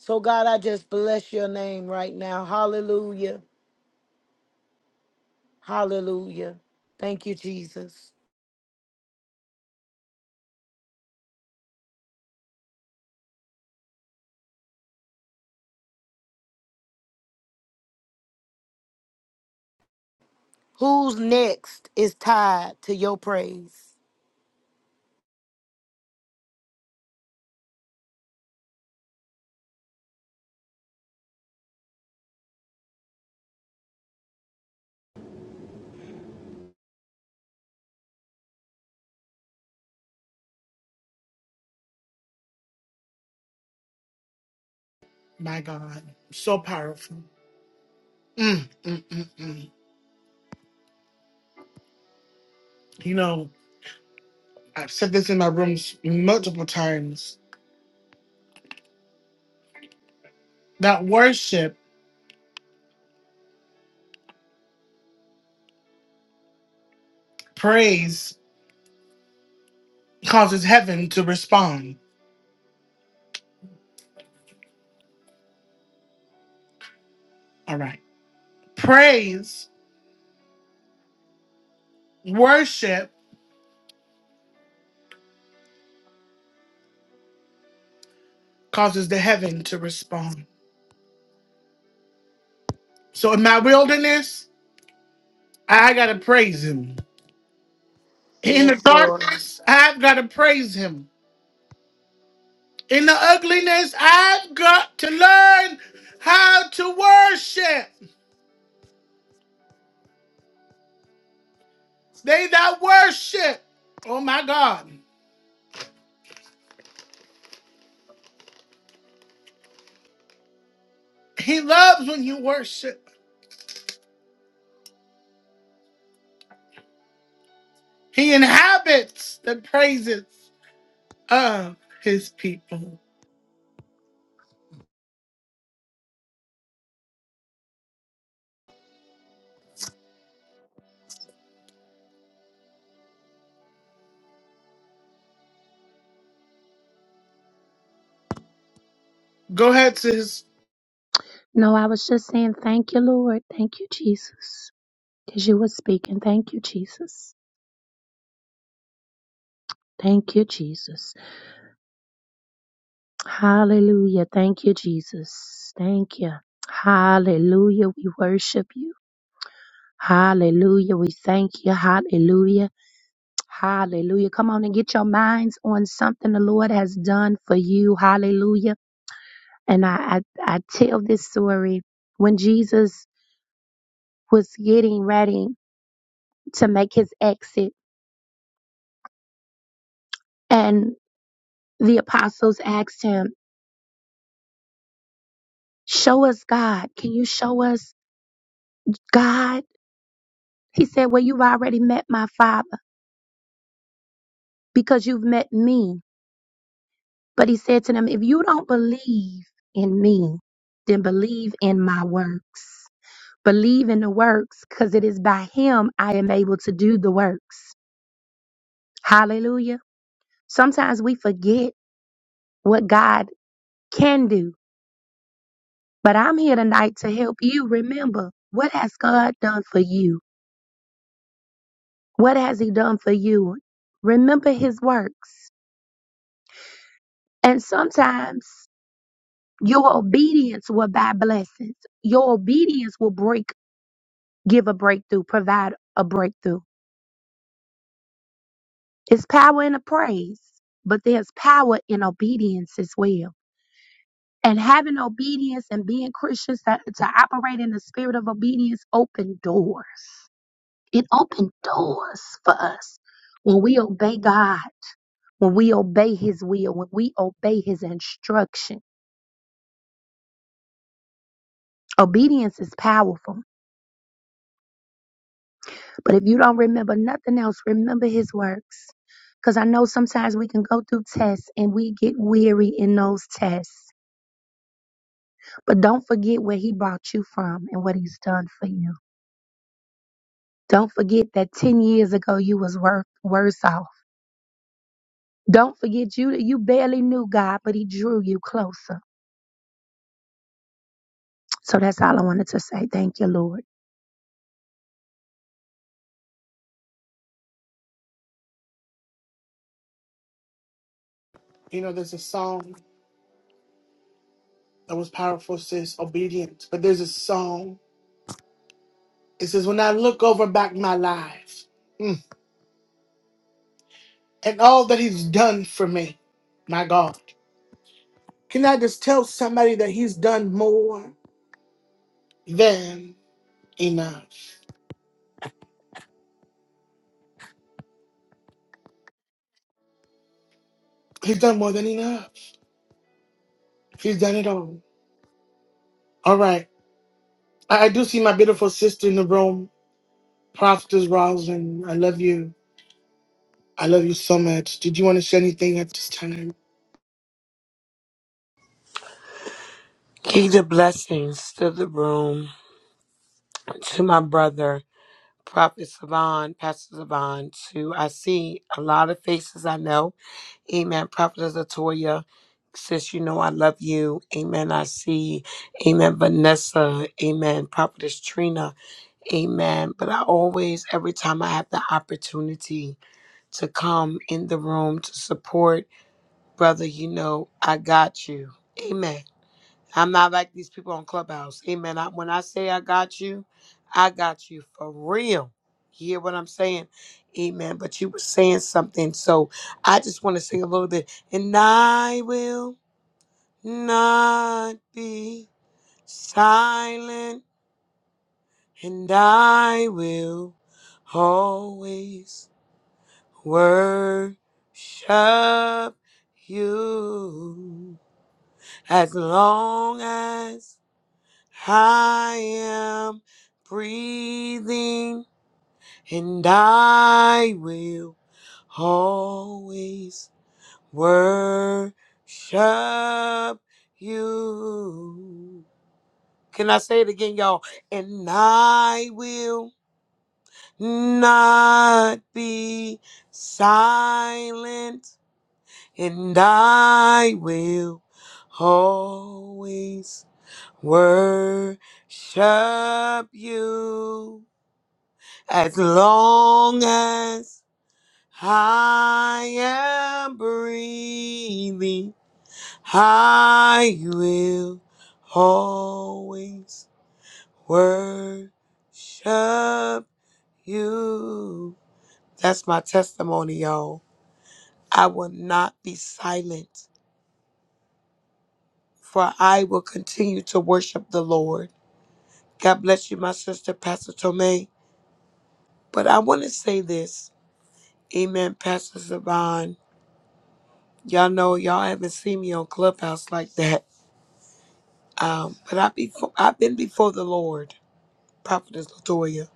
So, God, I just bless your name right now. Hallelujah. Hallelujah. Thank you, Jesus. Who's next is tied to your praise? my God. So powerful. Mm, mm, mm, mm. You know, I've said this in my rooms multiple times that worship, praise causes heaven to respond. All right. Praise, worship causes the heaven to respond. So in my wilderness, I got to praise him. In the Yes, Lord. darkness, I've got to praise him. In the ugliness, I've got to learn how to worship. They that worship, oh my God, he loves when you worship. He inhabits the praises of his people. Go ahead, sis. No, I was just saying, thank you, Lord. Thank you, Jesus. Because you were speaking. Thank you, Jesus. Thank you, Jesus. Hallelujah. Thank you, Jesus. Thank you. Hallelujah. We worship you. Hallelujah. We thank you. Hallelujah. Hallelujah. Come on and get your minds on something the Lord has done for you. Hallelujah. And I, I, I tell this story when Jesus was getting ready to make his exit, and the apostles asked him, Show us God. Can you show us God? He said, Well, you've already met my Father. because you've met me. But he said to them, If you don't believe in me, then believe in my works. Believe in the works because it is by him I am able to do the works. Hallelujah. Sometimes we forget what God can do, but I'm here tonight to help you remember what has God done for you? What has he done for you? Remember his works. And sometimes your obedience will buy blessings. Your obedience will break give a breakthrough, provide a breakthrough. It's power in the praise, but there's power in obedience as well. And having obedience and being Christians to, to operate in the spirit of obedience open doors. It opened doors for us when we obey God, when we obey His will, when we obey His instruction. Obedience is powerful. But if you don't remember nothing else, remember his works. Because I know sometimes we can go through tests and we get weary in those tests. But don't forget where he brought you from and what he's done for you. Don't forget that 10 years ago you was wor- worse off. Don't forget you you barely knew God, but he drew you closer. So that's all I wanted to say. Thank you, Lord. You know, there's a song that was powerful, sis, obedience. But there's a song. It says, When I look over back my life mm, and all that he's done for me, my God, can I just tell somebody that he's done more than enough? He's done more than enough. He's done it all. All right. I, I do see my beautiful sister in the room, Prophetess Roslyn. I love you. I love you so much. Did you want to say anything at this time? Kingdom blessings to the room, to my brother, Prophet Savon, Pastor Savon, to I see a lot of faces I know. Amen. Prophet Latoya, sis, you know I love you. Amen. I see. Amen. Vanessa. Amen. Prophetess Trina. Amen. But I always, every time I have the opportunity to come in the room to support, brother, you know I got you. I'm not like these people on Clubhouse. Amen. I, when I say I got you, I got you for real. You hear what I'm saying? Amen. But you were saying something. So I just want to sing a little bit. And I will not be silent. And I will always worship you as long as I am breathing and I will always worship you. Can I say it again, y'all? And I will not be silent, and I will always worship you. As long as I am breathing, I will always worship you. That's my testimony, y'all. I will not be silent, for I will continue to worship the Lord. God bless you, my sister, Pastor Tomei. But I want to say this. Amen, Pastor Savon. Y'all know y'all haven't seen me on Clubhouse like that. Um, but I be I've been before the Lord, Prophetess Latoya.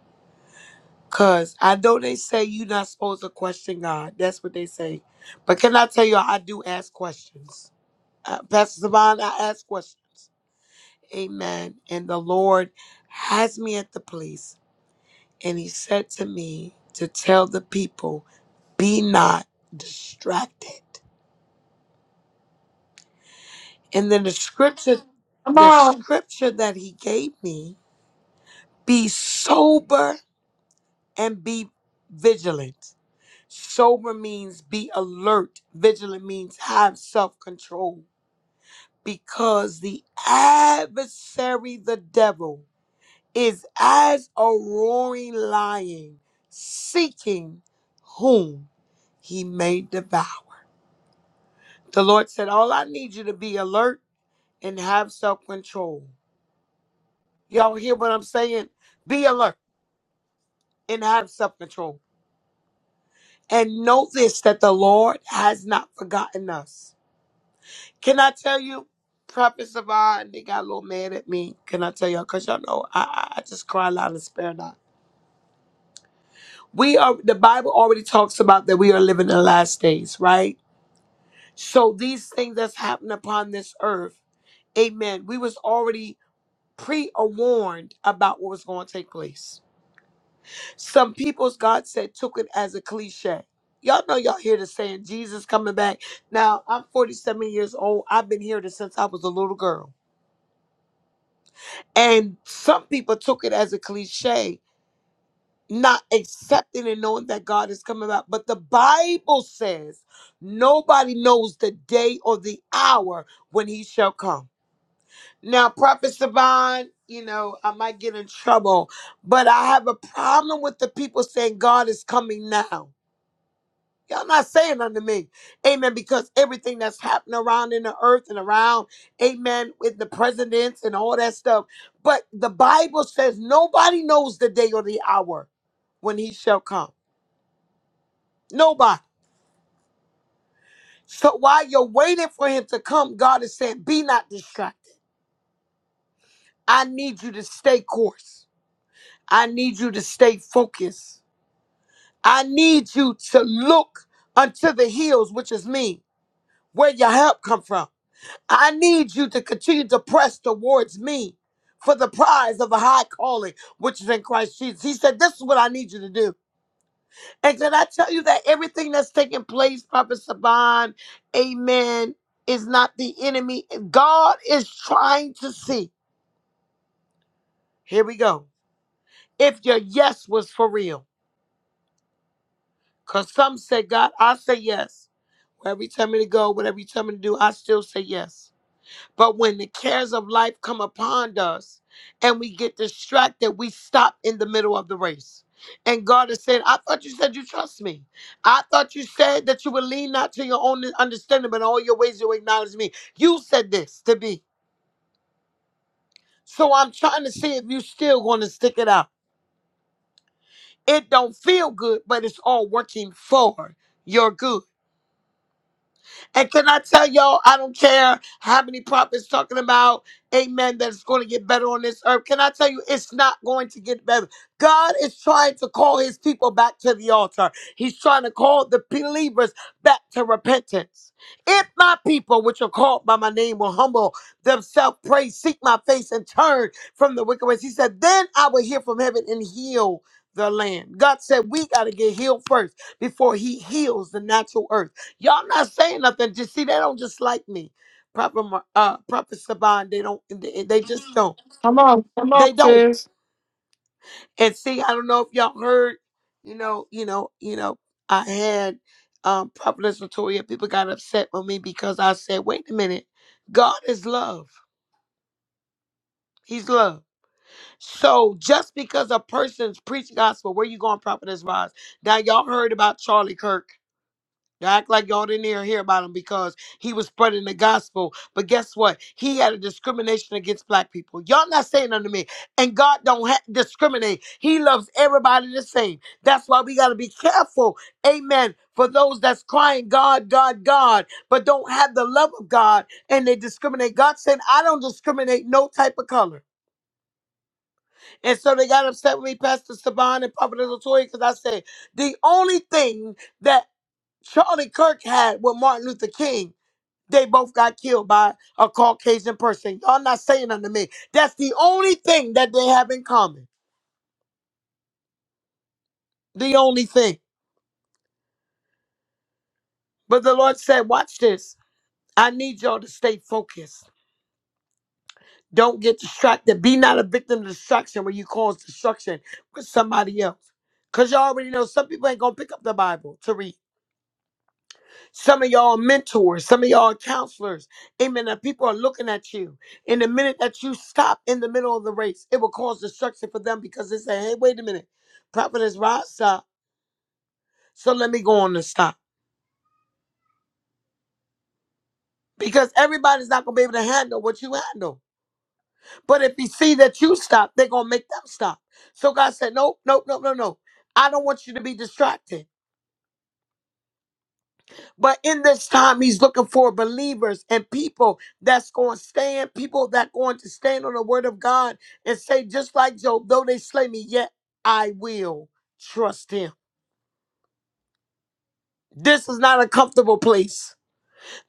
Cause I know they say you're not supposed to question God. That's what they say. But can I tell you, all I do ask questions. Uh, Pastor Savon, I ask questions. Amen. And the Lord has me at the place, and He said to me to tell the people, "Be not distracted." And then the scripture, Come the on. scripture that He gave me Be sober and be vigilant. Sober means be alert, vigilant means have self control because the adversary, the devil, is as a roaring lion seeking whom he may devour. The Lord said, All I need you to be alert and have self control. Y'all hear what I'm saying? Be alert and have self control And know this that the Lord has not forgotten us. Can I tell you, Prophet Savon, they got a little mad at me. Can I tell y'all? Because y'all know I, I I just cry loud and spare not. We are the Bible already talks about that we are living in the last days, right? So these things that's happened upon this earth, amen. We was already pre-warned about what was going to take place. Some people's God said took it as a cliche. Y'all know y'all hear the saying Jesus coming back. Now I'm 47 years old. I've been hearing it since I was a little girl. And some people took it as a cliche, not accepting and knowing that God is coming back. But the Bible says nobody knows the day or the hour when he shall come. Now, Prophet Savan, you know, I might get in trouble, but I have a problem with the people saying God is coming now. Y'all not saying unto me. Amen. Because everything that's happening around in the earth and around, amen, with the presidents and all that stuff. But the Bible says nobody knows the day or the hour when he shall come. Nobody. So while you're waiting for him to come, God is saying, be not distracted. I need you to stay course. I need you to stay focused. I need you to look unto the hills, which is me, where your help come from. I need you to continue to press towards me for the prize of a high calling, which is in Christ Jesus. He said, This is what I need you to do. And can I tell you that everything that's taking place, Prophet Saban, amen, is not the enemy. God is trying to see. Here we go. If your yes was for real, because some say, God, I say yes. Wherever you tell me to go, whatever you tell me to do, I still say yes. But when the cares of life come upon us and we get distracted, we stop in the middle of the race. And God is saying, I thought you said you trust me. I thought you said that you would lean not to your own understanding, but in all your ways you acknowledge me. You said this to be. So I'm trying to see if you still going to stick it out. It don't feel good, but it's all working for your good. And can I tell y'all, I don't care how many prophets talking about, amen, that it's going to get better on this earth. Can I tell you, it's not going to get better. God is trying to call his people back to the altar. He's trying to call the believers back to repentance. If my people, which are called by my name, will humble themselves, pray, seek my face, and turn from the wicked ways, he said, then I will hear from heaven and heal the land. God said, we got to get healed first before he heals the natural earth. Y'all not saying nothing. Just see, they don't just like me. Prophet Mar- uh, Prophet Saban, they don't. They, they just don't. They don't. And see, I don't know if y'all heard. You know, you know, you know. I had um, Prophet Latoya. People got upset with me because I said, "Wait a minute, God is love. He's love." So just because a person's preaching gospel, where you going, Prophet Roz? Now y'all heard about Charlie Kirk. Y'all act like y'all didn't hear, hear about him because he was spreading the gospel. But guess what? He had a discrimination against black people. Y'all not saying unto me. And God don't ha- discriminate. He loves everybody the same. That's why we got to be careful. Amen. For those that's crying, God, God, God, but don't have the love of God and they discriminate. God said, I don't discriminate no type of color. And so they got upset with me, Pastor Saban and Prophet Latoya, because I said, the only thing that Charlie Kirk had with Martin Luther King. They both got killed by a Caucasian person. Y'all not saying unto me. That's the only thing that they have in common. The only thing. But the Lord said, watch this. I need y'all to stay focused. Don't get distracted. Be not a victim of destruction where you cause destruction with somebody else. Because y'all already know some people ain't going to pick up the Bible to read. Some of y'all are mentors, some of y'all are counselors. Amen. That people are looking at you. And the minute that you stop in the middle of the race, it will cause destruction for them because they say, hey, wait a minute. Prophet is right, stop. So let me go on and stop. Because everybody's not gonna be able to handle what you handle. But if you see that you stop, they're gonna make them stop. So God said, Nope, nope, nope, no, no. I don't want you to be distracted. But in this time, he's looking for believers and people that's going to stand, people that going to stand on the word of God and say, just like Job, though they slay me, yet I will trust him. This is not a comfortable place.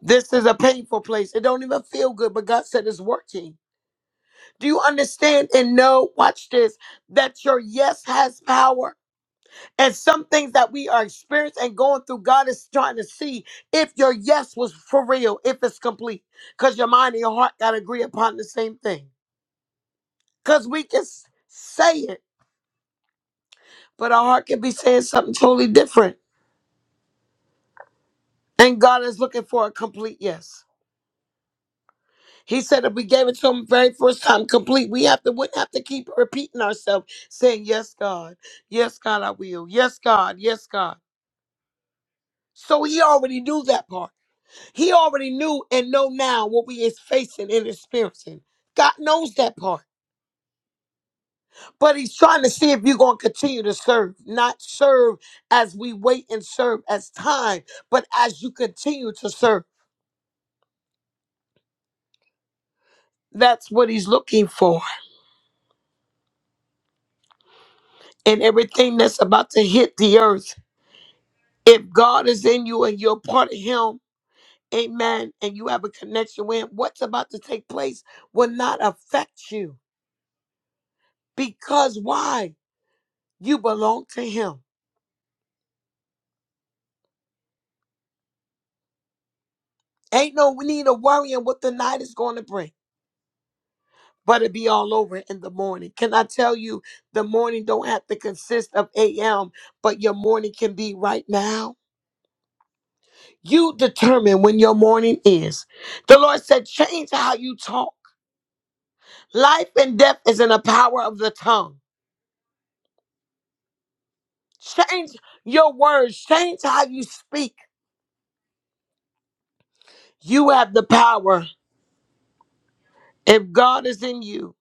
This is a painful place. It don't even feel good, but God said it's working. Do you understand and know? Watch this. That your yes has power And some things that we are experiencing and going through, God is trying to see if your yes was for real, if it's complete. Because your mind and your heart got to agree upon the same thing. Because we can s- say it, but our heart can be saying something totally different. And God is looking for a complete yes. He said if we gave it to him very first time complete, we have to wouldn't have to keep repeating ourselves, saying, Yes, God, yes, God, I will. Yes, God, yes, God. So he already knew that part. He already knew and know now what we is facing and experiencing. God knows that part. But he's trying to see if you're going to continue to serve, not serve as we wait and serve as time, but as you continue to serve. That's what he's looking for. And everything that's about to hit the earth, if God is in you and you're part of him, amen, and you have a connection with him, what's about to take place will not affect you. Because why? You belong to him. Ain't no we need to worry on what the night is going to bring, but it be all over in the morning. Can I tell you, the morning don't have to consist of AM, but your morning can be right now. You determine when your morning is. The Lord said, change how you talk. Life and death is in the power of the tongue. Change your words, change how you speak. You have the power. If God is in you,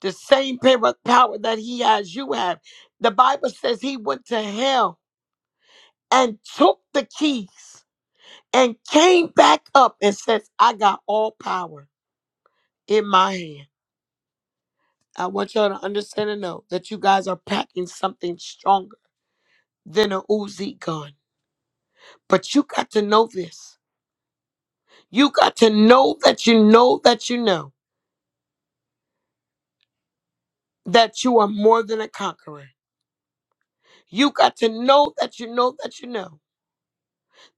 the same power power that He has, you have. The Bible says He went to hell and took the keys and came back up and says, I got all power in my hand. I want y'all to understand and know that you guys are packing something stronger than a Uzi gun. But you got to know this. You got to know that you know that you know that you are more than a conqueror. You got to know that you know that you know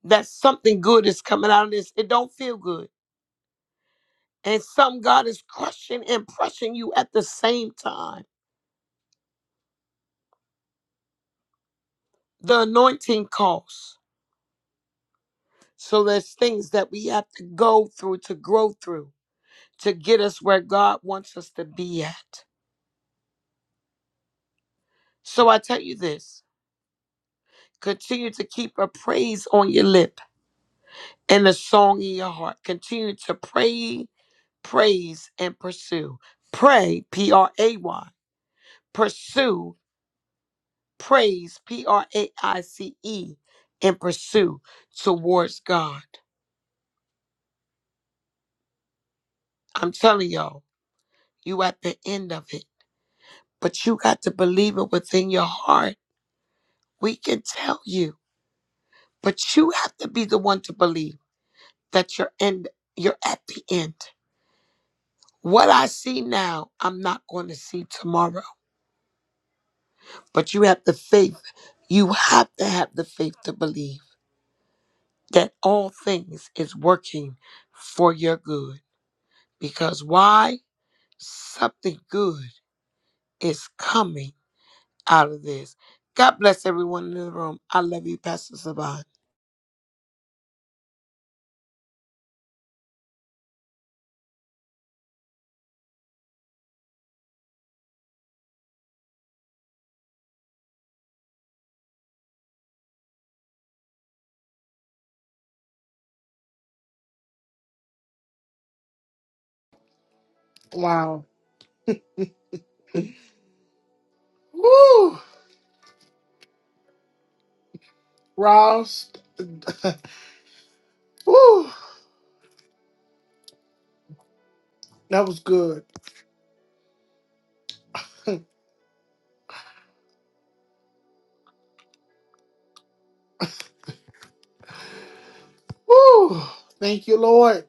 that something good is coming out of this. It don't feel good. And some God is crushing and pressing you at the same time The anointing costs. So there's things that we have to go through to grow through to get us where God wants us to be at. So I tell you this continue to keep a praise on your lip and a song in your heart. Continue to pray, praise, and pursue. Pray, P R A Y. Pursue, praise, P R A I C E, and pursue towards God. I'm telling y'all, you at the end of it. but you got to believe it within your heart. We can tell you, but you have to be the one to believe that you're in you're at the end. What I see now, I'm not going to see tomorrow. But you have the faith. You have to have the faith to believe that all things is working for your good. Because why? Something good is coming out of this. God bless everyone in the room. I love you, Pastor Savon. Wow. Woo. Ross. (laughs) Woo. That was good. Woo. Thank you, Lord.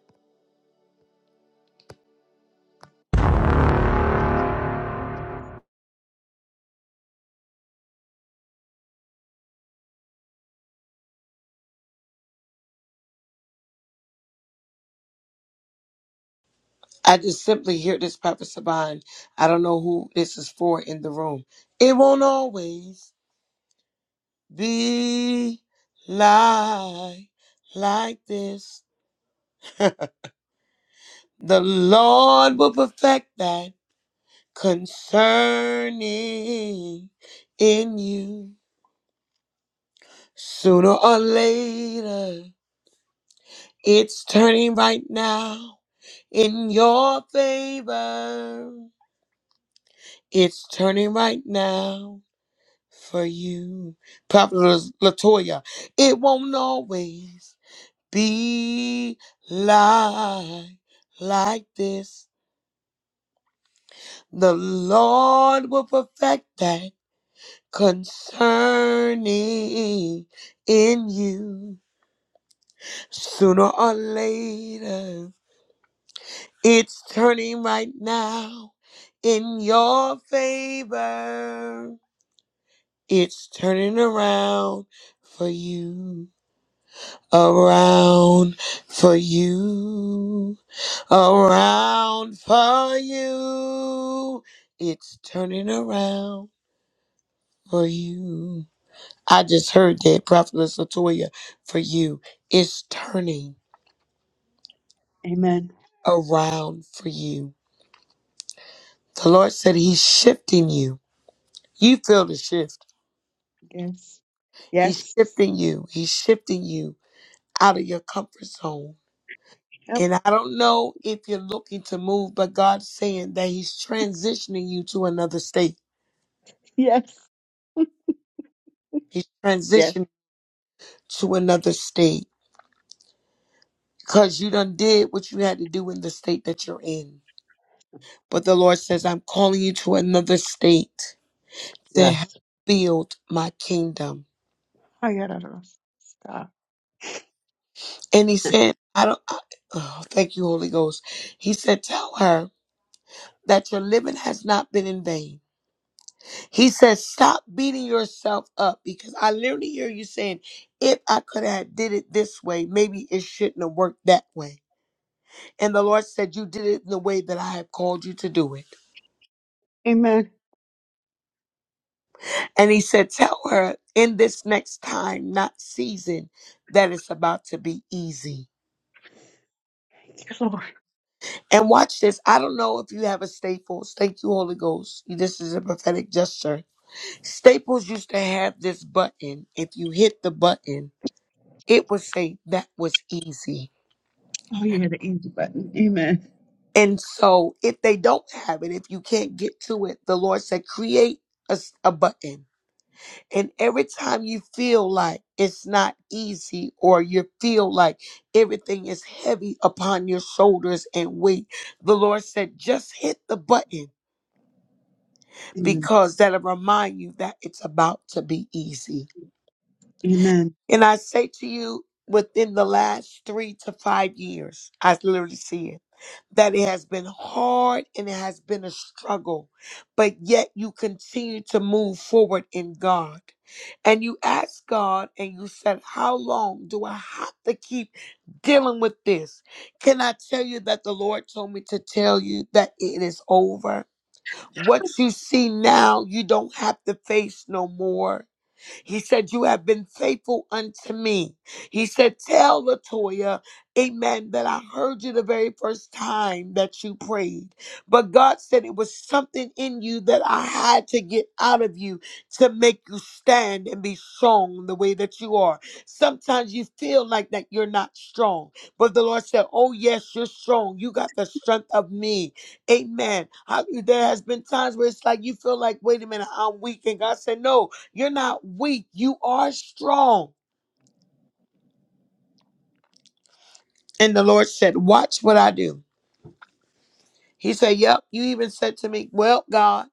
I just simply hear this, Papa Saban. I don't know who this is for in the room. It won't always be like, like this. The Lord will perfect that concerning in you. Sooner or later, it's turning right now in your favor. It's turning right now for you. Prophetess Latoya, it won't always be like, like this. The Lord will perfect that concerning in you. Sooner or later, it's turning right now in your favor. It's turning around for you. around for you, around for you. It's turning around for you. I just heard that, Prophetess Latoya, for you. It's turning Amen. around for you. The Lord said He's shifting you. You feel the shift. Yes. He's Yes. shifting you. He's shifting you out of your comfort zone Yep. And I don't know if you're looking to move, but God's saying that He's transitioning you to another state. Yes. He's Yes. transitioning to another state because you done did what you had to do in the state that you're in. But the Lord says, I'm calling you to another state to help Yes. build my kingdom. I got it. Stop. And He said, I don't, I, oh, thank you, Holy Ghost. He said, Tell her that your living has not been in vain. He says, stop beating yourself up because I literally hear you saying, if I could have did it this way, maybe it shouldn't have worked that way. And the Lord said, you did it in the way that I have called you to do it. Amen. And he said, tell her in this next time, not season, that it's about to be easy. Thank you, Lord. And watch this. I don't know if you have a Staples. Thank you, Holy Ghost. This is a prophetic gesture. Staples used to have this button. If you hit the button, it would say that was easy Oh, you yeah, the easy button. Amen. And so, if they don't have it, if you can't get to it, the Lord said, create a, s- a button. And every time you feel like it's not easy or you feel like everything is heavy upon your shoulders and weight, the Lord said, just hit the button Amen. because that'll remind you that it's about to be easy. Amen. And I say to you, within the last three to five years, I literally see it, that it has been hard and it has been a struggle, but yet you continue to move forward in God. And you ask God and you said, How long do I have to keep dealing with this? Can I tell you that the Lord told me to tell you that it is over? What you see now, you don't have to face no more he said, You have been faithful unto me. He said, Tell Latoya, amen, that I heard you the very first time that you prayed. But God said it was something in you that I had to get out of you to make you stand and be strong the way that you are. Sometimes you feel like that you're not strong. But the Lord said, Oh, yes, you're strong. You got the strength of me. Amen. How- there has been times where it's like you feel like, wait a minute, I'm weak. And God said, No, you're not weak. You are strong. And the Lord said, Watch what I do. He said, Yep. You even said to me, Well, God,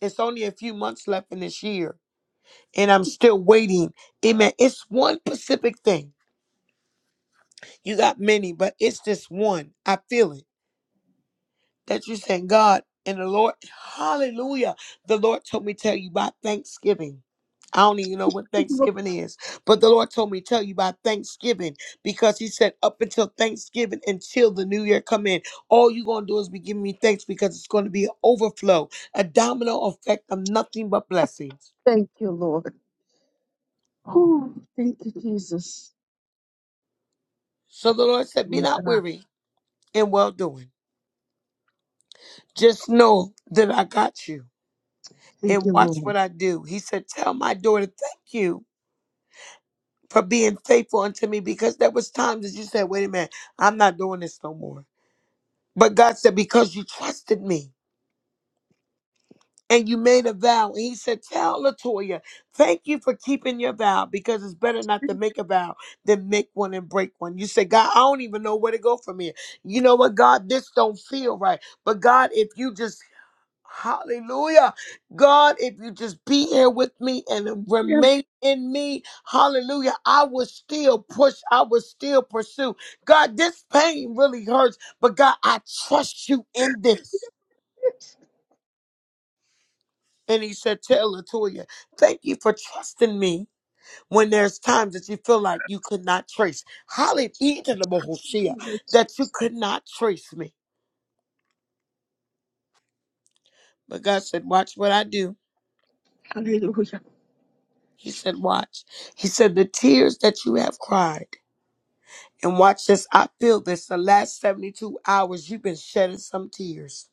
it's only a few months left in this year, and I'm still waiting. Amen. It's one specific thing. You got many, but it's this one. I feel it. that you're saying, God and the Lord, hallelujah. The Lord told me tell you by Thanksgiving. I don't even know what Lord, Thanksgiving is, but the Lord told me tell you by Thanksgiving because He said up until Thanksgiving, until the new year come in, all you're gonna do is be giving me thanks because it's gonna be an overflow, a domino effect of nothing but blessings. Thank you, Lord. Oh, thank you, Jesus. So the Lord said, be Yeah, not God. weary in well doing. Just know that I got you Thank you, and watch Lord. what I do. He said, tell my daughter thank you for being faithful unto me because there was times that you said, wait a minute, I'm not doing this no more. But God said, because you trusted me and you made a vow. And he said, tell Latoya, thank you for keeping your vow because it's better not to make a vow than make one and break one. You said, God, I don't even know where to go from here. You know what, God, this don't feel right. But God, if you just Hallelujah. God, if you just be here with me and Yes. remain in me, hallelujah, I will still push, I will still pursue. God, this pain really hurts, but God, I trust you in this. And he said, Tell Latoya, thank you for trusting me when there's times that you feel like you could not trace. Hallelujah, yes. that you could not trace me. But God said, Watch what I do. Hallelujah. He said, Watch. He said, The tears that you have cried. And watch this. I feel this. The last 72 hours, you've been shedding some tears.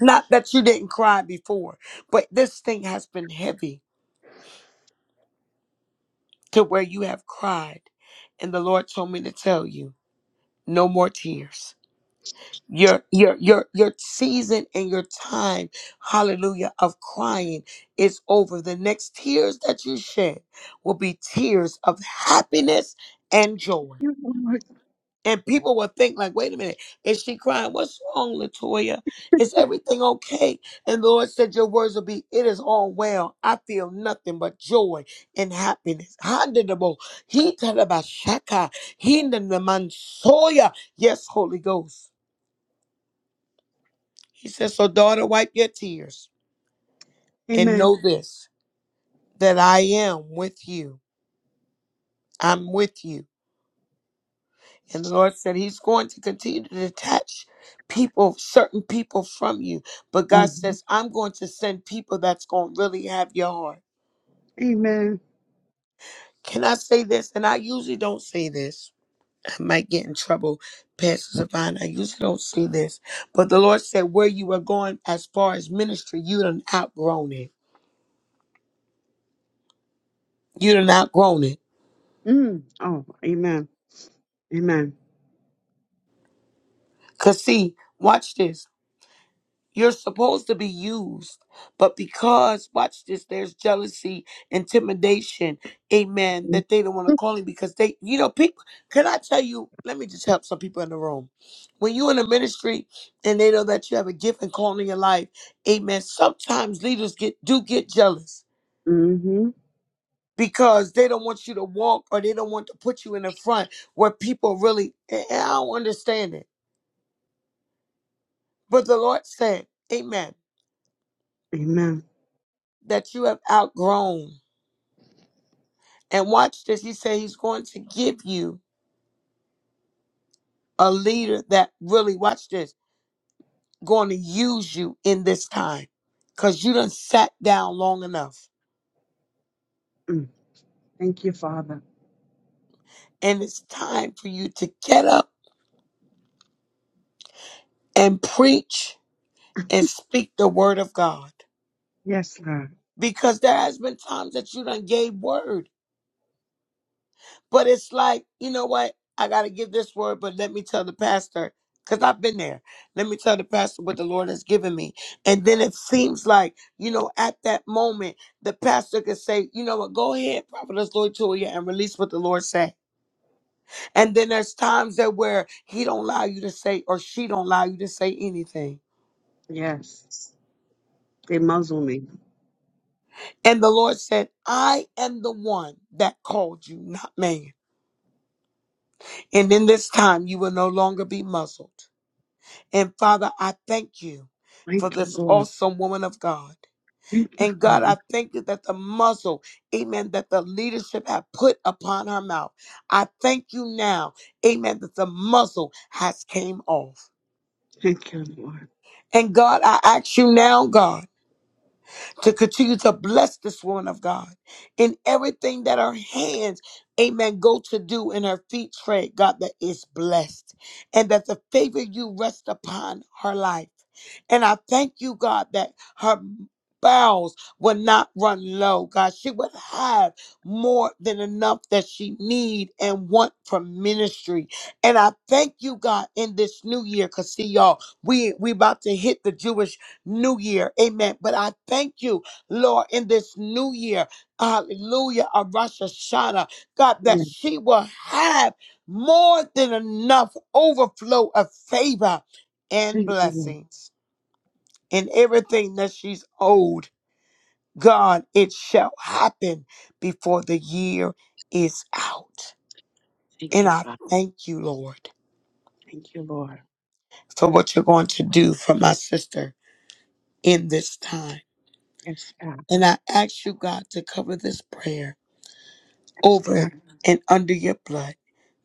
Not that you didn't cry before, but this thing has been heavy to where you have cried. And the Lord told me to tell you, no more tears. Your your your your season and your time, hallelujah, of crying is over. The next tears that you shed will be tears of happiness and joy. You Lord. And people will think like, wait a minute, is she crying? What's wrong, Latoya? Is everything okay? And the Lord said, your words will be, it is all well. I feel nothing but joy and happiness. Handedable. He tell about Shaka. He the mansoya. Yes, Holy Ghost. He says, so daughter, wipe your tears and Amen. know this, that I am with you. I'm with you. And the Lord said He's going to continue to detach people, certain people from you. But God hmm says, I'm going to send people that's going to really have your heart. Amen. Can I say this? And I usually don't say this. I might get in trouble, Pastor Savannah. I usually don't say this. But the Lord said, where you are going as far as ministry, you done outgrown it. You done outgrown it. Mm. Oh, amen. Amen. Because see, watch this. You're supposed to be used, but because, watch this, there's jealousy, intimidation, amen, that they don't want to call him because they, you know, people, can I tell you, let me just help some people in the room. When you in a ministry and they know that you have a gift and calling in your life, amen, sometimes leaders get do get jealous Mm-hmm. because they don't want you to walk or they don't want to put you in the front where people really, and I don't understand it. But the Lord said, amen, Amen. that you have outgrown. And watch this. He said he's going to give you a leader that really, watch this, going to use you in this time. Because you done sat down long enough. Mm. Thank you, Father. And it's time for you to get up and preach and speak the word of God. Yes, Lord. Because there has been times that you done gave word But it's like, you know what? I got to give this word, but let me tell the pastor, because I've been there. Let me tell the pastor what the Lord has given me. And then it seems like, you know, at that moment, the pastor could say, you know what? Go ahead, prophetess Lord Julia, and release what the Lord said. And then there's times that where he don't allow you to say, or she don't allow you to say anything. Yes. They muzzle me. And the Lord said, I am the one that called you, not man. And in this time, you will no longer be muzzled. And Father, I thank you for Thank you, this Lord. awesome woman of God. Thank you, And God, Father. I thank you that the muzzle, amen, that the leadership have put upon her mouth. I thank you now, amen, that the muzzle has came off. Thank you, Lord. And God, I ask you now, God. to continue to bless this woman of God in everything that her hands, amen, go to do in her feet tread, God, that is blessed and that the favor you rest upon her life. And I thank you, God, that her bowels will not run low, God. She would have more than enough that she need and want from ministry. And I thank you, God, in this new year, because see y'all, we we about to hit the Jewish new year. Amen. But I thank you, Lord, in this new year. Hallelujah. Of Rosh Hashanah. God, that Yes. she will have more than enough overflow of favor and Thank you, Lord. blessings. And everything that she's owed, God, it shall happen before the year is out. Thank And you, I Father. thank you, Lord, Thank you, Lord. for what you're going to do for my sister in this time. Yes, God. And I ask you, God, to cover this prayer Yes, God. over and under your blood.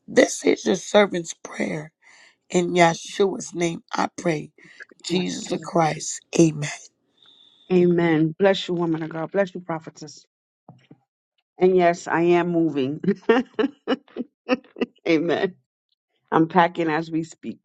This is your servant's prayer. In Yahshua's name, I pray. Yes, Jesus the God. Christ. Amen. Amen. Bless you, woman of God. Bless you, prophetess. And yes, I am moving. (laughs) Amen. I'm packing as we speak.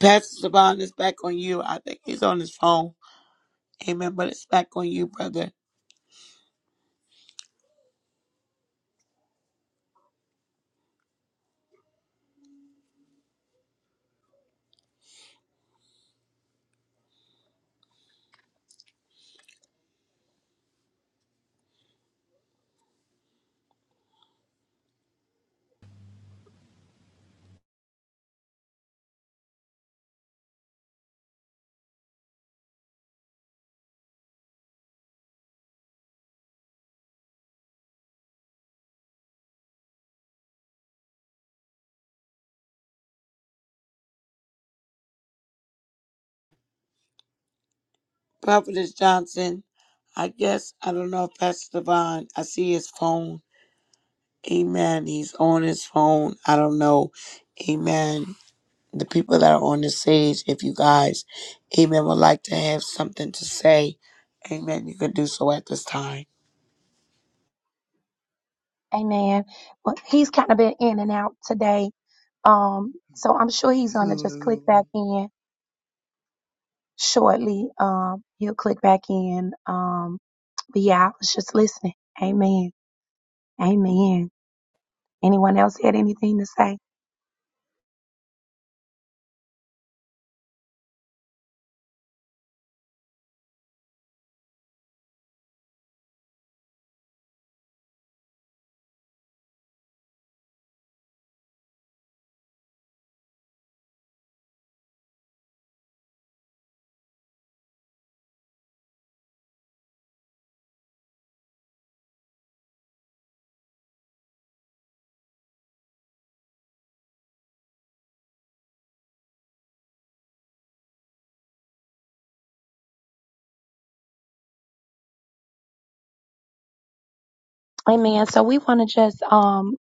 Pastor Savon is back on you. I think he's on his phone. Amen. But it's back on you, brother. Prophetess Johnson, I guess, I don't know if Pastor Savon, I see his phone. Amen. He's on his phone. I don't know. Amen. the people that are on the stage, if you guys, amen, would like to have something to say, amen, you can do so at this time. Amen. Well, he's kind of been in and out today. Um, so I'm sure he's gonna just click Hallelujah. back in. shortly. Um, he'll click back in. Um, but yeah, I was just listening. Amen. Amen. Anyone else had anything to say? Amen. So we want to just um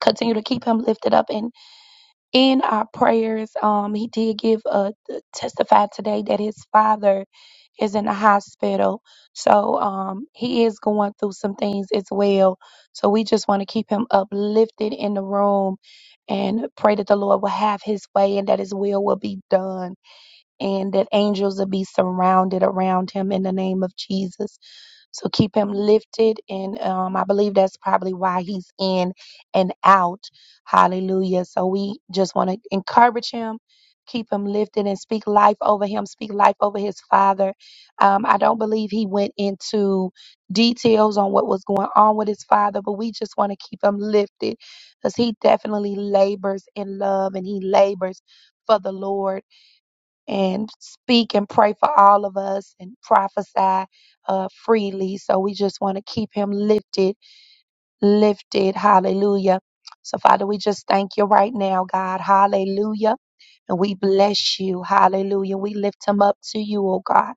continue to keep him lifted up in in our prayers, um, he did give a testify today that his father is in the hospital, so um, he is going through some things as well. So we just want to keep him uplifted in the room and pray that the Lord will have His way and that His will will be done and that angels will be surrounded around him in the name of Jesus. So keep him lifted. And um, I believe that's probably why he's in and out. Hallelujah. So we just want to encourage him. Keep him lifted and speak life over him. Speak life over his father. Um, I don't believe he went into details on what was going on with his father, but we just want to keep him lifted because he definitely labors in love and he labors for the Lord and speak and pray for all of us and prophesy uh, freely. So we just want to keep him lifted, lifted. Hallelujah. So, Father, we just thank you right now, God. Hallelujah. And we bless you. Hallelujah. We lift him up to you, oh God.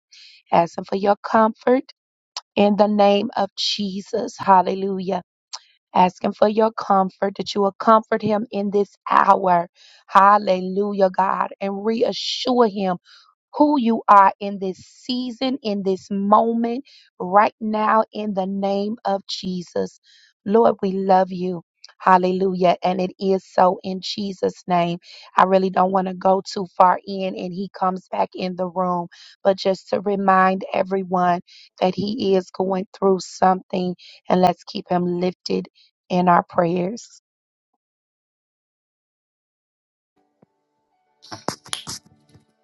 Asking for your comfort in the name of Jesus. Hallelujah. Asking for your comfort that you will comfort him in this hour. Hallelujah, God. And reassure him who you are in this season, in this moment, right now, in the name of Jesus. Lord, we love you. Hallelujah. And it is so in Jesus' name. I really don't want to go too far in and he comes back in the room, but just to remind everyone that he is going through something and let's keep him lifted in our prayers.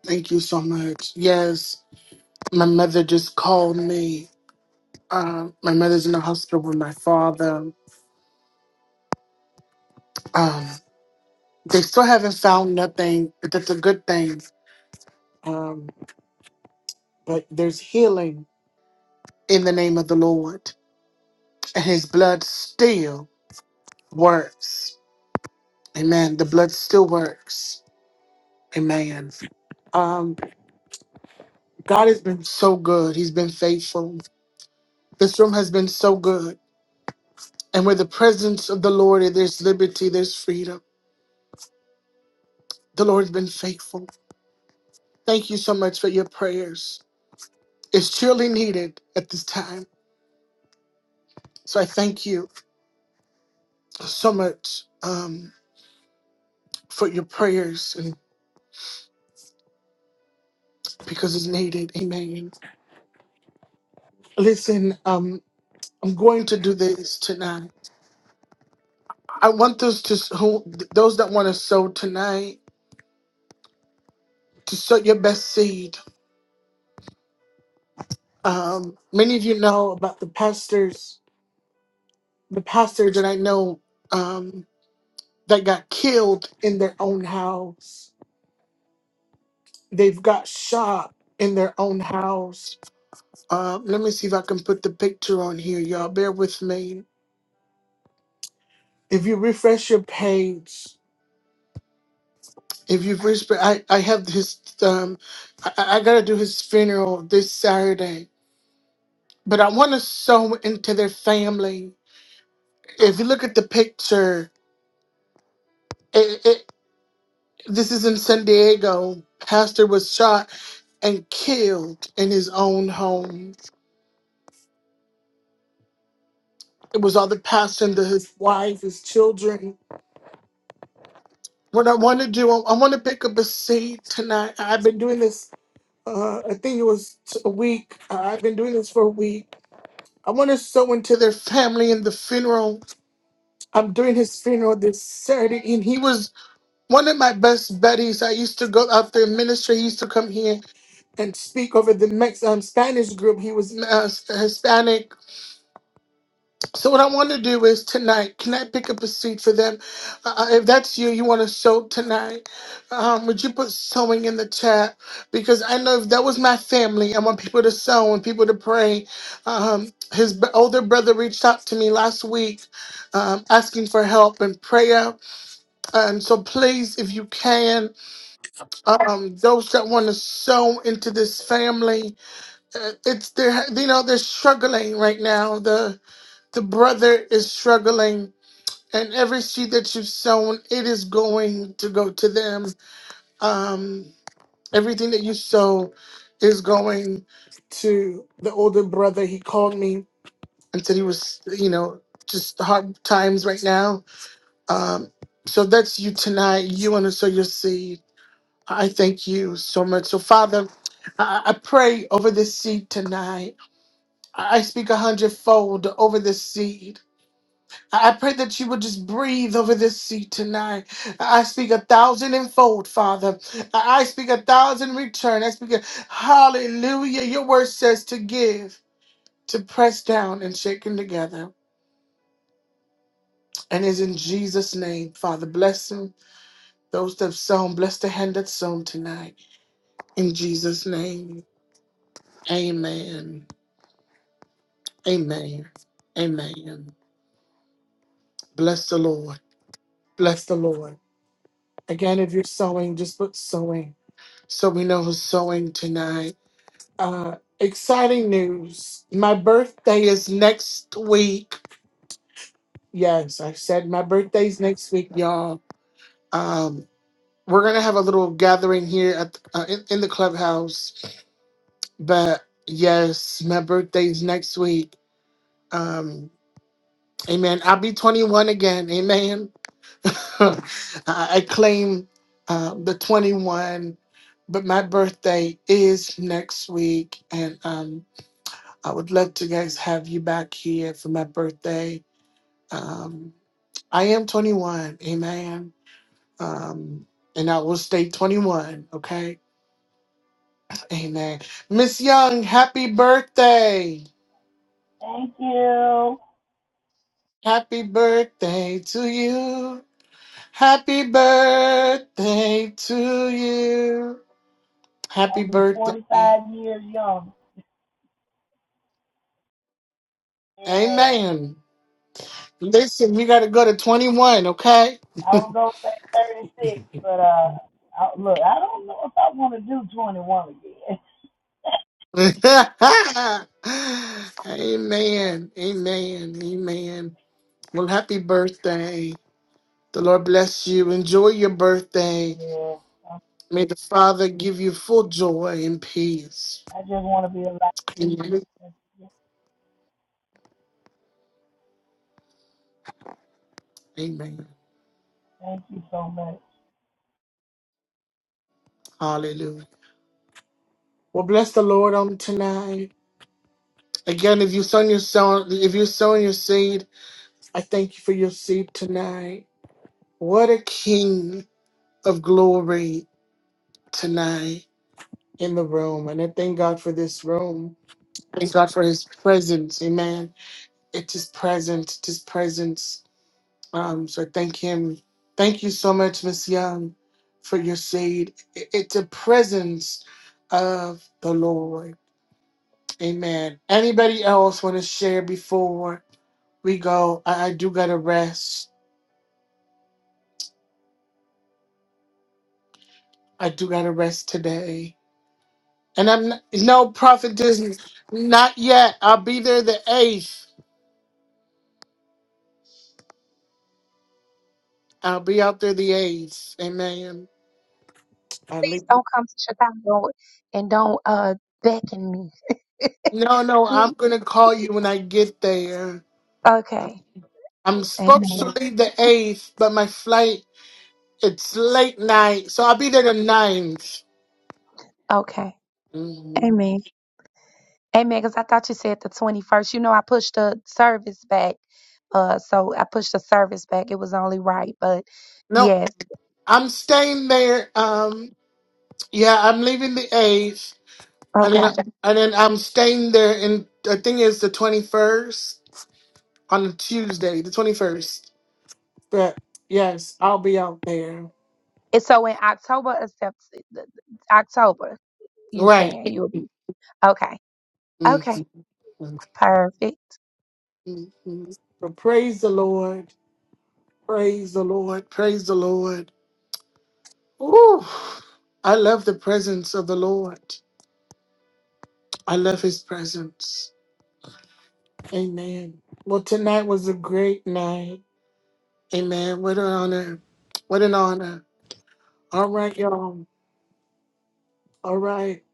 Thank you so much. Yes. My mother just called me. Um, my mother's in the hospital with my father. Um, they still haven't found nothing, but that's a good thing. Um, but there's healing in the name of the Lord. And his blood still works. Amen. The blood still works. Amen. Um, God has been so good. He's been faithful. This room has been so good. And where the presence of the Lord, is, there's liberty, there's freedom. The Lord's been faithful. Thank you so much for your prayers. It's truly needed at this time. So I thank you so much um, for your prayers and because it's needed. Amen. Listen, um, I'm going to do this tonight. I want those to who those that want to sow tonight to sow your best seed Um, many of you know about the pastors, the pastor that I know um, that got killed in their own house. They've got shot in their own house. Uh, let me see if I can put the picture on here, y'all. Bear with me. If you refresh your page, if you refresh, I, I have his, um, I, I I gotta do his funeral this Saturday, but I wanna sow into their family. If you look at the picture, This is in San Diego. Pastor was shot and killed in his own home. It was all the pastor and the, his wife, his children. What I want to do, I, I want to pick up a seed tonight. I've been doing this, uh, I think it was t- a week. Uh, I've been doing this for a week. I want to sow into their family and the funeral. I'm doing his funeral this Saturday, and he was one of my best buddies. I used to go out there ministry. He used to come here and speak over the Mex- um, Spanish group. He was uh, Hispanic. So what I want to do is tonight, can I pick up a seat for them? Uh, uh, if that's you, you want to sew tonight, um, would you put sewing in the chat? Because I know if that was my family, I want people to sew and people to pray. Um, his b- older brother reached out to me last week um, asking for help and prayer. And so please, if you can, um, those that want to sew into this family, uh, it's they're you know they're struggling right now. The the brother is struggling, and every seed that you've sown, it is going to go to them. Um, everything that you sow is going to the older brother. He called me and said he was you know just hard times right now. Um, so that's you tonight. You want to sow your seed. I thank you so much. So Father, I, I pray over this seed tonight. I speak a hundredfold over this seed. I pray that you would just breathe over this seed tonight. I speak a thousand and fold, Father. I speak a thousand return. I speak a hallelujah. Your word says to give, to press down and shaken together. And is in Jesus' name, Father. Bless them. Those that have sown, bless the hand that sown tonight. In Jesus' name. Amen. Amen. Amen. Bless the Lord. Bless the Lord. Again, if you're sewing, just put sewing so we know who's sewing tonight. Uh, exciting news. My birthday is next week. Yes, I said my birthday's next week, y'all. Um, we're gonna have a little gathering here at uh, in, in the clubhouse, but yes, my birthday's next week. Um, amen. I'll be 21 again. Amen. (laughs) I claim uh, the 21, but my birthday is next week, and um, I would love to guys have you back here for my birthday. Um, I am 21, amen. Um, and I will stay 21, okay? Amen. Miss Young, happy birthday. Thank you. Happy birthday to you. Happy birthday to you. I'll Happy be birthday. 45 years young. Yeah, Amen. Listen, we got to go to 21, okay? I don't go say 36, but uh, I, look, I don't know if I want to do 21 again. (laughs) (laughs) Amen. Amen. Amen. Well, happy birthday. The Lord bless you. Enjoy your birthday. Yeah, May the Father give you full joy and peace. I just want to be alive. Amen. Amen. Thank you so much. Hallelujah. Well, bless the Lord on tonight. Again, if you sown your sown, if you sown your seed, I thank you for your seed tonight. What a king of glory. tonight in the room. And I thank God for this room. Thank God for his presence. Amen. It's his presence, it's his presence. Um, so I thank him. Thank you so much, Miss Young, for your seed. I- It's a presence of the Lord. Amen. Anybody else want to share before we go? I, I do gotta rest. I do gotta rest today. And I'm not, no prophet Disney. Not yet. I'll be there the eighth. I'll be out there the A's. Amen. I Please leave. don't come to Chicago and don't uh beckon me. No, no, I'm (laughs) gonna call you when I get there. Okay. I'm supposed to Amen. leave the eighth, but my flight it's late night, so I'll be there the ninth. Okay. hmm Amen. Amen. Because I thought you said the 21st. You know, I pushed the service back. Uh, so I pushed the service back. It was only right. But No, yes. I'm staying there. Um, yeah, I'm leaving the eighth, and Okay. then and then I'm staying there. And I think it's the twenty first on a Tuesday, the twenty first. But yes, I'll be out there. And so in October, except October, you Right. saying you'll be. Okay. Mhm. Okay. Perfect. Mhm. So praise the Lord. Praise the Lord. Praise the Lord. Ooh, I love the presence of the Lord. I love his presence. Amen. Well, tonight was a great night. Amen. What an honor. What an honor. All right, y'all. All right.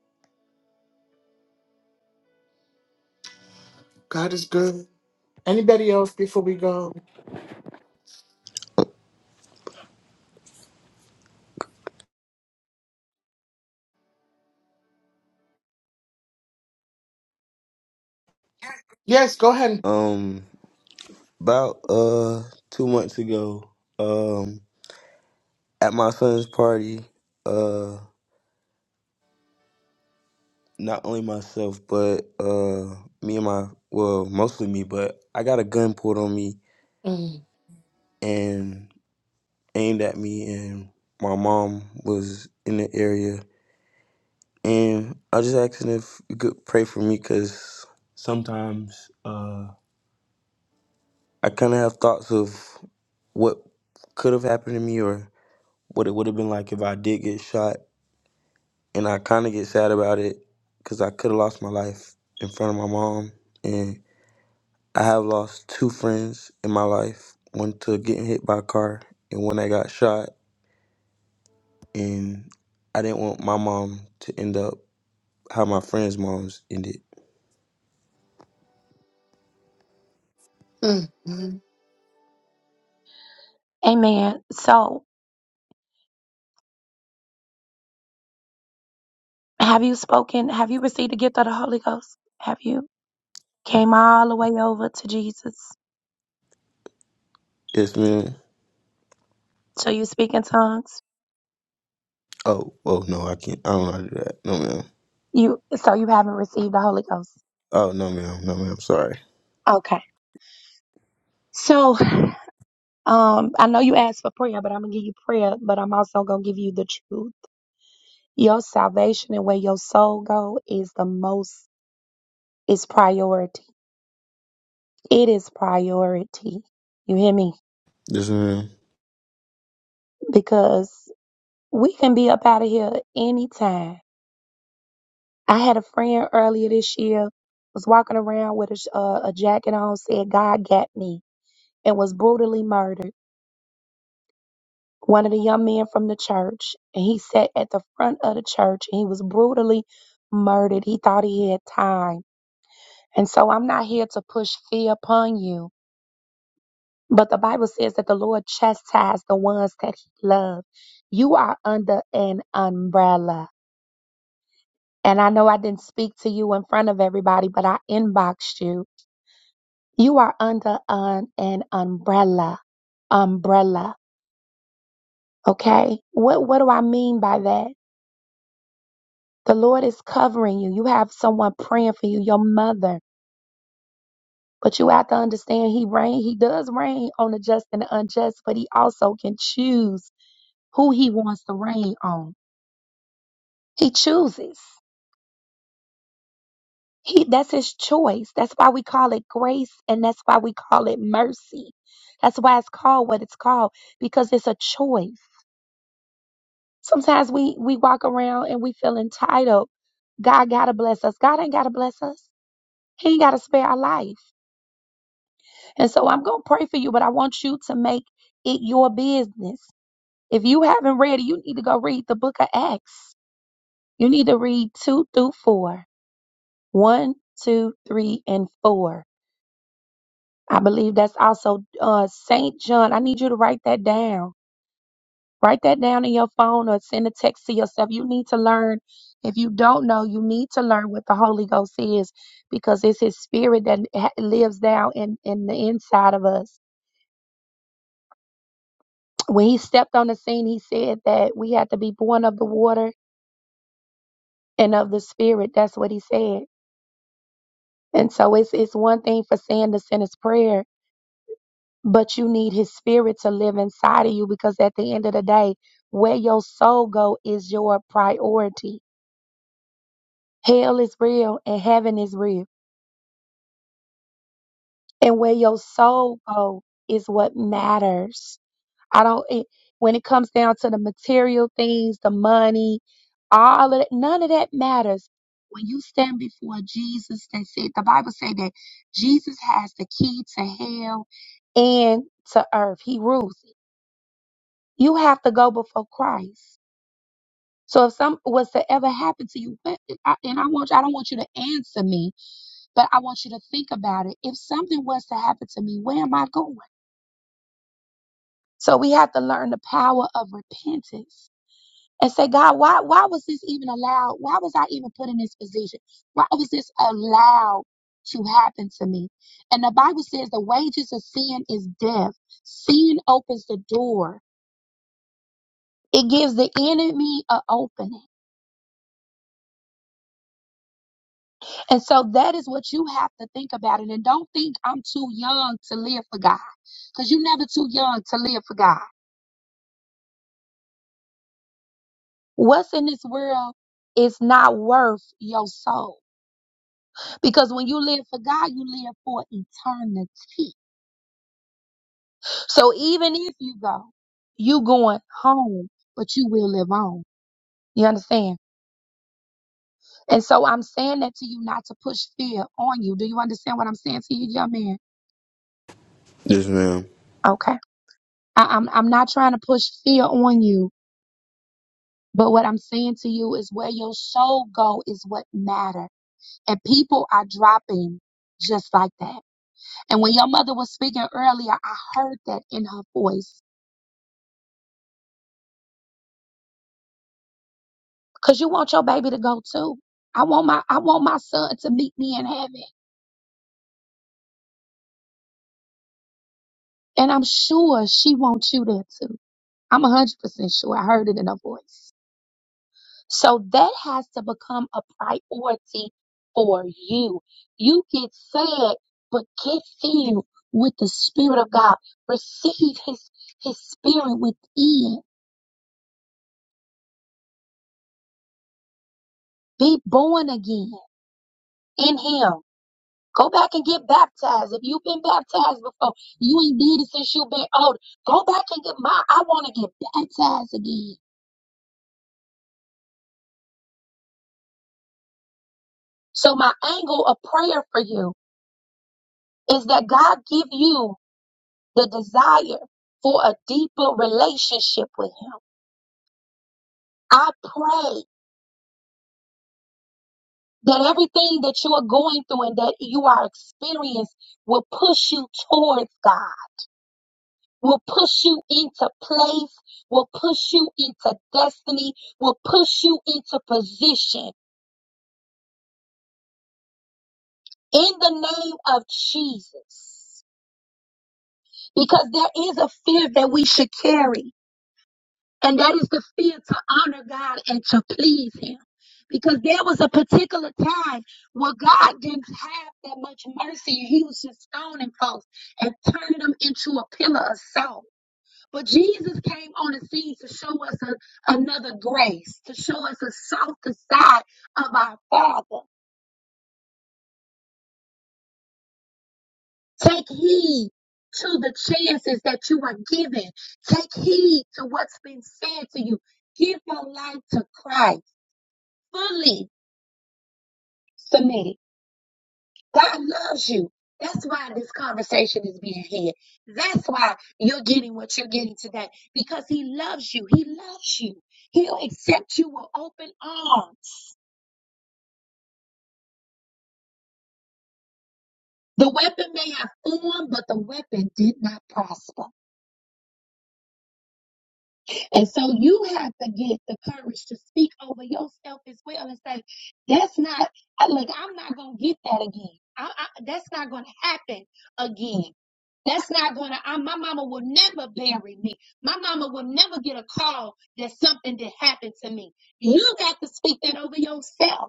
God is good. Anybody else before we go? Yes, go ahead. Um, about uh two months ago, um, at my son's party, uh, not only myself but uh me and my well, mostly me, but I got a gun pulled on me Mm, and aimed at me, and my mom was in the area And I was just asking if you could pray for me because sometimes uh, I kind of have thoughts of what could have happened to me or what it would have been like if I did get shot. And I kind of get sad about it because I could have lost my life in front of my mom. And I have lost two friends in my life one to getting hit by a car and one that got shot. And I didn't want my mom to end up how my friends' moms ended. mm, mm. Amen. So have you spoken? Have you received the gift of the Holy Ghost? Have you came all the way over to Jesus? Yes, man. So you speak in tongues? Oh, oh no, I can't. I don't know how to do that. No, ma'am. You so you haven't received the Holy Ghost. Oh, no, ma'am. No, ma'am. Sorry. Okay. So, um, I know you asked for prayer, but I'm gonna give you prayer, but I'm also gonna give you the truth. Your salvation and where your soul go is the most is priority. It is priority. You hear me? Yes, ma'am. Because we can be up out of here anytime. I had a friend earlier this year was walking around with a, sh- uh, a jacket on, said God got me, and was brutally murdered. one of the young men from the church, and he sat at the front of the church and he was brutally murdered. He thought he had time. And so I'm not here to push fear upon you, but the Bible says that the Lord chastised the ones that he loved. You are under an umbrella. And I know I didn't speak to you in front of everybody, but I inboxed you. You are under an, an umbrella. Umbrella. Okay? What what do I mean by that? The Lord is covering you. You have someone praying for you, your mother. But you have to understand he reign, he does reign on the just and the unjust, but he also can choose who he wants to reign on. He chooses. He that's his choice. That's why we call it grace and that's why we call it mercy. That's why it's called what it's called, because it's a choice. Sometimes we we walk around and we feel entitled. God gotta bless us. God ain't gotta bless us. He ain't gotta spare our life. And so I'm going to pray for you, but I want you to make it your business. If you haven't read it, you need to go read the book of Acts. You need to read two through four. One, two, three, and four. I believe that's also uh, St. John. I need you to write that down. Write that down in your phone or send a text to yourself. You need to learn. If you don't know, you need to learn what the Holy Ghost is because it's His Spirit that ha- lives down in, in the inside of us When he stepped on the scene, he said that we had to be born of the water and of the spirit. That's what he said. And so it's it's one thing for saying the sinner's prayer, but you need his spirit to live inside of you because at the end of the day, where your soul go is your priority. Hell is real and heaven is real. And where your soul go is what matters. I don't, it, when it comes down to the material things, the money, all of that, none of that matters. When you stand before Jesus, they said, the Bible said that Jesus has the key to hell and to earth. He rules it. You have to go before Christ. So if some was to ever happen to you, what- I- and I want, I don't want you to answer me, but I want you to think about it. If something was to happen to me, where am I going? So we have to learn the power of repentance and say, God, why why was this even allowed? Why was I even put in this position? Why was this allowed to happen to me? And the Bible says the wages of sin is death. Sin opens the door. It gives the enemy an opening. And so that is what you have to think about it. And don't think I'm too young to live for God. Because you're never too young to live for God. What's in this world is not worth your soul. Because when you live for God, you live for eternity So even if you go, you going home, but you will live on. You understand? And so I'm saying that to you not to push fear on you. Do you understand what I'm saying to you, young man? Yes, ma'am. Okay. I, I'm I'm not trying to push fear on you, but what I'm saying to you is where your soul go is what matter. And people are dropping just like that. And when your mother was speaking earlier, I heard that in her voice. Cause you want your baby to go too. I want my I want my son to meet me in heaven. And I'm sure she wants you there too. I'm 100% sure. I heard it in her voice. So that has to become a priority for you. You get sad, but get filled with the Spirit of God. Receive His, His Spirit within. Be born again in Him. Go back and get baptized. If you've been baptized before, you ain't did it since you've been old. Go back and get my, I want to get baptized again. So my angle of prayer for you is that God give you the desire for a deeper relationship with him. I pray that everything that you are going through and that you are experiencing will push you towards God, will push you into place, will push you into destiny, will push you into position in the name of Jesus. Because there is a fear that we should carry. And that is the fear to honor God and to please Him. Because there was a particular time where God didn't have that much mercy. He was just stoning folks and turning them into a pillar of salt. But Jesus came on the scene to show us a- another grace, to show us a softer side of our Father. Take heed to the chances that you are given. Take heed to what's been said to you. Give your life to Christ fully submitted. God loves you. That's why this conversation is being had. That's why you're getting what you're getting today because He loves you. He loves you. He'll accept you with open arms. The weapon may have formed, but the weapon did not prosper. And so you have to get the courage to speak over yourself as well and say, that's not, look, I'm not going to get that again. I, I, that's not going to happen again. That's not going to, my mama will never bury me. My mama will never get a call that something did happen to me. You got to speak that over yourself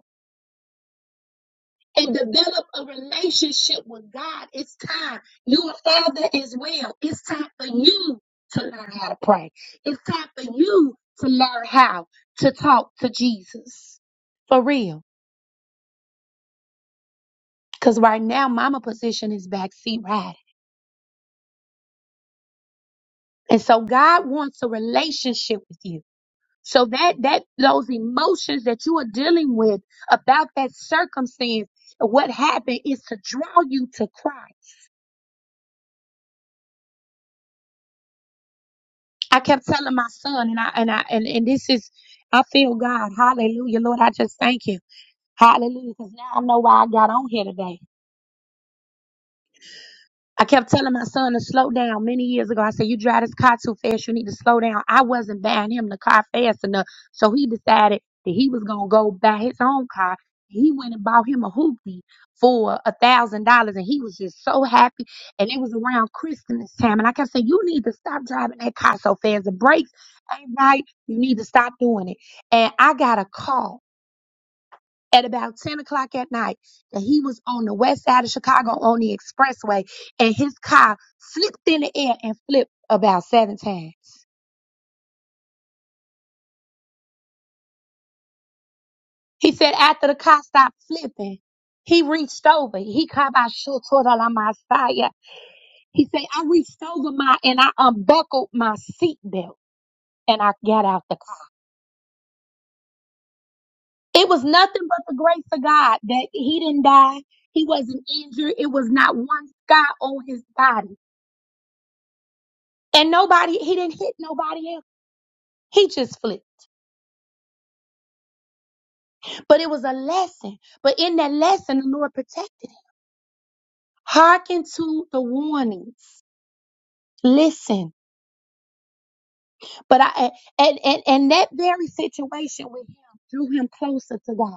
and develop a relationship with God. It's time. You're a father as well. It's time for you to learn how to pray. It's time for you to learn how to talk to Jesus. For real. Because right now, mama position is backseat riding. And so God wants a relationship with you. So that, that, those emotions that you are dealing with about that circumstance, what happened is to draw you to Christ I kept telling my son, and I and I and, and this is, I feel God, Hallelujah, Lord, I just thank you, Hallelujah, because now I know why I got on here today. I kept telling my son to slow down many years ago. I said, You drive this car too fast. You need to slow down. I wasn't buying him the car fast enough. So he decided that he was going to go buy his own car. He went and bought him a hoopty for a thousand dollars and he was just so happy. And it was around Christmas time. And I kept saying, You need to stop driving that car so fast. The brakes ain't right. You need to stop doing it. And I got a call at about 10 o'clock at night that he was on the west side of Chicago on the expressway and his car flipped in the air and flipped about seven times. He said after the car stopped flipping, he reached over. He called out "Sure, toward on my side. He said, I reached over my and I unbuckled my seatbelt and I got out the car. It was nothing but the grace of God that he didn't die. He wasn't injured. It was not one scar on his body. And nobody, he didn't hit nobody He just flipped. But it was a lesson. But in that lesson, the Lord protected him. Hearken to the warnings. Listen. But I and and, and that very situation with him drew him closer to God.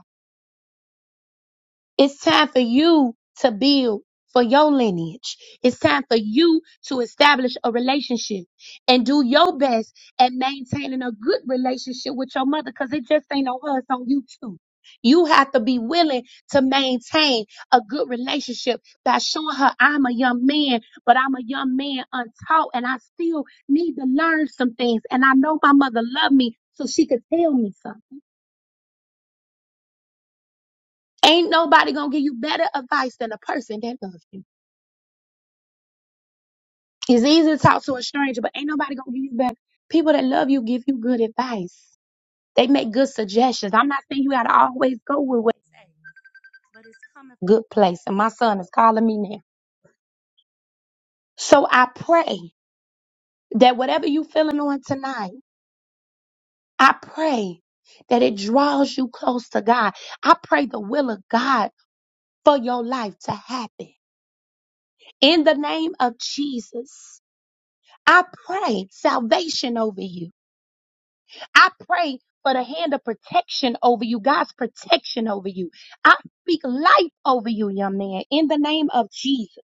It's time for you to build for your lineage. It's time for you to establish a relationship and do your best at maintaining a good relationship with your mother because it just ain't on her, it's on you too. You have to be willing to maintain a good relationship by showing her I'm a young man, but I'm a young man untaught and I still need to learn some things. And I know my mother loved me so she could tell me something. Ain't nobody gonna give you better advice than a person that loves you. It's easy to talk to a stranger, but ain't nobody gonna give you back. People that love you give you good advice. They make good suggestions. I'm not saying you gotta always go with what, but it's coming from a good place. And my son is calling me now. So I pray that whatever you feeling on tonight, I pray that it draws you close to God. I pray the will of God for your life to happen. In the name of Jesus, I pray salvation over you. I pray for the hand of protection over you, God's protection over you. I speak life over you, young man, in the name of Jesus.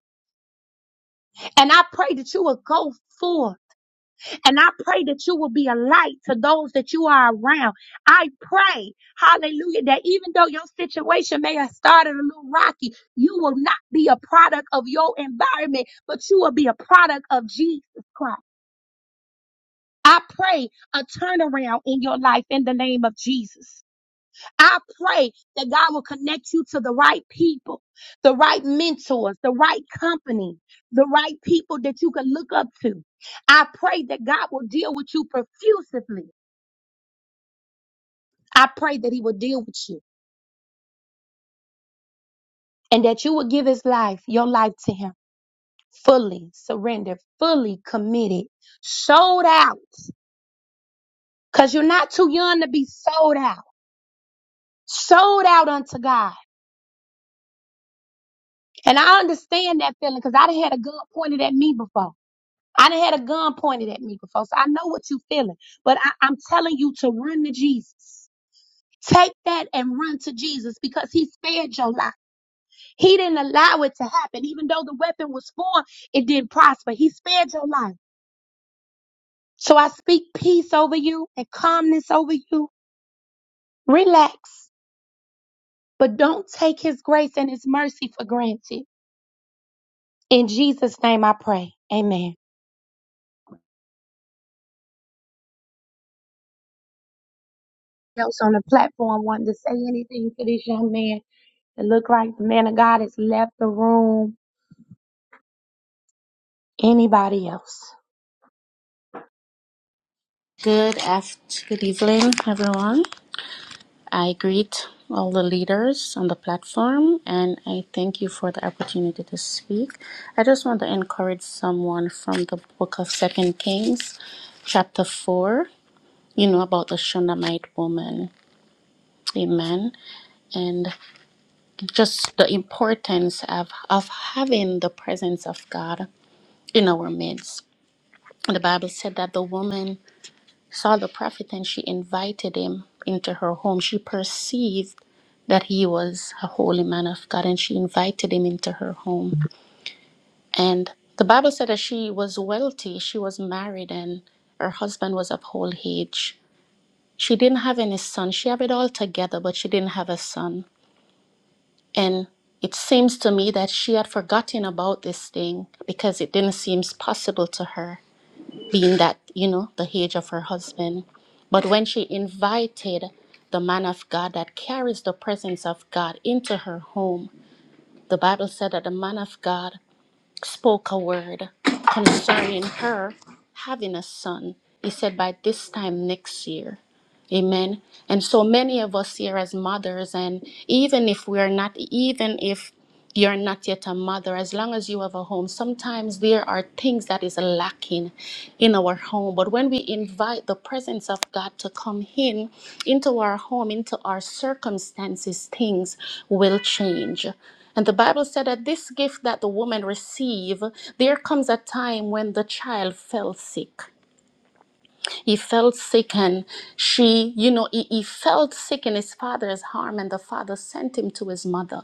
And I pray that you will go forth and I pray that you will be a light to those that you are around. I pray, hallelujah, that even though your situation may have started a little rocky, you will not be a product of your environment, but you will be a product of Jesus Christ. I pray a turnaround in your life in the name of Jesus. I pray that God will connect you to the right people, the right mentors, the right company, the right people that you can look up to. I pray that God will deal with you profusively. I pray that He will deal with you and that you will give His life, your life to Him fully surrendered, fully committed, sold out. Because you're not too young to be sold out, sold out unto God. And I understand that feeling because I done had a gun pointed at me before. I done had a gun pointed at me before, so I know what you feeling. But I, I'm telling you to run to Jesus. Take that and run to Jesus because he spared your life. He didn't allow it to happen. Even though the weapon was formed, it didn't prosper. He spared your life. So I speak peace over you and calmness over you. Relax, but don't take his grace and his mercy for granted. In Jesus' name I pray. Amen. Else on the platform wanting to say anything to this young man. It looked like the man of God has left the room. Anybody else? Good after, good evening, everyone. I greet all the leaders on the platform and I thank you for the opportunity to speak. I just want to encourage someone from the book of Second Kings, chapter four, you know, about the Shunammite woman. Amen. And just the importance of, of having the presence of God in our midst. The Bible said that the woman saw the prophet and she invited him into her home. She perceived that he was a holy man of God and she invited him into her home. And the Bible said that she was wealthy, she was married, and her husband was of old age. She didn't have any son. She had it all together, but she didn't have a son. And it seems to me that she had forgotten about this thing because it didn't seem possible to her being that, you know, the age of her husband. But when she invited the man of God that carries the presence of God into her home, the Bible said that the man of God spoke a word concerning her having a son. He said, by this time next year. Amen. And so many of us here as mothers, and even if we are not, even if you're not yet a mother, as long as you have a home, sometimes there are things that is lacking in our home. But when we invite the presence of God to come in into our home, into our circumstances, things will change. And the Bible said that this gift that the woman received, there comes a time when the child fell sick. He felt sick and she, you know, he, he felt sick in his father's arm and the father sent him to his mother.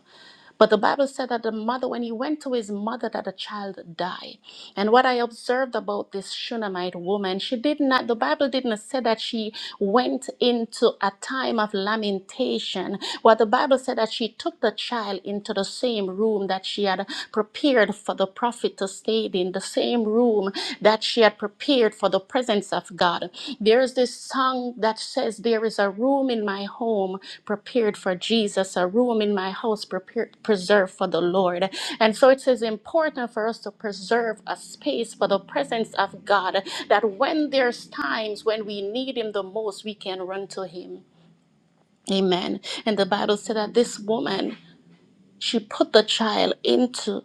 But the Bible said that the mother, when he went to his mother, that the child died. And what I observed about this Shunammite woman, she did not, the Bible didn't say that she went into a time of lamentation. What the Bible said that she took the child into the same room that she had prepared for the prophet to stay in, the same room that she had prepared for the presence of God. There's this song that says, There is a room in my home prepared for Jesus, a room in my house prepared, preserved for the Lord. And so it is important for us to preserve a space for the presence of God, that when there's times when we need Him the most, we can run to Him. Amen. And the Bible said that this woman, she put the child into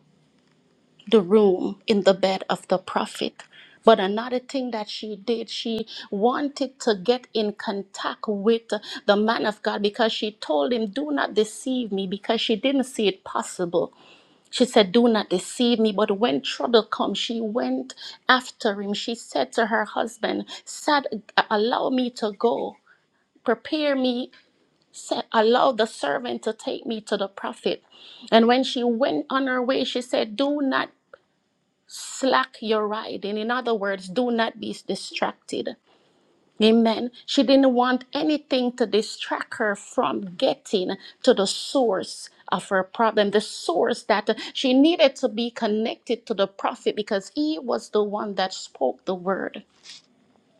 the room in the bed of the prophet. But another thing that she did, she wanted to get in contact with the man of God because she told him, Do not deceive me, because she didn't see it possible. She said, Do not deceive me. But when trouble comes, she went after him. She said to her husband, Sad, allow me to go. Prepare me, sa- allow the servant to take me to the prophet. And when she went on her way, she said, Do not slack your riding. In other words, do not be distracted. Amen. She didn't want anything to distract her from getting to the source of her problem, the source that she needed to be connected to the prophet because he was the one that spoke the word.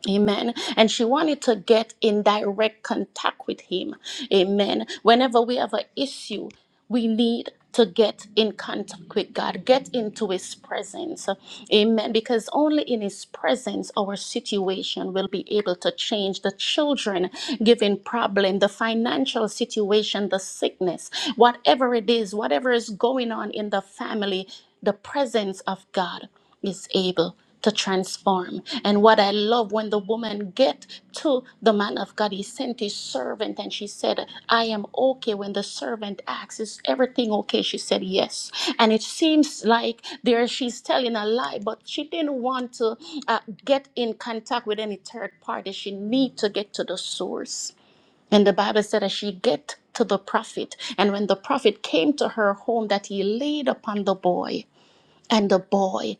Amen. And she wanted to get in direct contact with him. Amen. Whenever we have an issue, we need to get in contact with God, get into his presence. Amen. Because only in his presence our situation will be able to change. The children giving problem, the financial situation, the sickness, whatever it is, whatever is going on in the family, the presence of God is able to transform. And what I love when the woman get to the man of God, he sent his servant and she said, I am okay. When the servant asks, is everything okay? She said, yes. And it seems like there she's telling a lie, but she didn't want to uh, get in contact with any third party. She need to get to the source. And the Bible said that she get to the prophet. And when the prophet came to her home that he laid upon the boy, and the boy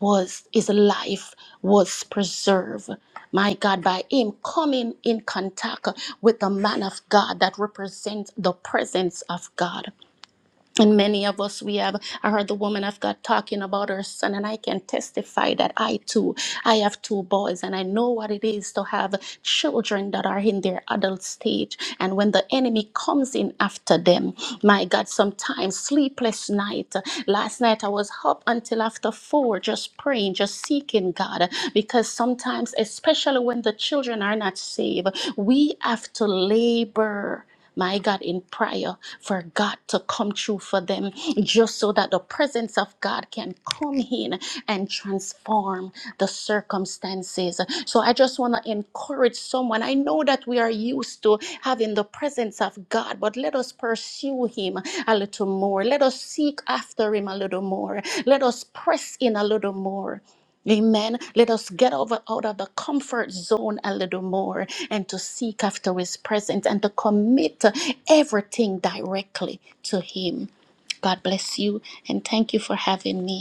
was his life was preserved my god by him coming in contact with the man of god that represents the presence of god and many of us, we have, I heard the woman of God talking about her son, and I can testify that I too, I have two boys, and I know what it is to have children that are in their adult stage. And when the enemy comes in after them, my God, sometimes sleepless night. Last night I was up until after four, just praying, just seeking God, because sometimes, especially when the children are not saved, we have to labor my God, in prayer for God to come true for them, just so that the presence of God can come in and transform the circumstances. So I just want to encourage someone. I know that we are used to having the presence of God, but let us pursue Him a little more. Let us seek after Him a little more. Let us press in a little more. Amen. Let us get over out of the comfort zone a little more and to seek after his presence and to commit everything directly to him. God bless you and thank you for having me.